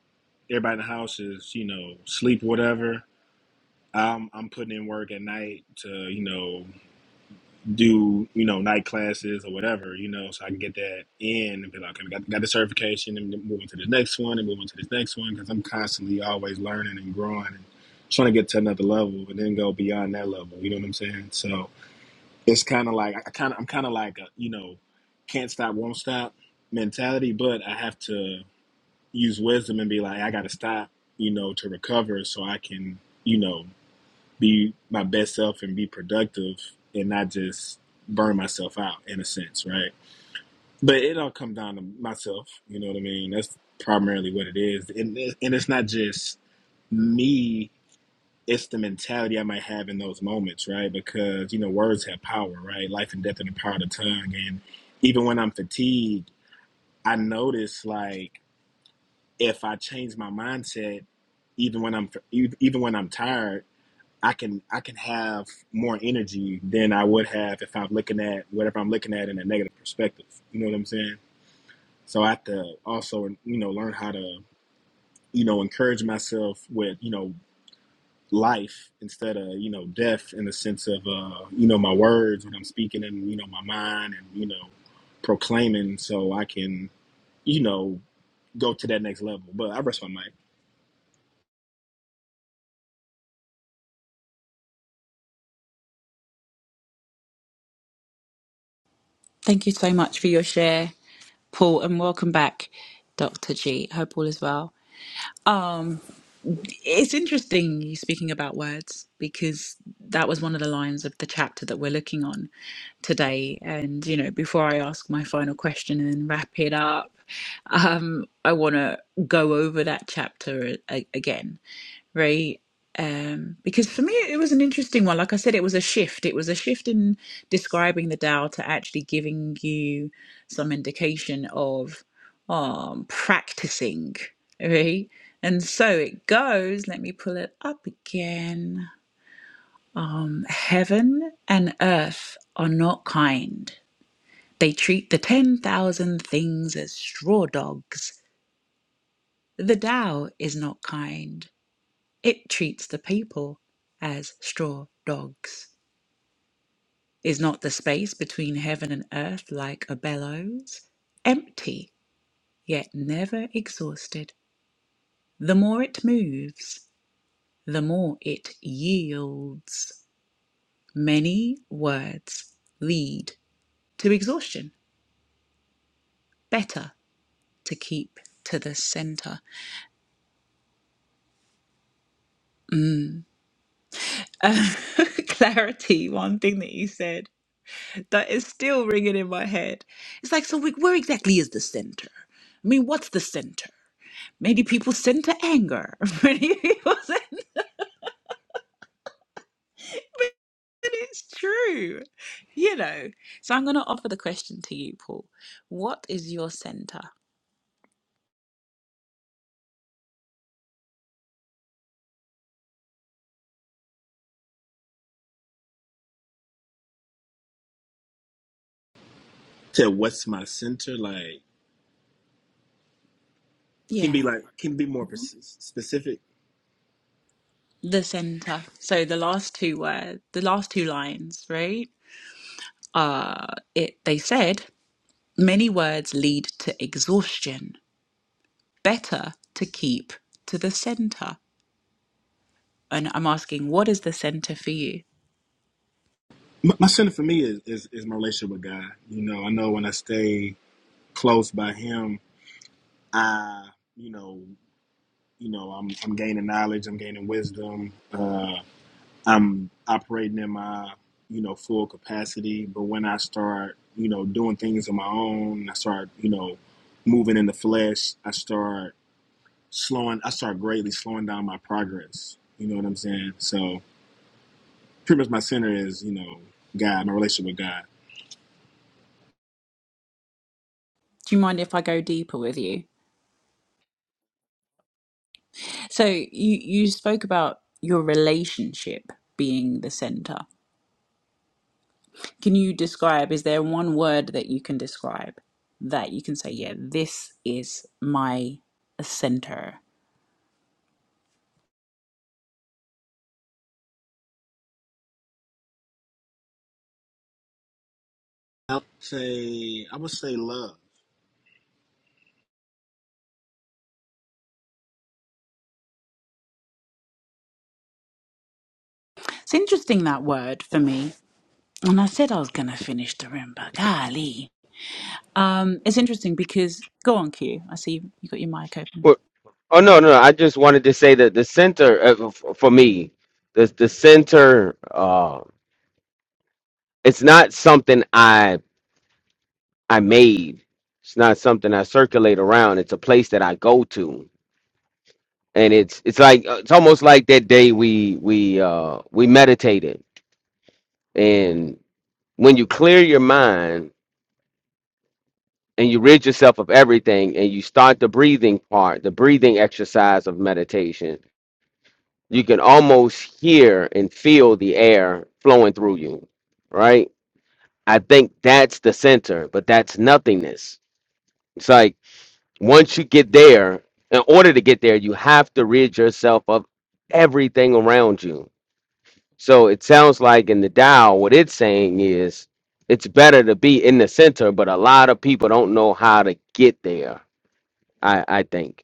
S11: everybody in the house is, you know, sleep or whatever, I'm, I'm putting in work at night to, you know, do, you know, night classes or whatever, you know, so I can get that in and be like, okay, we got, got the certification and move on to this next one and move on to this next one because I'm constantly always learning and growing and trying to get to another level and then go beyond that level. You know what I'm saying? So it's kind of like, I kind of, I'm kind of like, a, you know, can't stop, won't stop mentality, but I have to use wisdom and be like, I got to stop, you know, to recover so I can, you know, be my best self and be productive and not just burn myself out in a sense, right? But it all comes down to myself, you know what I mean? That's primarily what it is. And, and it's not just me, it's the mentality I might have in those moments, right? Because, you know, words have power, right? Life and death are the power of the tongue. And even when I'm fatigued, I notice like, if I change my mindset, even when I'm even when I'm tired, I can I can have more energy than I would have if I'm looking at whatever I'm looking at in a negative perspective. You know what I'm saying? So I have to also you know learn how to you know encourage myself with you know life instead of you know death in the sense of uh, you know my words when I'm speaking and you know my mind and you know proclaiming so I can you know go to that next level. But I rest my mind. to what's my center like can be like can be more pers- specific my, my center for me is, is is my relationship with god you know i know when i stay close by him i you know you know i'm i'm gaining knowledge i'm gaining wisdom uh i'm operating in my you know full capacity but when i start you know doing things on my own i start you know moving in the flesh i start slowing i start greatly slowing down my progress you know what i'm saying so pretty much my center is you know God, my relationship with God. I would say I would say love.
S3: Oh no, no, no. I just wanted to say that the center uh, f- for me, the the center, uh, it's not something I I made. It's not something I circulate around. It's a place that I go to, and it's it's like uh, it's almost like that day we we uh, we meditated, and when you clear your mind and you rid yourself of everything, and you start the breathing part, the breathing exercise of meditation you can almost hear and feel the air flowing through you, right? I think that's the center, but that's nothingness. It's like once you get there, in order to get there, you have to rid yourself of everything around you. So it sounds like in the Tao, what it's saying is it's better to be in the center, but a lot of people don't know how to get there. I I think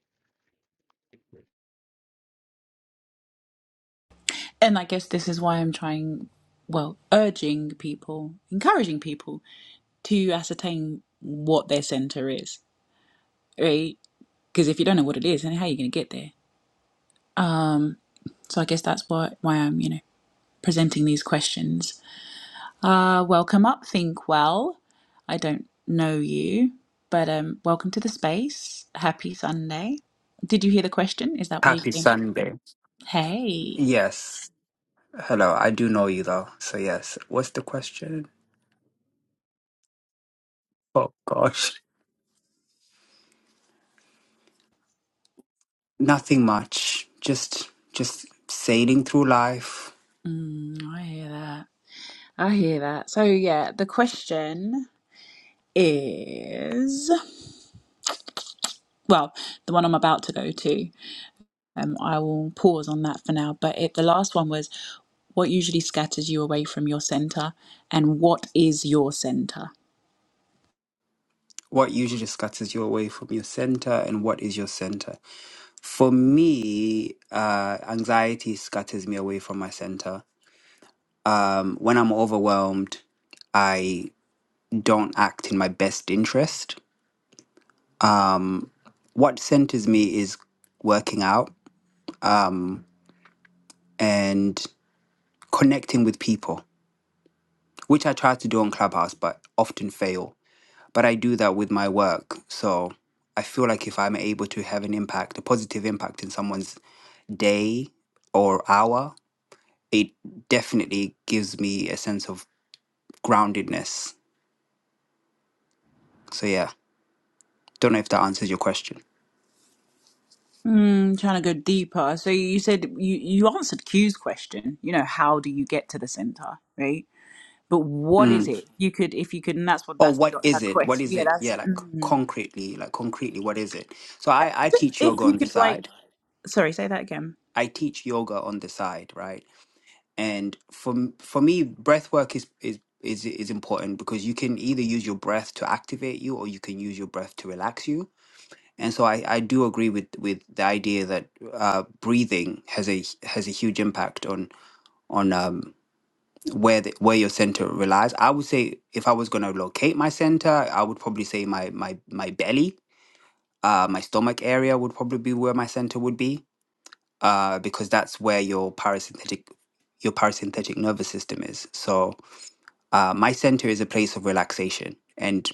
S12: Happy Sunday. Yes. Hello. I do know you though. So yes. What's the question? Oh gosh. Nothing much. Just just sailing through life. What usually just scatters you away from your center and what is your center? For me, uh anxiety scatters me away from my center. Um when I'm overwhelmed, I don't act in my best interest. Um what centers me is working out. Um and connecting with people, which I try to do on Clubhouse, but often fail. But I do that with my work. So I feel like if I'm able to have an impact, a positive impact in someone's day or hour, it definitely gives me a sense of groundedness. So, yeah, don't know if that answers your question. Mm. Or what is it? What is it? Yeah, like concretely, like concretely, what is it? So I, I teach yoga on the side. I teach yoga on the side, right? And for for me, breath work is is is is important because you can either use your breath to activate you or you can use your breath to relax you. And so I, I do agree with, with the idea that uh, breathing has a has a huge impact on on um, where the, where your center relies. I would say if I was going to locate my center, I would probably say my my my belly, uh, my stomach area would probably be where my center would be uh, because that's where your parasympathetic your parasympathetic nervous system is. So uh, my center is a place of relaxation, and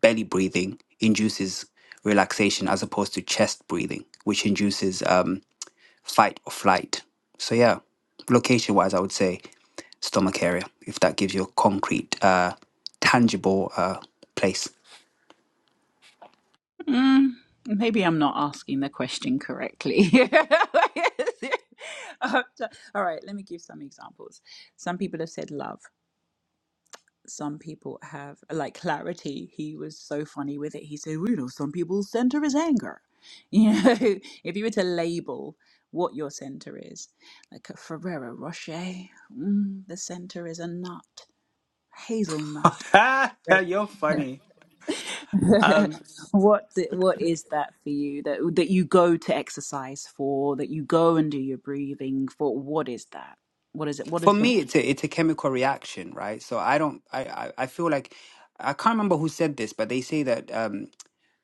S12: belly breathing induces relaxation as opposed to chest breathing, which induces um, fight or flight. So, yeah, location wise, I would say stomach area, if that gives you a concrete, uh, tangible uh, place. You're funny. Um, for me it's a it's a chemical reaction right so i don't i i, I feel like i can't remember who said this but they say that um,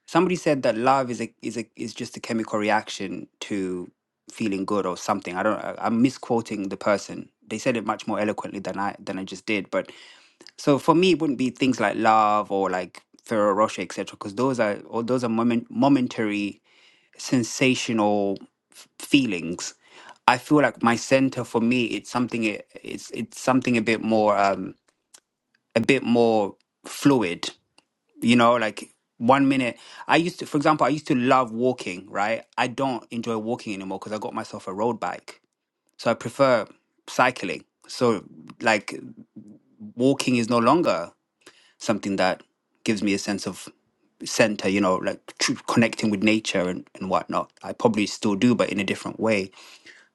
S12: Somebody said that love is a is a is just a chemical reaction to feeling good or something. I don't. I, I'm misquoting the person. They said it much more eloquently than I than I just did. But so for me, it wouldn't be things like love or like Ferrero Rocher, etc. Because those are or those are moment momentary sensational f- feelings. I feel like my center for me it's something it, it's it's something a bit more um a bit more fluid you know like one minute i used to for example i used to love walking right i don't enjoy walking anymore because i got myself a road bike so i prefer cycling so like walking is no longer something that gives me a sense of center you know like tr- connecting with nature and, and whatnot i probably still do but in a different way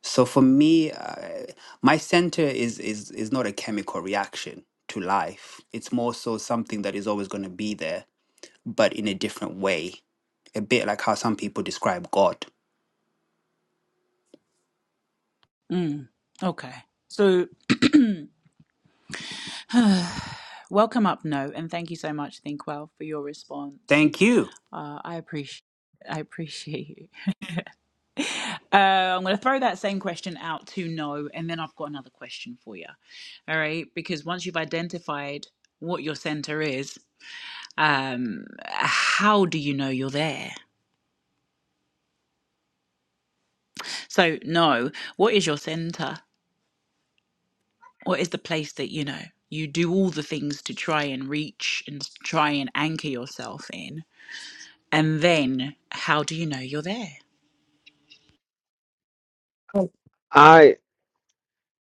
S12: so for me uh, my center is is is not a chemical reaction to life it's more so something that is always going to be there but in a different way, a bit like how some people describe God. Thank you.
S3: I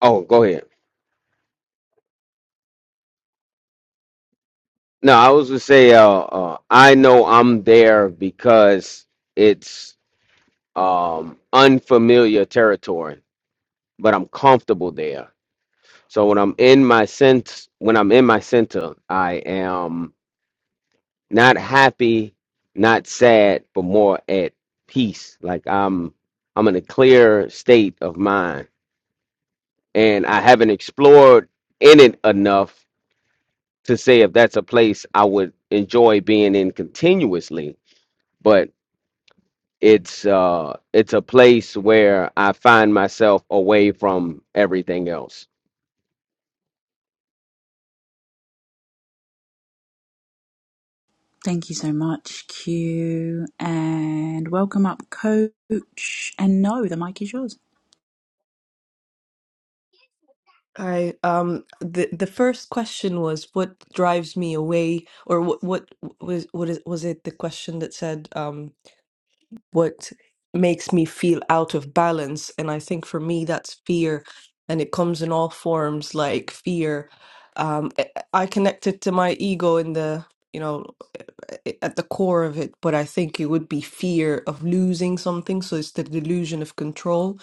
S3: oh go ahead. No, I was gonna say, uh, uh, I know I'm there because it's um, unfamiliar territory, but I'm comfortable there. So when I'm in my sense, when I'm in my center, I am not happy, not sad, but more at peace. Like I'm, I'm in a clear state of mind, and I haven't explored in it enough to say if that's a place I would enjoy being in continuously but. it's uh it's a place where I find myself away from everything else.
S13: I um the the first question was what drives me away or what what was what is was it the question that said um what makes me feel out of balance and I think for me that's fear and it comes in all forms like fear um I I connect it to my ego in the you know i- at the core of it, but I think it would be fear of losing something. So it's the delusion of control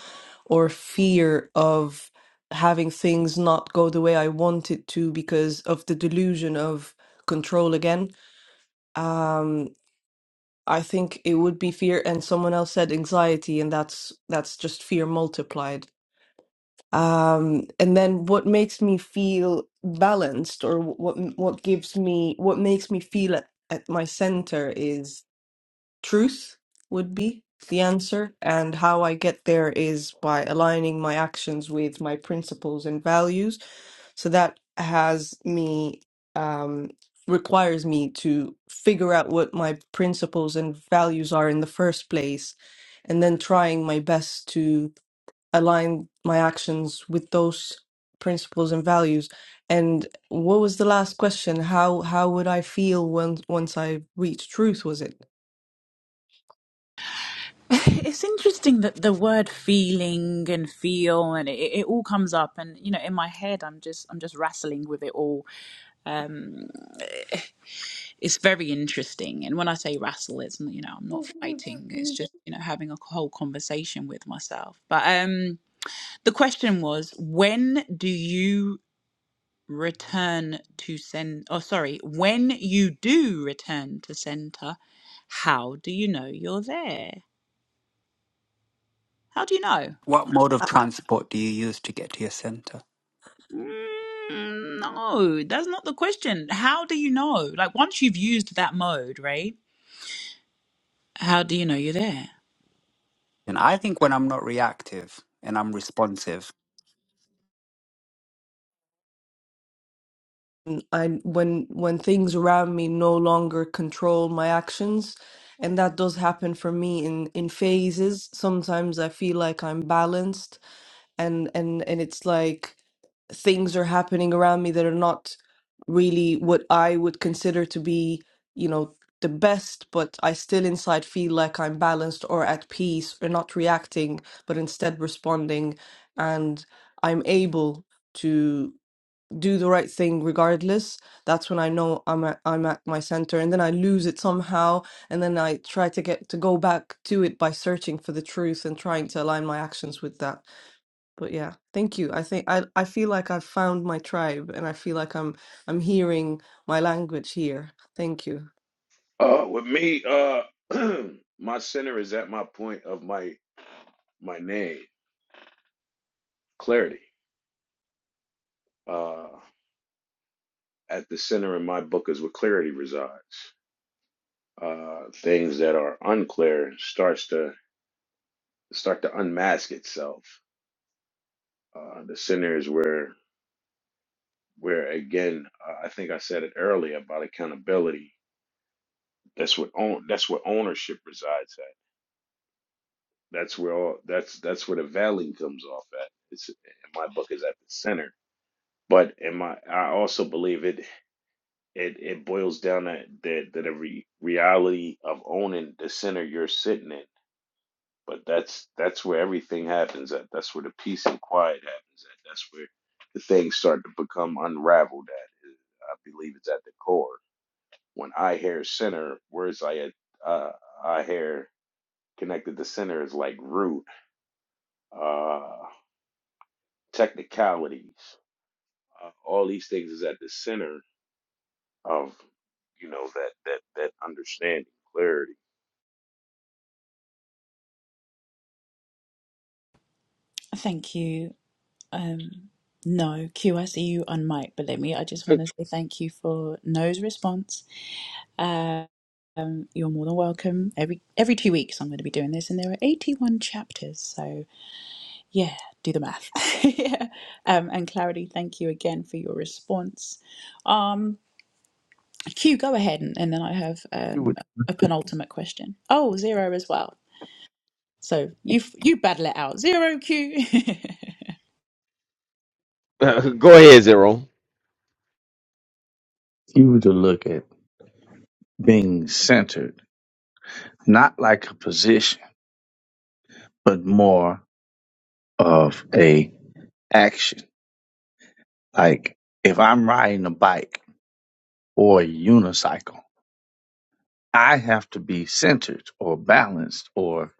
S13: or fear of having things not go the way I want it to because of the delusion of control again. Um, I think it would be fear, and someone else said anxiety, and that's that's just fear multiplied. Um, and then what makes me feel balanced, or what what gives me what makes me feel at, at my center truth would be the answer. And how I get there is by aligning my actions with my principles and values. So that has me, um, requires me to figure out what my principles and values are in the first place, and then trying my best to align my actions with those principles and values. And what was the last question? How how would I feel once once I reached truth? Was it?
S12: What mode of transport do you use to get to your center? And I think when I'm not reactive and I'm responsive,
S13: And I when when things around me no longer control my actions, and that does happen for me in in phases. Sometimes I feel like I'm balanced, and and and it's like. things are happening around me that are not really what I would consider to be, you know, the best, but I still inside feel like I'm balanced or at peace or not reacting, but instead responding. And I'm able to do the right thing regardless. That's when I know I'm at, I'm at my center. And then I lose it somehow. And then I try to get to go back to it by searching for the truth and trying to align my actions with that. But yeah, thank you. I think I, I feel like I've found my tribe and I feel like I'm I'm hearing my language here. Thank you.
S6: Uh, with me, uh, my center is at my point of my my name, clarity. Uh, at the center in my book is where clarity resides. Uh, things that are unclear starts to start to unmask itself. Uh, the center is where where again, I I think I said it earlier about accountability. That's what own, that's where ownership resides at. That's where all that's that's where the veiling comes off at. It's in my book is at the center. But in my I also believe it it it boils down to the the, the re, reality of owning the center you're sitting in. But that's that's where everything happens at. That's where the peace and quiet happens at. That's where the things start to become unraveled at. I believe it's at the core. when I hear center, words like uh, I hear connected to center is like root, uh, technicalities, uh, all these things is at the center of you know that that that understanding clarity.
S8: You would you to look at being centered, not like a position, but more of a action Like if I'm riding a bike or a unicycle, I have to be centered or balanced or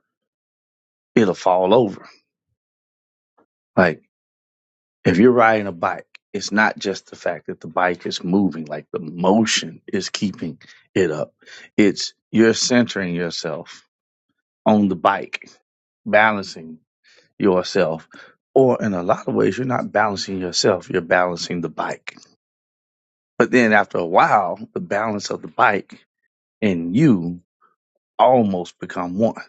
S8: it'll fall over. Like if you're riding a bike, it's not just the fact that the bike is moving, like the motion is keeping it up. It's you're centering yourself on the bike, balancing yourself. Or in a lot of ways, you're not balancing yourself, you're balancing the bike. But then after a while, the balance of the bike and you almost become one.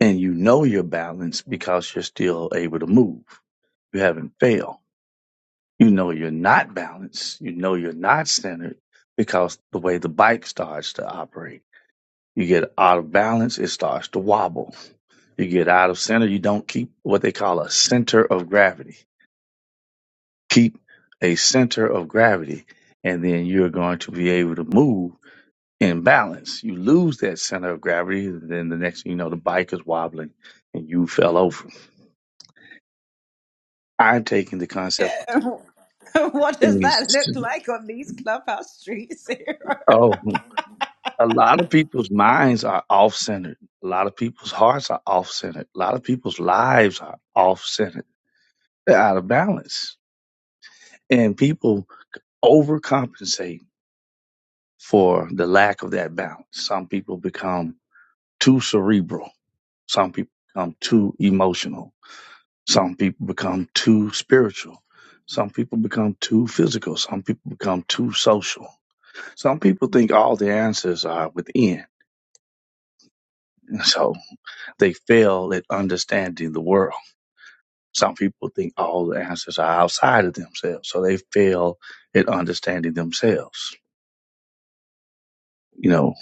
S8: And you know you're balanced because you're still able to move. You haven't failed. You know you're not balanced. You know you're not centered because the way the bike starts to operate. You get out of balance, it starts to wobble. You get out of center, you don't keep what they call a center of gravity. Keep a center of gravity, and then you're going to be able to move in balance. You lose that center of gravity, then the next thing you know, the bike is wobbling and you fell over. I'm taking the concept of things. Oh, a lot of people's minds are off centered. A lot of people's hearts are off centered. A lot of people's lives are off centered. They're out of balance. And people overcompensate for the lack of that balance. Some people become too cerebral. Some people become too emotional Some people become too spiritual. Some people become too physical. Some people become too social. Some people think all the answers are within. And so they fail at understanding the world. Some people think all the answers are outside of themselves. So they fail at understanding themselves. You know,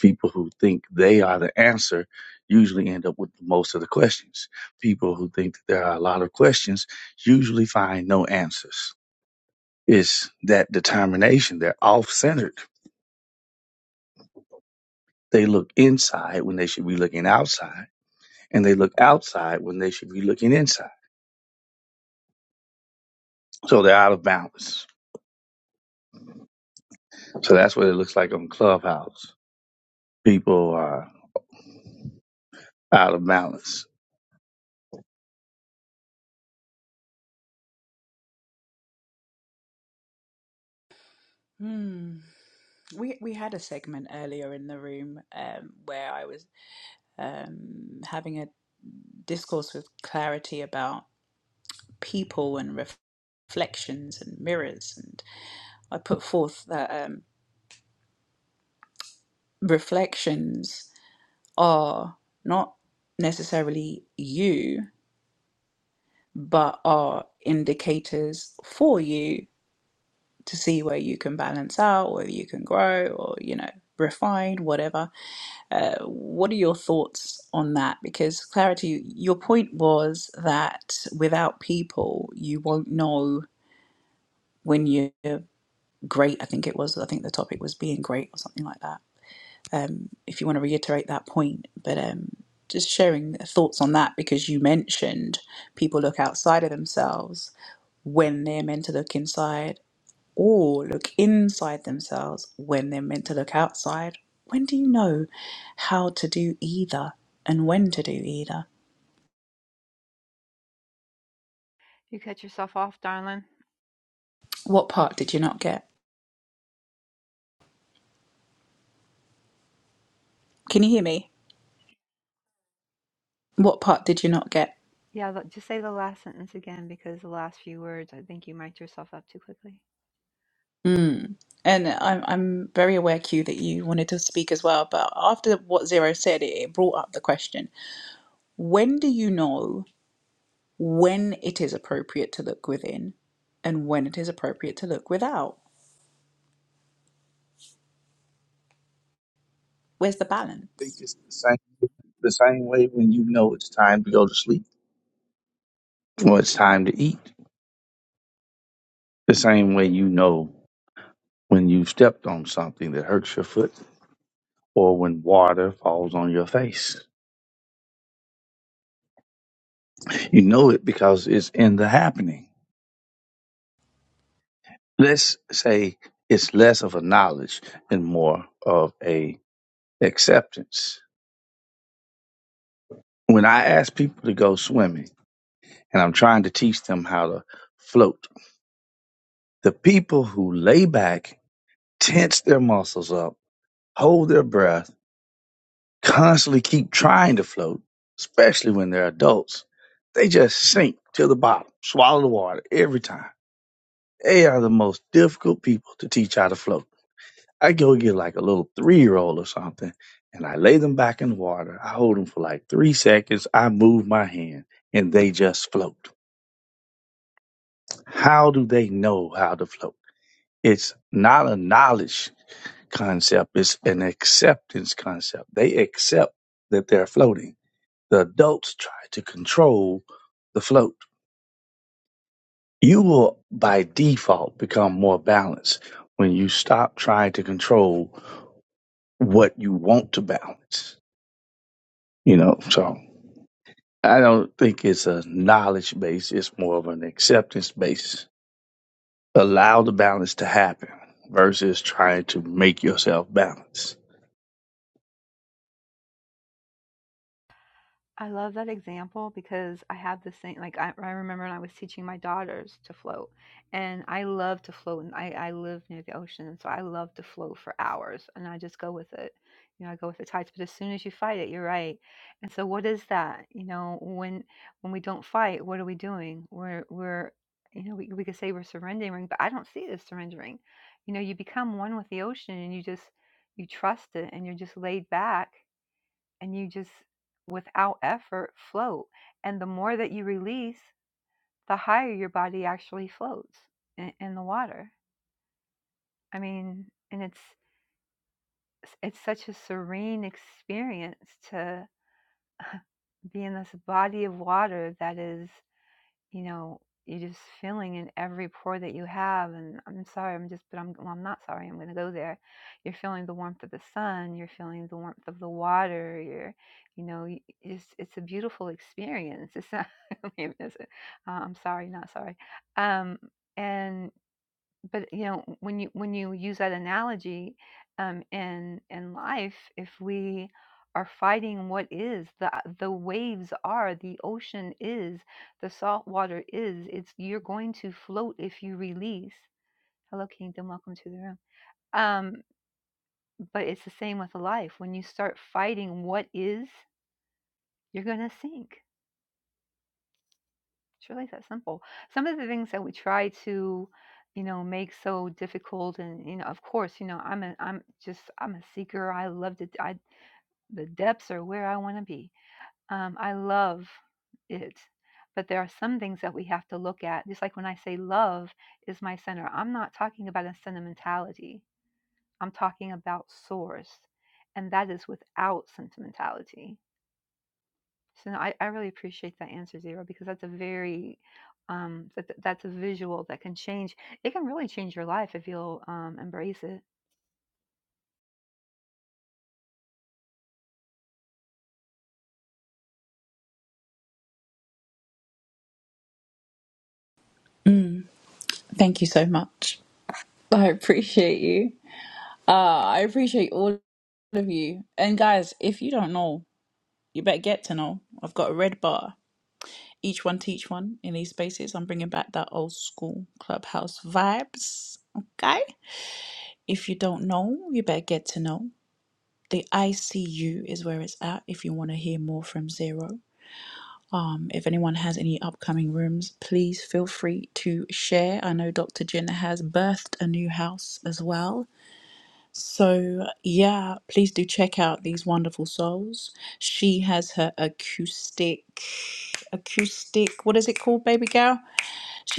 S8: people who think they are the answer usually end up with most of the questions. People who think that there are a lot of questions usually find no answers. It's that determination. They're off centered. They look inside when they should be looking outside, and they look outside when they should be looking inside. So they're out of balance. So that's what it looks like on Clubhouse. People are out of balance.
S5: You cut yourself off, darling. Yeah, the- just say the last sentence again because the last few words. I think you mic'd yourself up too quickly.
S8: think it's the same the same way when you know it's time to go to sleep or it's time to eat. The same way you know when you've stepped on something that hurts your foot or when water falls on your face. You know it because it's in the happening. Let's say it's less of a knowledge and more of a acceptance. When I ask people to go swimming and I'm trying to teach them how to float, the people who lay back tense their muscles up hold their breath, constantly keep trying to float, especially when they're adults. They just sink to the bottom, swallow the water every time. They are the most difficult people to teach how to float. I go get like a little three year old or something, and I lay them back in the water. I hold them for like three seconds. I move my hand, and they just float. How do they know how to float? It's not a knowledge concept, it's an acceptance concept. They accept that they're floating The adults try to control the float. You will, by default, become more balanced when you stop trying to control what you want to balance. You know, so I don't think it's a knowledge base; it's more of an acceptance base. Allow the balance to happen versus trying to make yourself balance.
S5: I love that example because I have the same. Like I, I remember when I was teaching my daughters to float, and I love to float, and I, I live near the ocean, and so I love to float for hours, and I just go with it. You know, I go with the tides. But as soon as you fight it, you're right. And so, what is that? You know, when when we don't fight, what are we doing? We're we're you know, we, we could say we're surrendering, but I don't see it as surrendering. You know, you become one with the ocean and you just, you trust it and you're just laid back and you just without effort float and the more that you release the higher your body actually floats in, in the water i mean and it's it's such a serene experience to be in this body of water that is you know, you're just feeling in every pore that you have. And I'm sorry, I'm just, but I'm, well, I'm not sorry. I'm going to go there. You're feeling the warmth of the sun. You're feeling the warmth of the water. You're, you know, y- it's, it's a beautiful experience. It's not, I mean, it's a- uh, I'm sorry, not sorry. Um, and but you know when you when you use that analogy um, in in life if we are fighting what is the the waves are the ocean is the salt water is it's you're going to float if you release hello kingdom welcome to the room um but it's the same with life when you start fighting what is you're going to sink It's really that simple. Some of the things that we try to, you know, make so difficult, and you know, of course, you know, I'm a, I'm just, I'm a seeker. I love to, I, the depths are where I want to be. Um, I love it, but there are some things that we have to look at. Just like when I say love is my center, I'm not talking about a sentimentality. I'm talking about source, and that is without sentimentality so no, I, I really appreciate that answer, Zero, because that's a very um that, that's a visual that can change. It can really change your life if you'll um embrace it.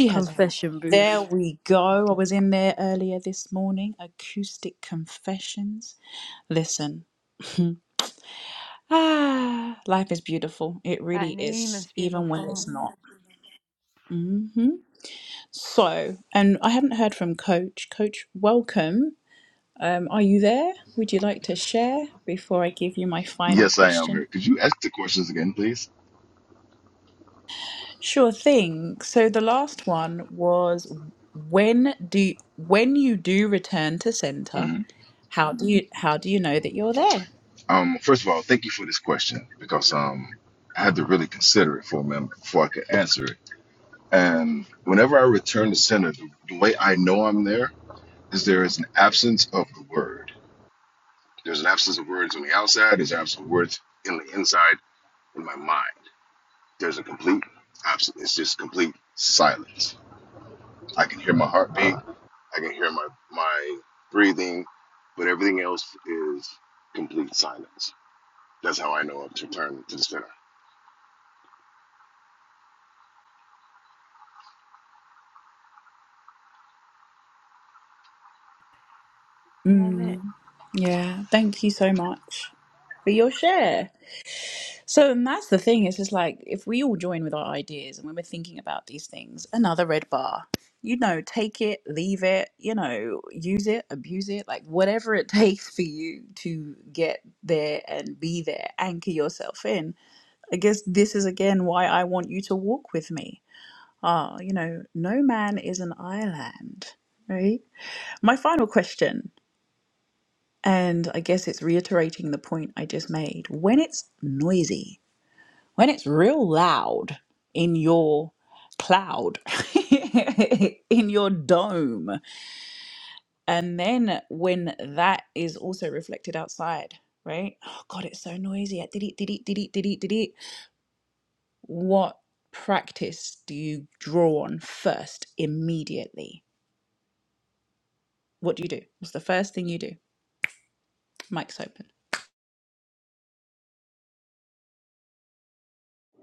S4: confession booth.
S5: That name is beautiful.
S14: Yes, I am here. Could you ask the questions again, please? hmm Um, first of all, thank you for this question because um, I had to really consider it for a minute before I could answer it. And whenever I return to center, the, the way I know I'm there is there is an absence of the word. There's an absence of words on the outside. There's an absence of words in the inside in my mind. There's a complete absence. It's just complete silence. I can hear my heartbeat. I can hear my my breathing, but everything else is complete silence. That's how I know I'm to turn to center.
S5: I love it.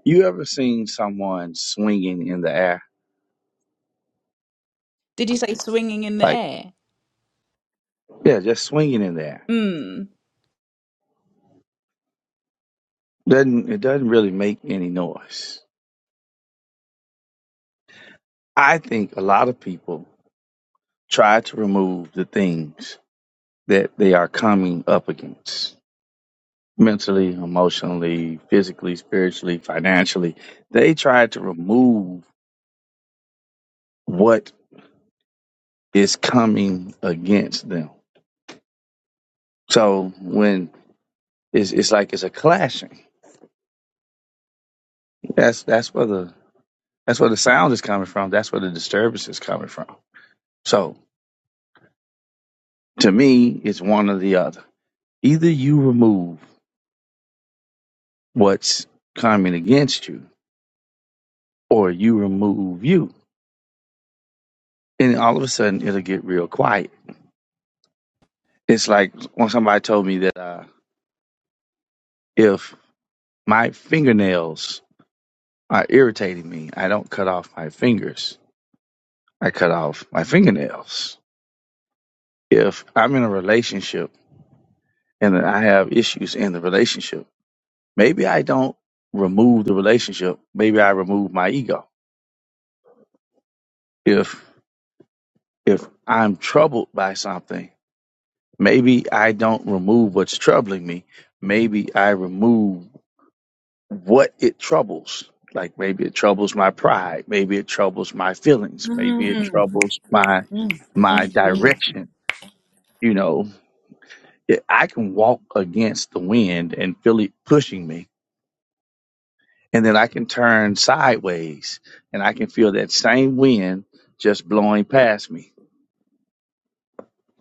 S8: You ever seen someone swinging in the air? Like, yeah, just swinging in the air. Doesn't it doesn't really make any noise. I think a lot of people try to remove the things that they are coming up against. mentally, emotionally, physically, spiritually, financially. They try to remove what is coming against them. So when it's, it's like it's a clashing. That's that's where the that's where the sound is coming from. That's where the disturbance is coming from. So to me, it's one or the other. Either you remove what's coming against you, or you remove you, and all of a sudden it'll get real quiet. It's like when somebody told me that uh, if My fingernails are irritating me. I don't cut off my fingers. I cut off my fingernails. If I'm in a relationship and then I have issues in the relationship, maybe I don't remove the relationship. Maybe I remove my ego. If if I'm troubled by something, maybe I don't remove what's troubling me. Maybe I remove what it troubles. Like maybe it troubles my pride, maybe it troubles my feelings, maybe it
S1: Mhm.
S8: troubles my my direction. You know, It- I can walk against the wind and feel it pushing me, and then I can turn sideways, and I can feel that same wind just blowing past me.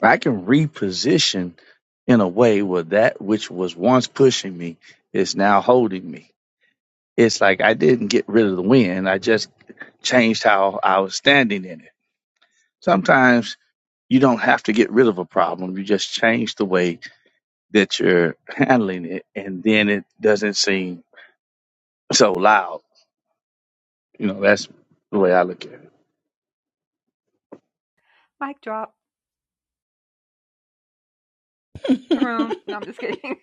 S8: I can reposition in a way where that which was once pushing me is now holding me It's like I didn't get rid of the wind. I just changed how I was standing in it. Sometimes you don't have to get rid of a problem. You just change the way that you're handling it, and then it doesn't seem so loud. You know, that's the way I look at it.
S5: Mic drop. Room. No, I'm just kidding.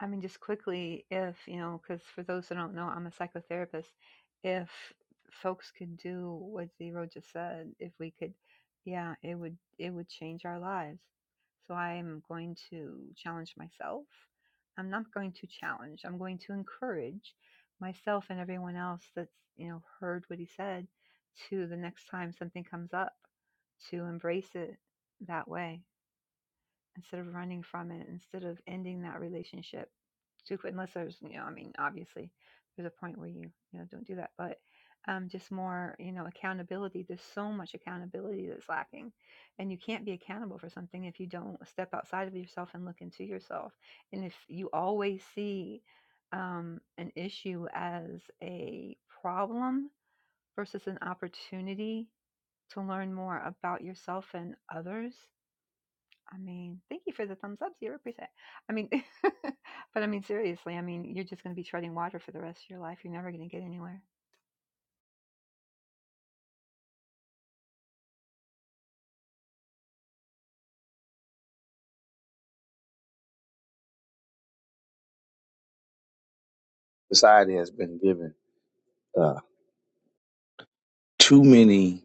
S5: I mean, just quickly, if, you know, because for those who don't know, I'm a psychotherapist. If folks could do what Zero just said, if we could, yeah, it would it would change our lives. So I'm going to challenge myself. I'm not going to challenge. I'm going to encourage myself and everyone else that's, you know, heard what he said to the next time something comes up to embrace it that way instead of running from it, instead of ending that relationship too quick, unless there's, you know, I mean, obviously there's a point where you, you know, don't do that, but um, just more, you know, accountability. There's so much accountability that's lacking, and you can't be accountable for something if you don't step outside of yourself and look into yourself. And if you always see um, an issue as a problem versus an opportunity to learn more about yourself and others, I mean, thank you for the thumbs up, zero percent. I mean, but I mean seriously, I mean you're just going to be treading water for the rest of your life. You're never going to get anywhere.
S8: Society has been given uh, too many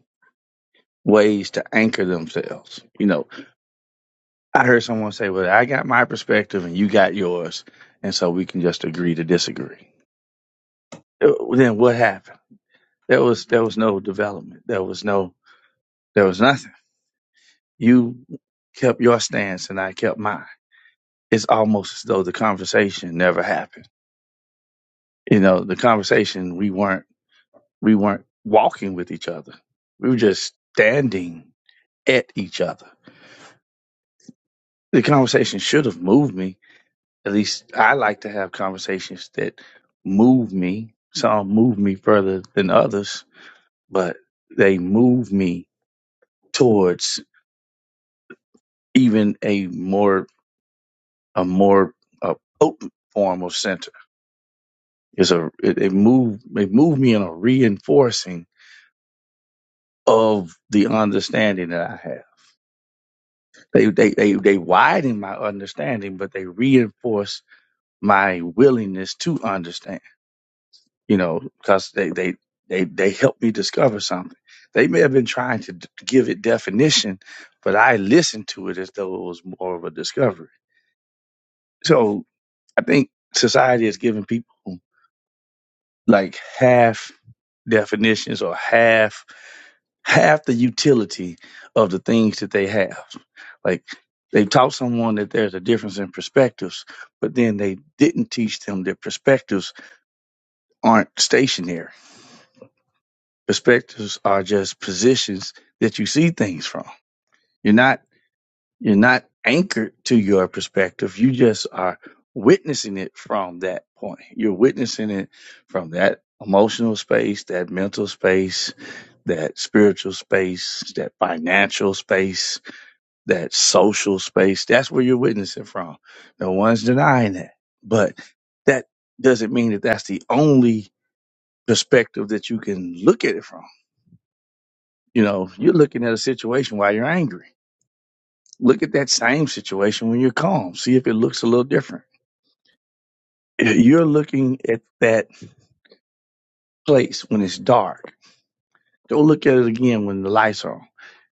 S8: ways to anchor themselves. You know, I heard someone say, Well, I got my perspective and you got yours. And so we can just agree to disagree. Uh, Then what happened? There was there was no development. There was no there was nothing. You kept your stance and I kept mine. It's almost as though the conversation never happened. You know, the conversation we weren't we weren't walking with each other. We were just standing at each other. The conversation should have moved me. At least I like to have conversations that move me. Some move me further than others, but they move me towards even a more a more uh potent form of center is a it, it moved it moved me in a reinforcing of the understanding that I have. They they they they widen my understanding, but they reinforce my willingness to understand. You know, because they they they they help me discover something. They may have been trying to d- give it definition, but I listened to it as though it was more of a discovery. So I think society is giving people. like half definitions or half half the utility of the things that they have. Like they've taught someone that there's a difference in perspectives, but then they didn't teach them that perspectives aren't stationary. Perspectives are just positions that you see things from. You're not You're not anchored to your perspective. You just are witnessing it from that point. You're witnessing it from that emotional space, that mental space, that spiritual space, that financial space, that social space. That's where you're witnessing from. No one's denying that. But that doesn't mean that that's the only perspective that you can look at it from. You know, you're looking at a situation while you're angry Look at that same situation when you're calm. See if it looks a little different. You're looking at that place when it's dark. Go look at it again when the lights are on.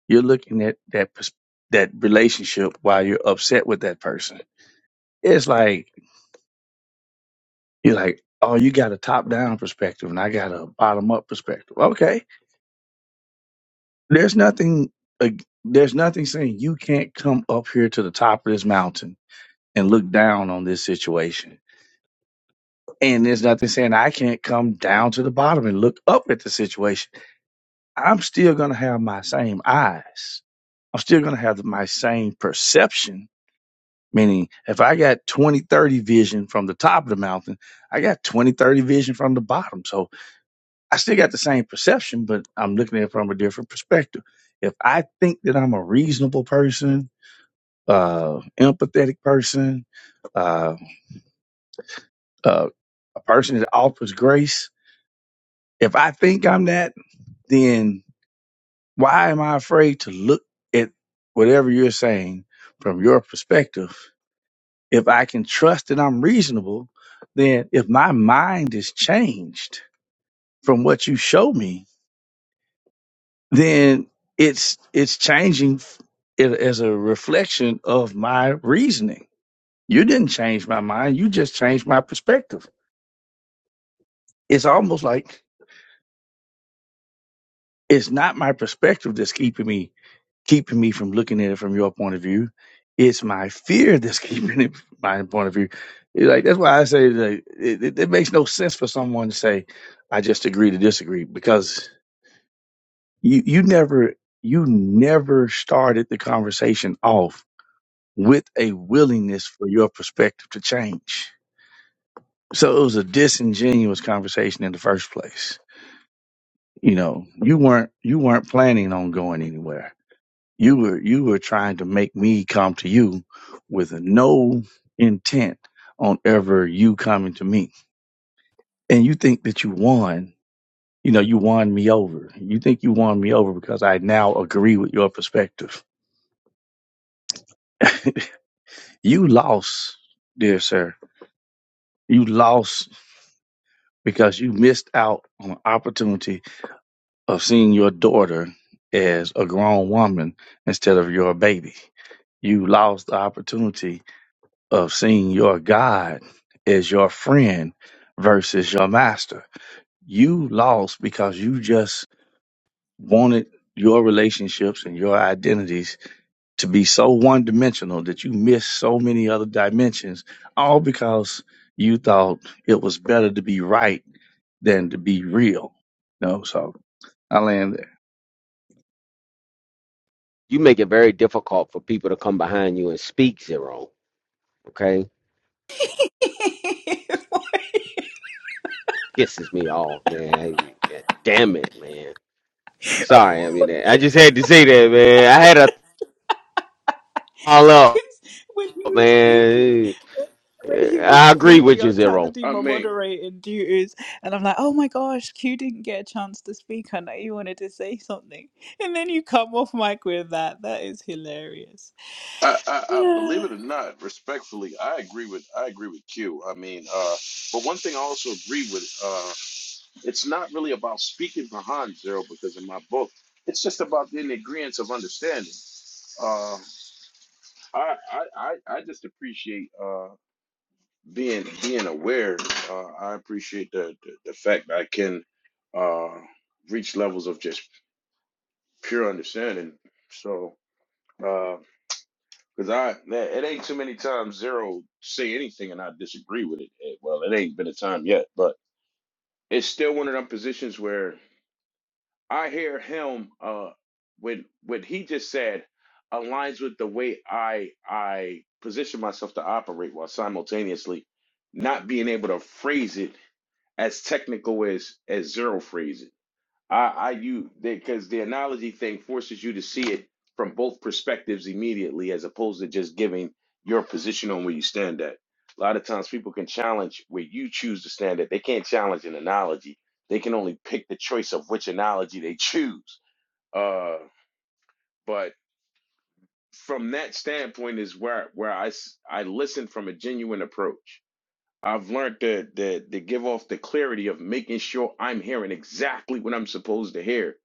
S8: You're looking at that pers- that relationship while you're upset with that person. It's like you're like, oh, you got a top down perspective and I got a bottom up perspective. Okay, there's nothing. ag there's nothing saying you can't come up here to the top of this mountain and look down on this situation And there's nothing saying I can't come down to the bottom and look up at the situation. I'm still going to have my same eyes. I'm still going to have my same perception. Meaning, if I got 20, 30 vision from the top of the mountain, I got 20, 30 vision from the bottom. So I still got the same perception, but I'm looking at it from a different perspective. If I think that I'm a reasonable person, uh, empathetic person, uh, uh, a person that offers grace, if I think I'm that, then Why am I afraid to look at whatever you're saying from your perspective? If I can trust that I'm reasonable, then if my mind is changed from what you show me, then it's it's changing it as a reflection of my reasoning. You didn't change my mind, you just changed my perspective. It's almost like it's not my perspective that's keeping me keeping me from looking at it from your point of view. It's my fear that's keeping it from my point of view. It's like that's why I say like, it, it, it makes no sense for someone to say, "I just agree to disagree," because you you never you never started the conversation off with a willingness for your perspective to change. So it was a disingenuous conversation in the first place. You know, you weren't you weren't planning on going anywhere You were you were trying to make me come to you with no intent on ever you coming to me. And you think that you won, you know, you won me over. You think you won me over because I now agree with your perspective. you lost, dear sir. You lost because you missed out on an opportunity of seeing your daughter as a grown woman instead of your baby you lost the opportunity of seeing your God as your friend versus your master. You lost because you just wanted your relationships and your identities to be so one dimensional that you missed so many other dimensions, all because you thought it was better to be right than to be real. No, so I land there.
S3: You make it very difficult for people to come behind you and speak zero. Okay, pisses me off, man. yeah, Damn it, man. Sorry, I mean I just had to say that, man. I had a all up, man. Eh, I agree with you, zero.
S6: I mean, I, I, I believe it or not, respectfully, I agree with I agree with Q. I mean, uh, but one thing I also agree with, uh, it's not really about speaking behind zero because in my book, it's just about the ingredients of understanding. uh. I, I I I just appreciate uh being being aware. Uh, I appreciate the, the the fact that I can uh reach levels of just pure understanding. So uh because I man, it ain't too many times zero say anything and I disagree with it. Eh, Well, it ain't been a time yet, but it's still one of them positions where I hear him uh when what he just said aligns with the way I I position myself to operate while simultaneously not being able to phrase it as technical as as zero phrase it. I, I you they because the analogy thing forces you to see it from both perspectives immediately, as opposed to just giving your position on where you stand at. A lot of times, people can challenge where you choose to stand at. They can't challenge an analogy. They can only pick the choice of which analogy they choose. Uh, but from that standpoint, is where where I s- I listen from a genuine approach. I've learned to, to to give off the clarity of making sure I'm hearing exactly what I'm supposed to hear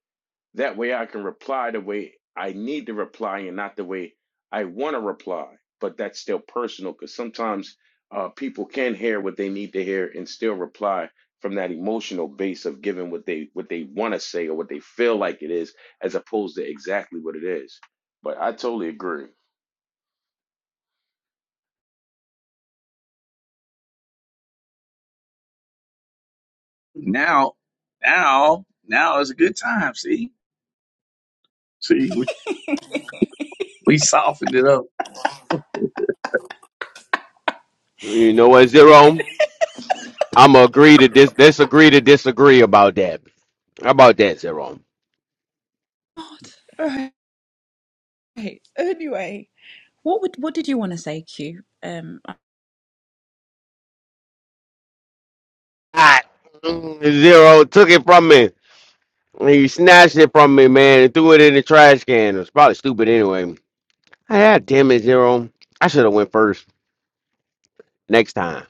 S6: that way I can reply the way I need to reply and not the way I want to reply. But that's still personal because sometimes uh, people can hear what they need to hear and still reply from that emotional base of giving what they what they want to say or what they feel like it is as opposed to exactly what it is. But I totally agree.
S8: Now, now, now is a good time. See, see, we, we softened it up. Look
S3: You know what, zero? I'm gonna agree to dis disagree to disagree about that. How about that, Zero? I, Zero took it from me. He snatched it from me, man, and threw it in the trash can. It was probably stupid anyway. Ah, damn it, Zero. I should have went first next time.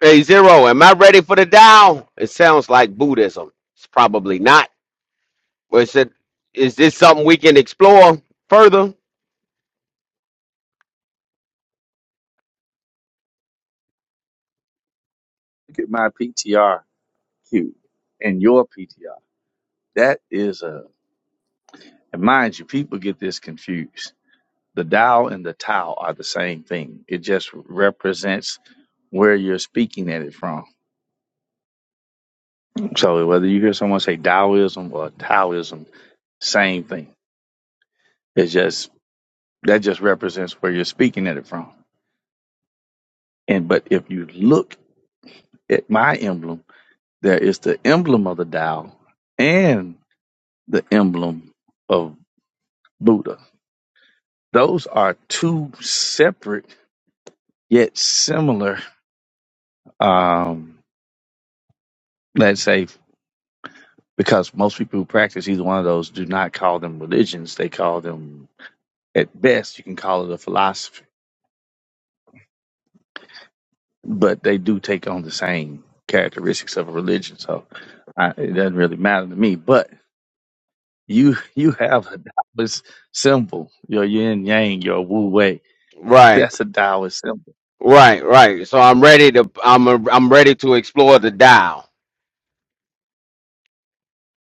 S3: Hey, Zero, am I ready for the Dow? It sounds like Buddhism. It's probably not. But is, it, is this something we can explore further?
S8: at my PTR. Q in your PTR. That is a, and mind you, people get this confused. The dial and the Tao are the same thing. It just represents where you're speaking at it from. So whether you hear someone say Taoism or Taoism, same thing. It's just that just represents where you're speaking at it from. And but if you look at my emblem, there is the emblem of the Tao and the emblem of Buddha. Those are two separate yet similar. Um, let's say because most people who practice either one of those do not call them religions; they call them, at best, you can call it a philosophy, but they do take on the same characteristics of a religion. So I, it doesn't really matter to me. But you you have a Taoist symbol, your yin yang, your wu wei.
S3: Right,
S8: That's a Taoist symbol.
S3: right, right. So I'm ready to I'm a, I'm ready to explore the dial.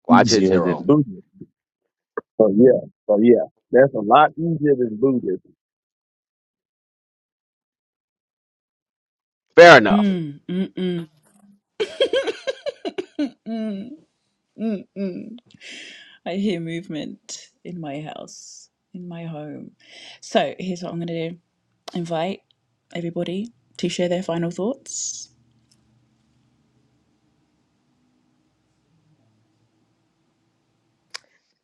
S3: Watch it
S8: Easier than
S3: zero.
S8: Buddhism. So yeah, so yeah, that's a lot easier than Buddhism.
S3: Fair enough.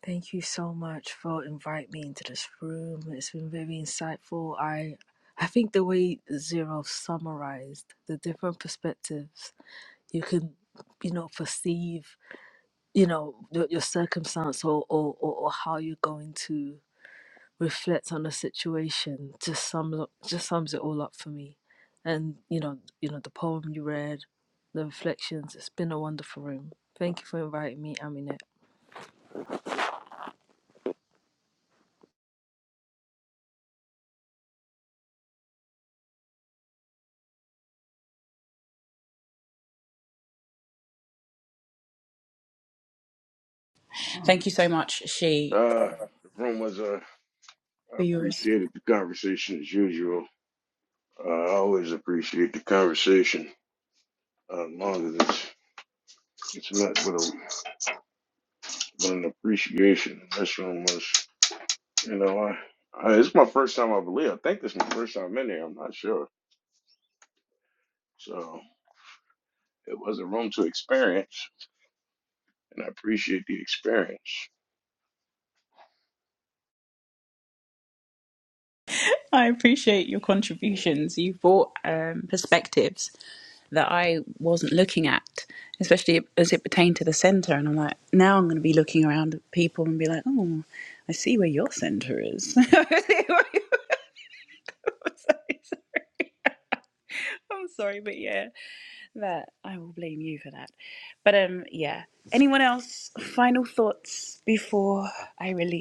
S4: Thank you so much for inviting me into this room. It's been very insightful. I I think the way Zero summarized the different perspectives you can, you know, perceive, you know, your, your circumstance or, or, or, or how you're going to reflect on the situation just sums up, just sums it all up for me. And you know, you know the poem you read, the reflections. It's been a wonderful room. Thank you for inviting me, Aminette.
S6: Uh, the room was uh, I appreciated the conversation as usual. Uh, I always appreciate the conversation uh, as long as it's, it's met with a but an appreciation. This room was, you know, I, I it's my first time, I believe. I think this is my first time in here. I'm not sure. So it was a room to experience, and I appreciate the experience.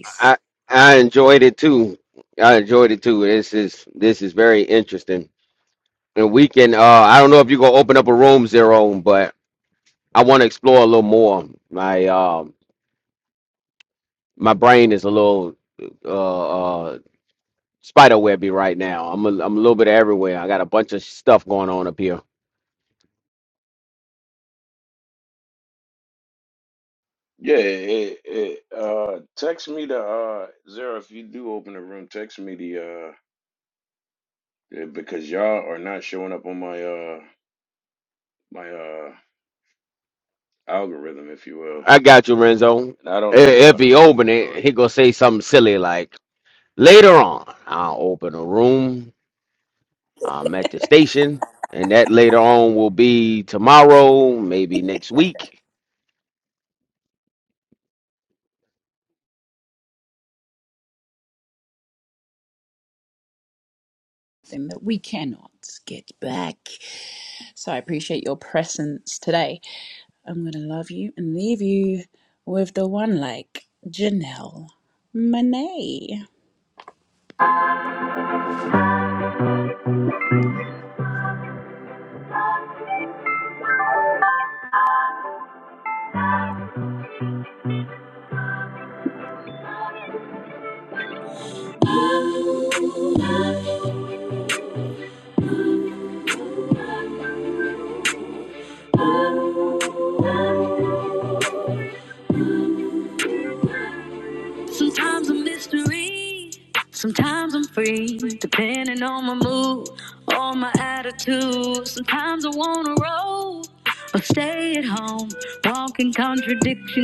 S3: I I enjoyed it too. I enjoyed it too. This is this is very interesting. And we can uh I don't know if you're gonna open up a room zero, but I want to explore a little more. My um my brain is a little uh, uh spider webby right now. I'm a, I'm a little bit everywhere. I got a bunch of stuff going on up here.
S6: Yeah, it, it, uh, text me the uh, Zara if you do open the room. Text me the uh, yeah, because y'all are not showing up on my uh my uh algorithm, if you will,
S3: I got you, Renzo.
S6: and I
S3: I-
S6: don't know
S3: If he
S6: why.
S3: open it, he gonna say something silly like, "Later on, I'll open a room. I'm at the station, and that later on will be tomorrow, maybe next week."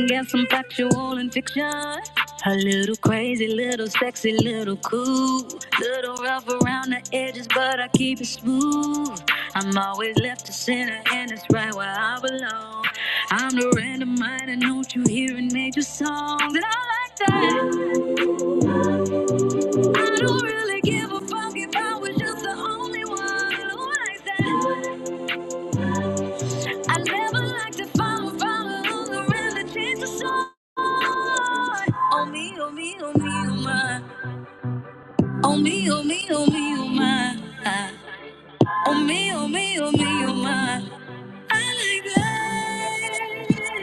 S1: Guess I'm factual and fiction. A little crazy, little sexy, little cool. Little rough around the edges, but I keep it smooth. I'm always left to center, and it's right where I belong. I'm the random mind, and don't you hear in major songs? And I like that. I don't really give a fuck if I was just the only one. Who likes that? I never like to follow, follow on the rim change the song. Oh me, oh me, oh me, oh my. Oh me, oh me, oh me, oh my. Oh me, oh me, oh me, oh my. I like that.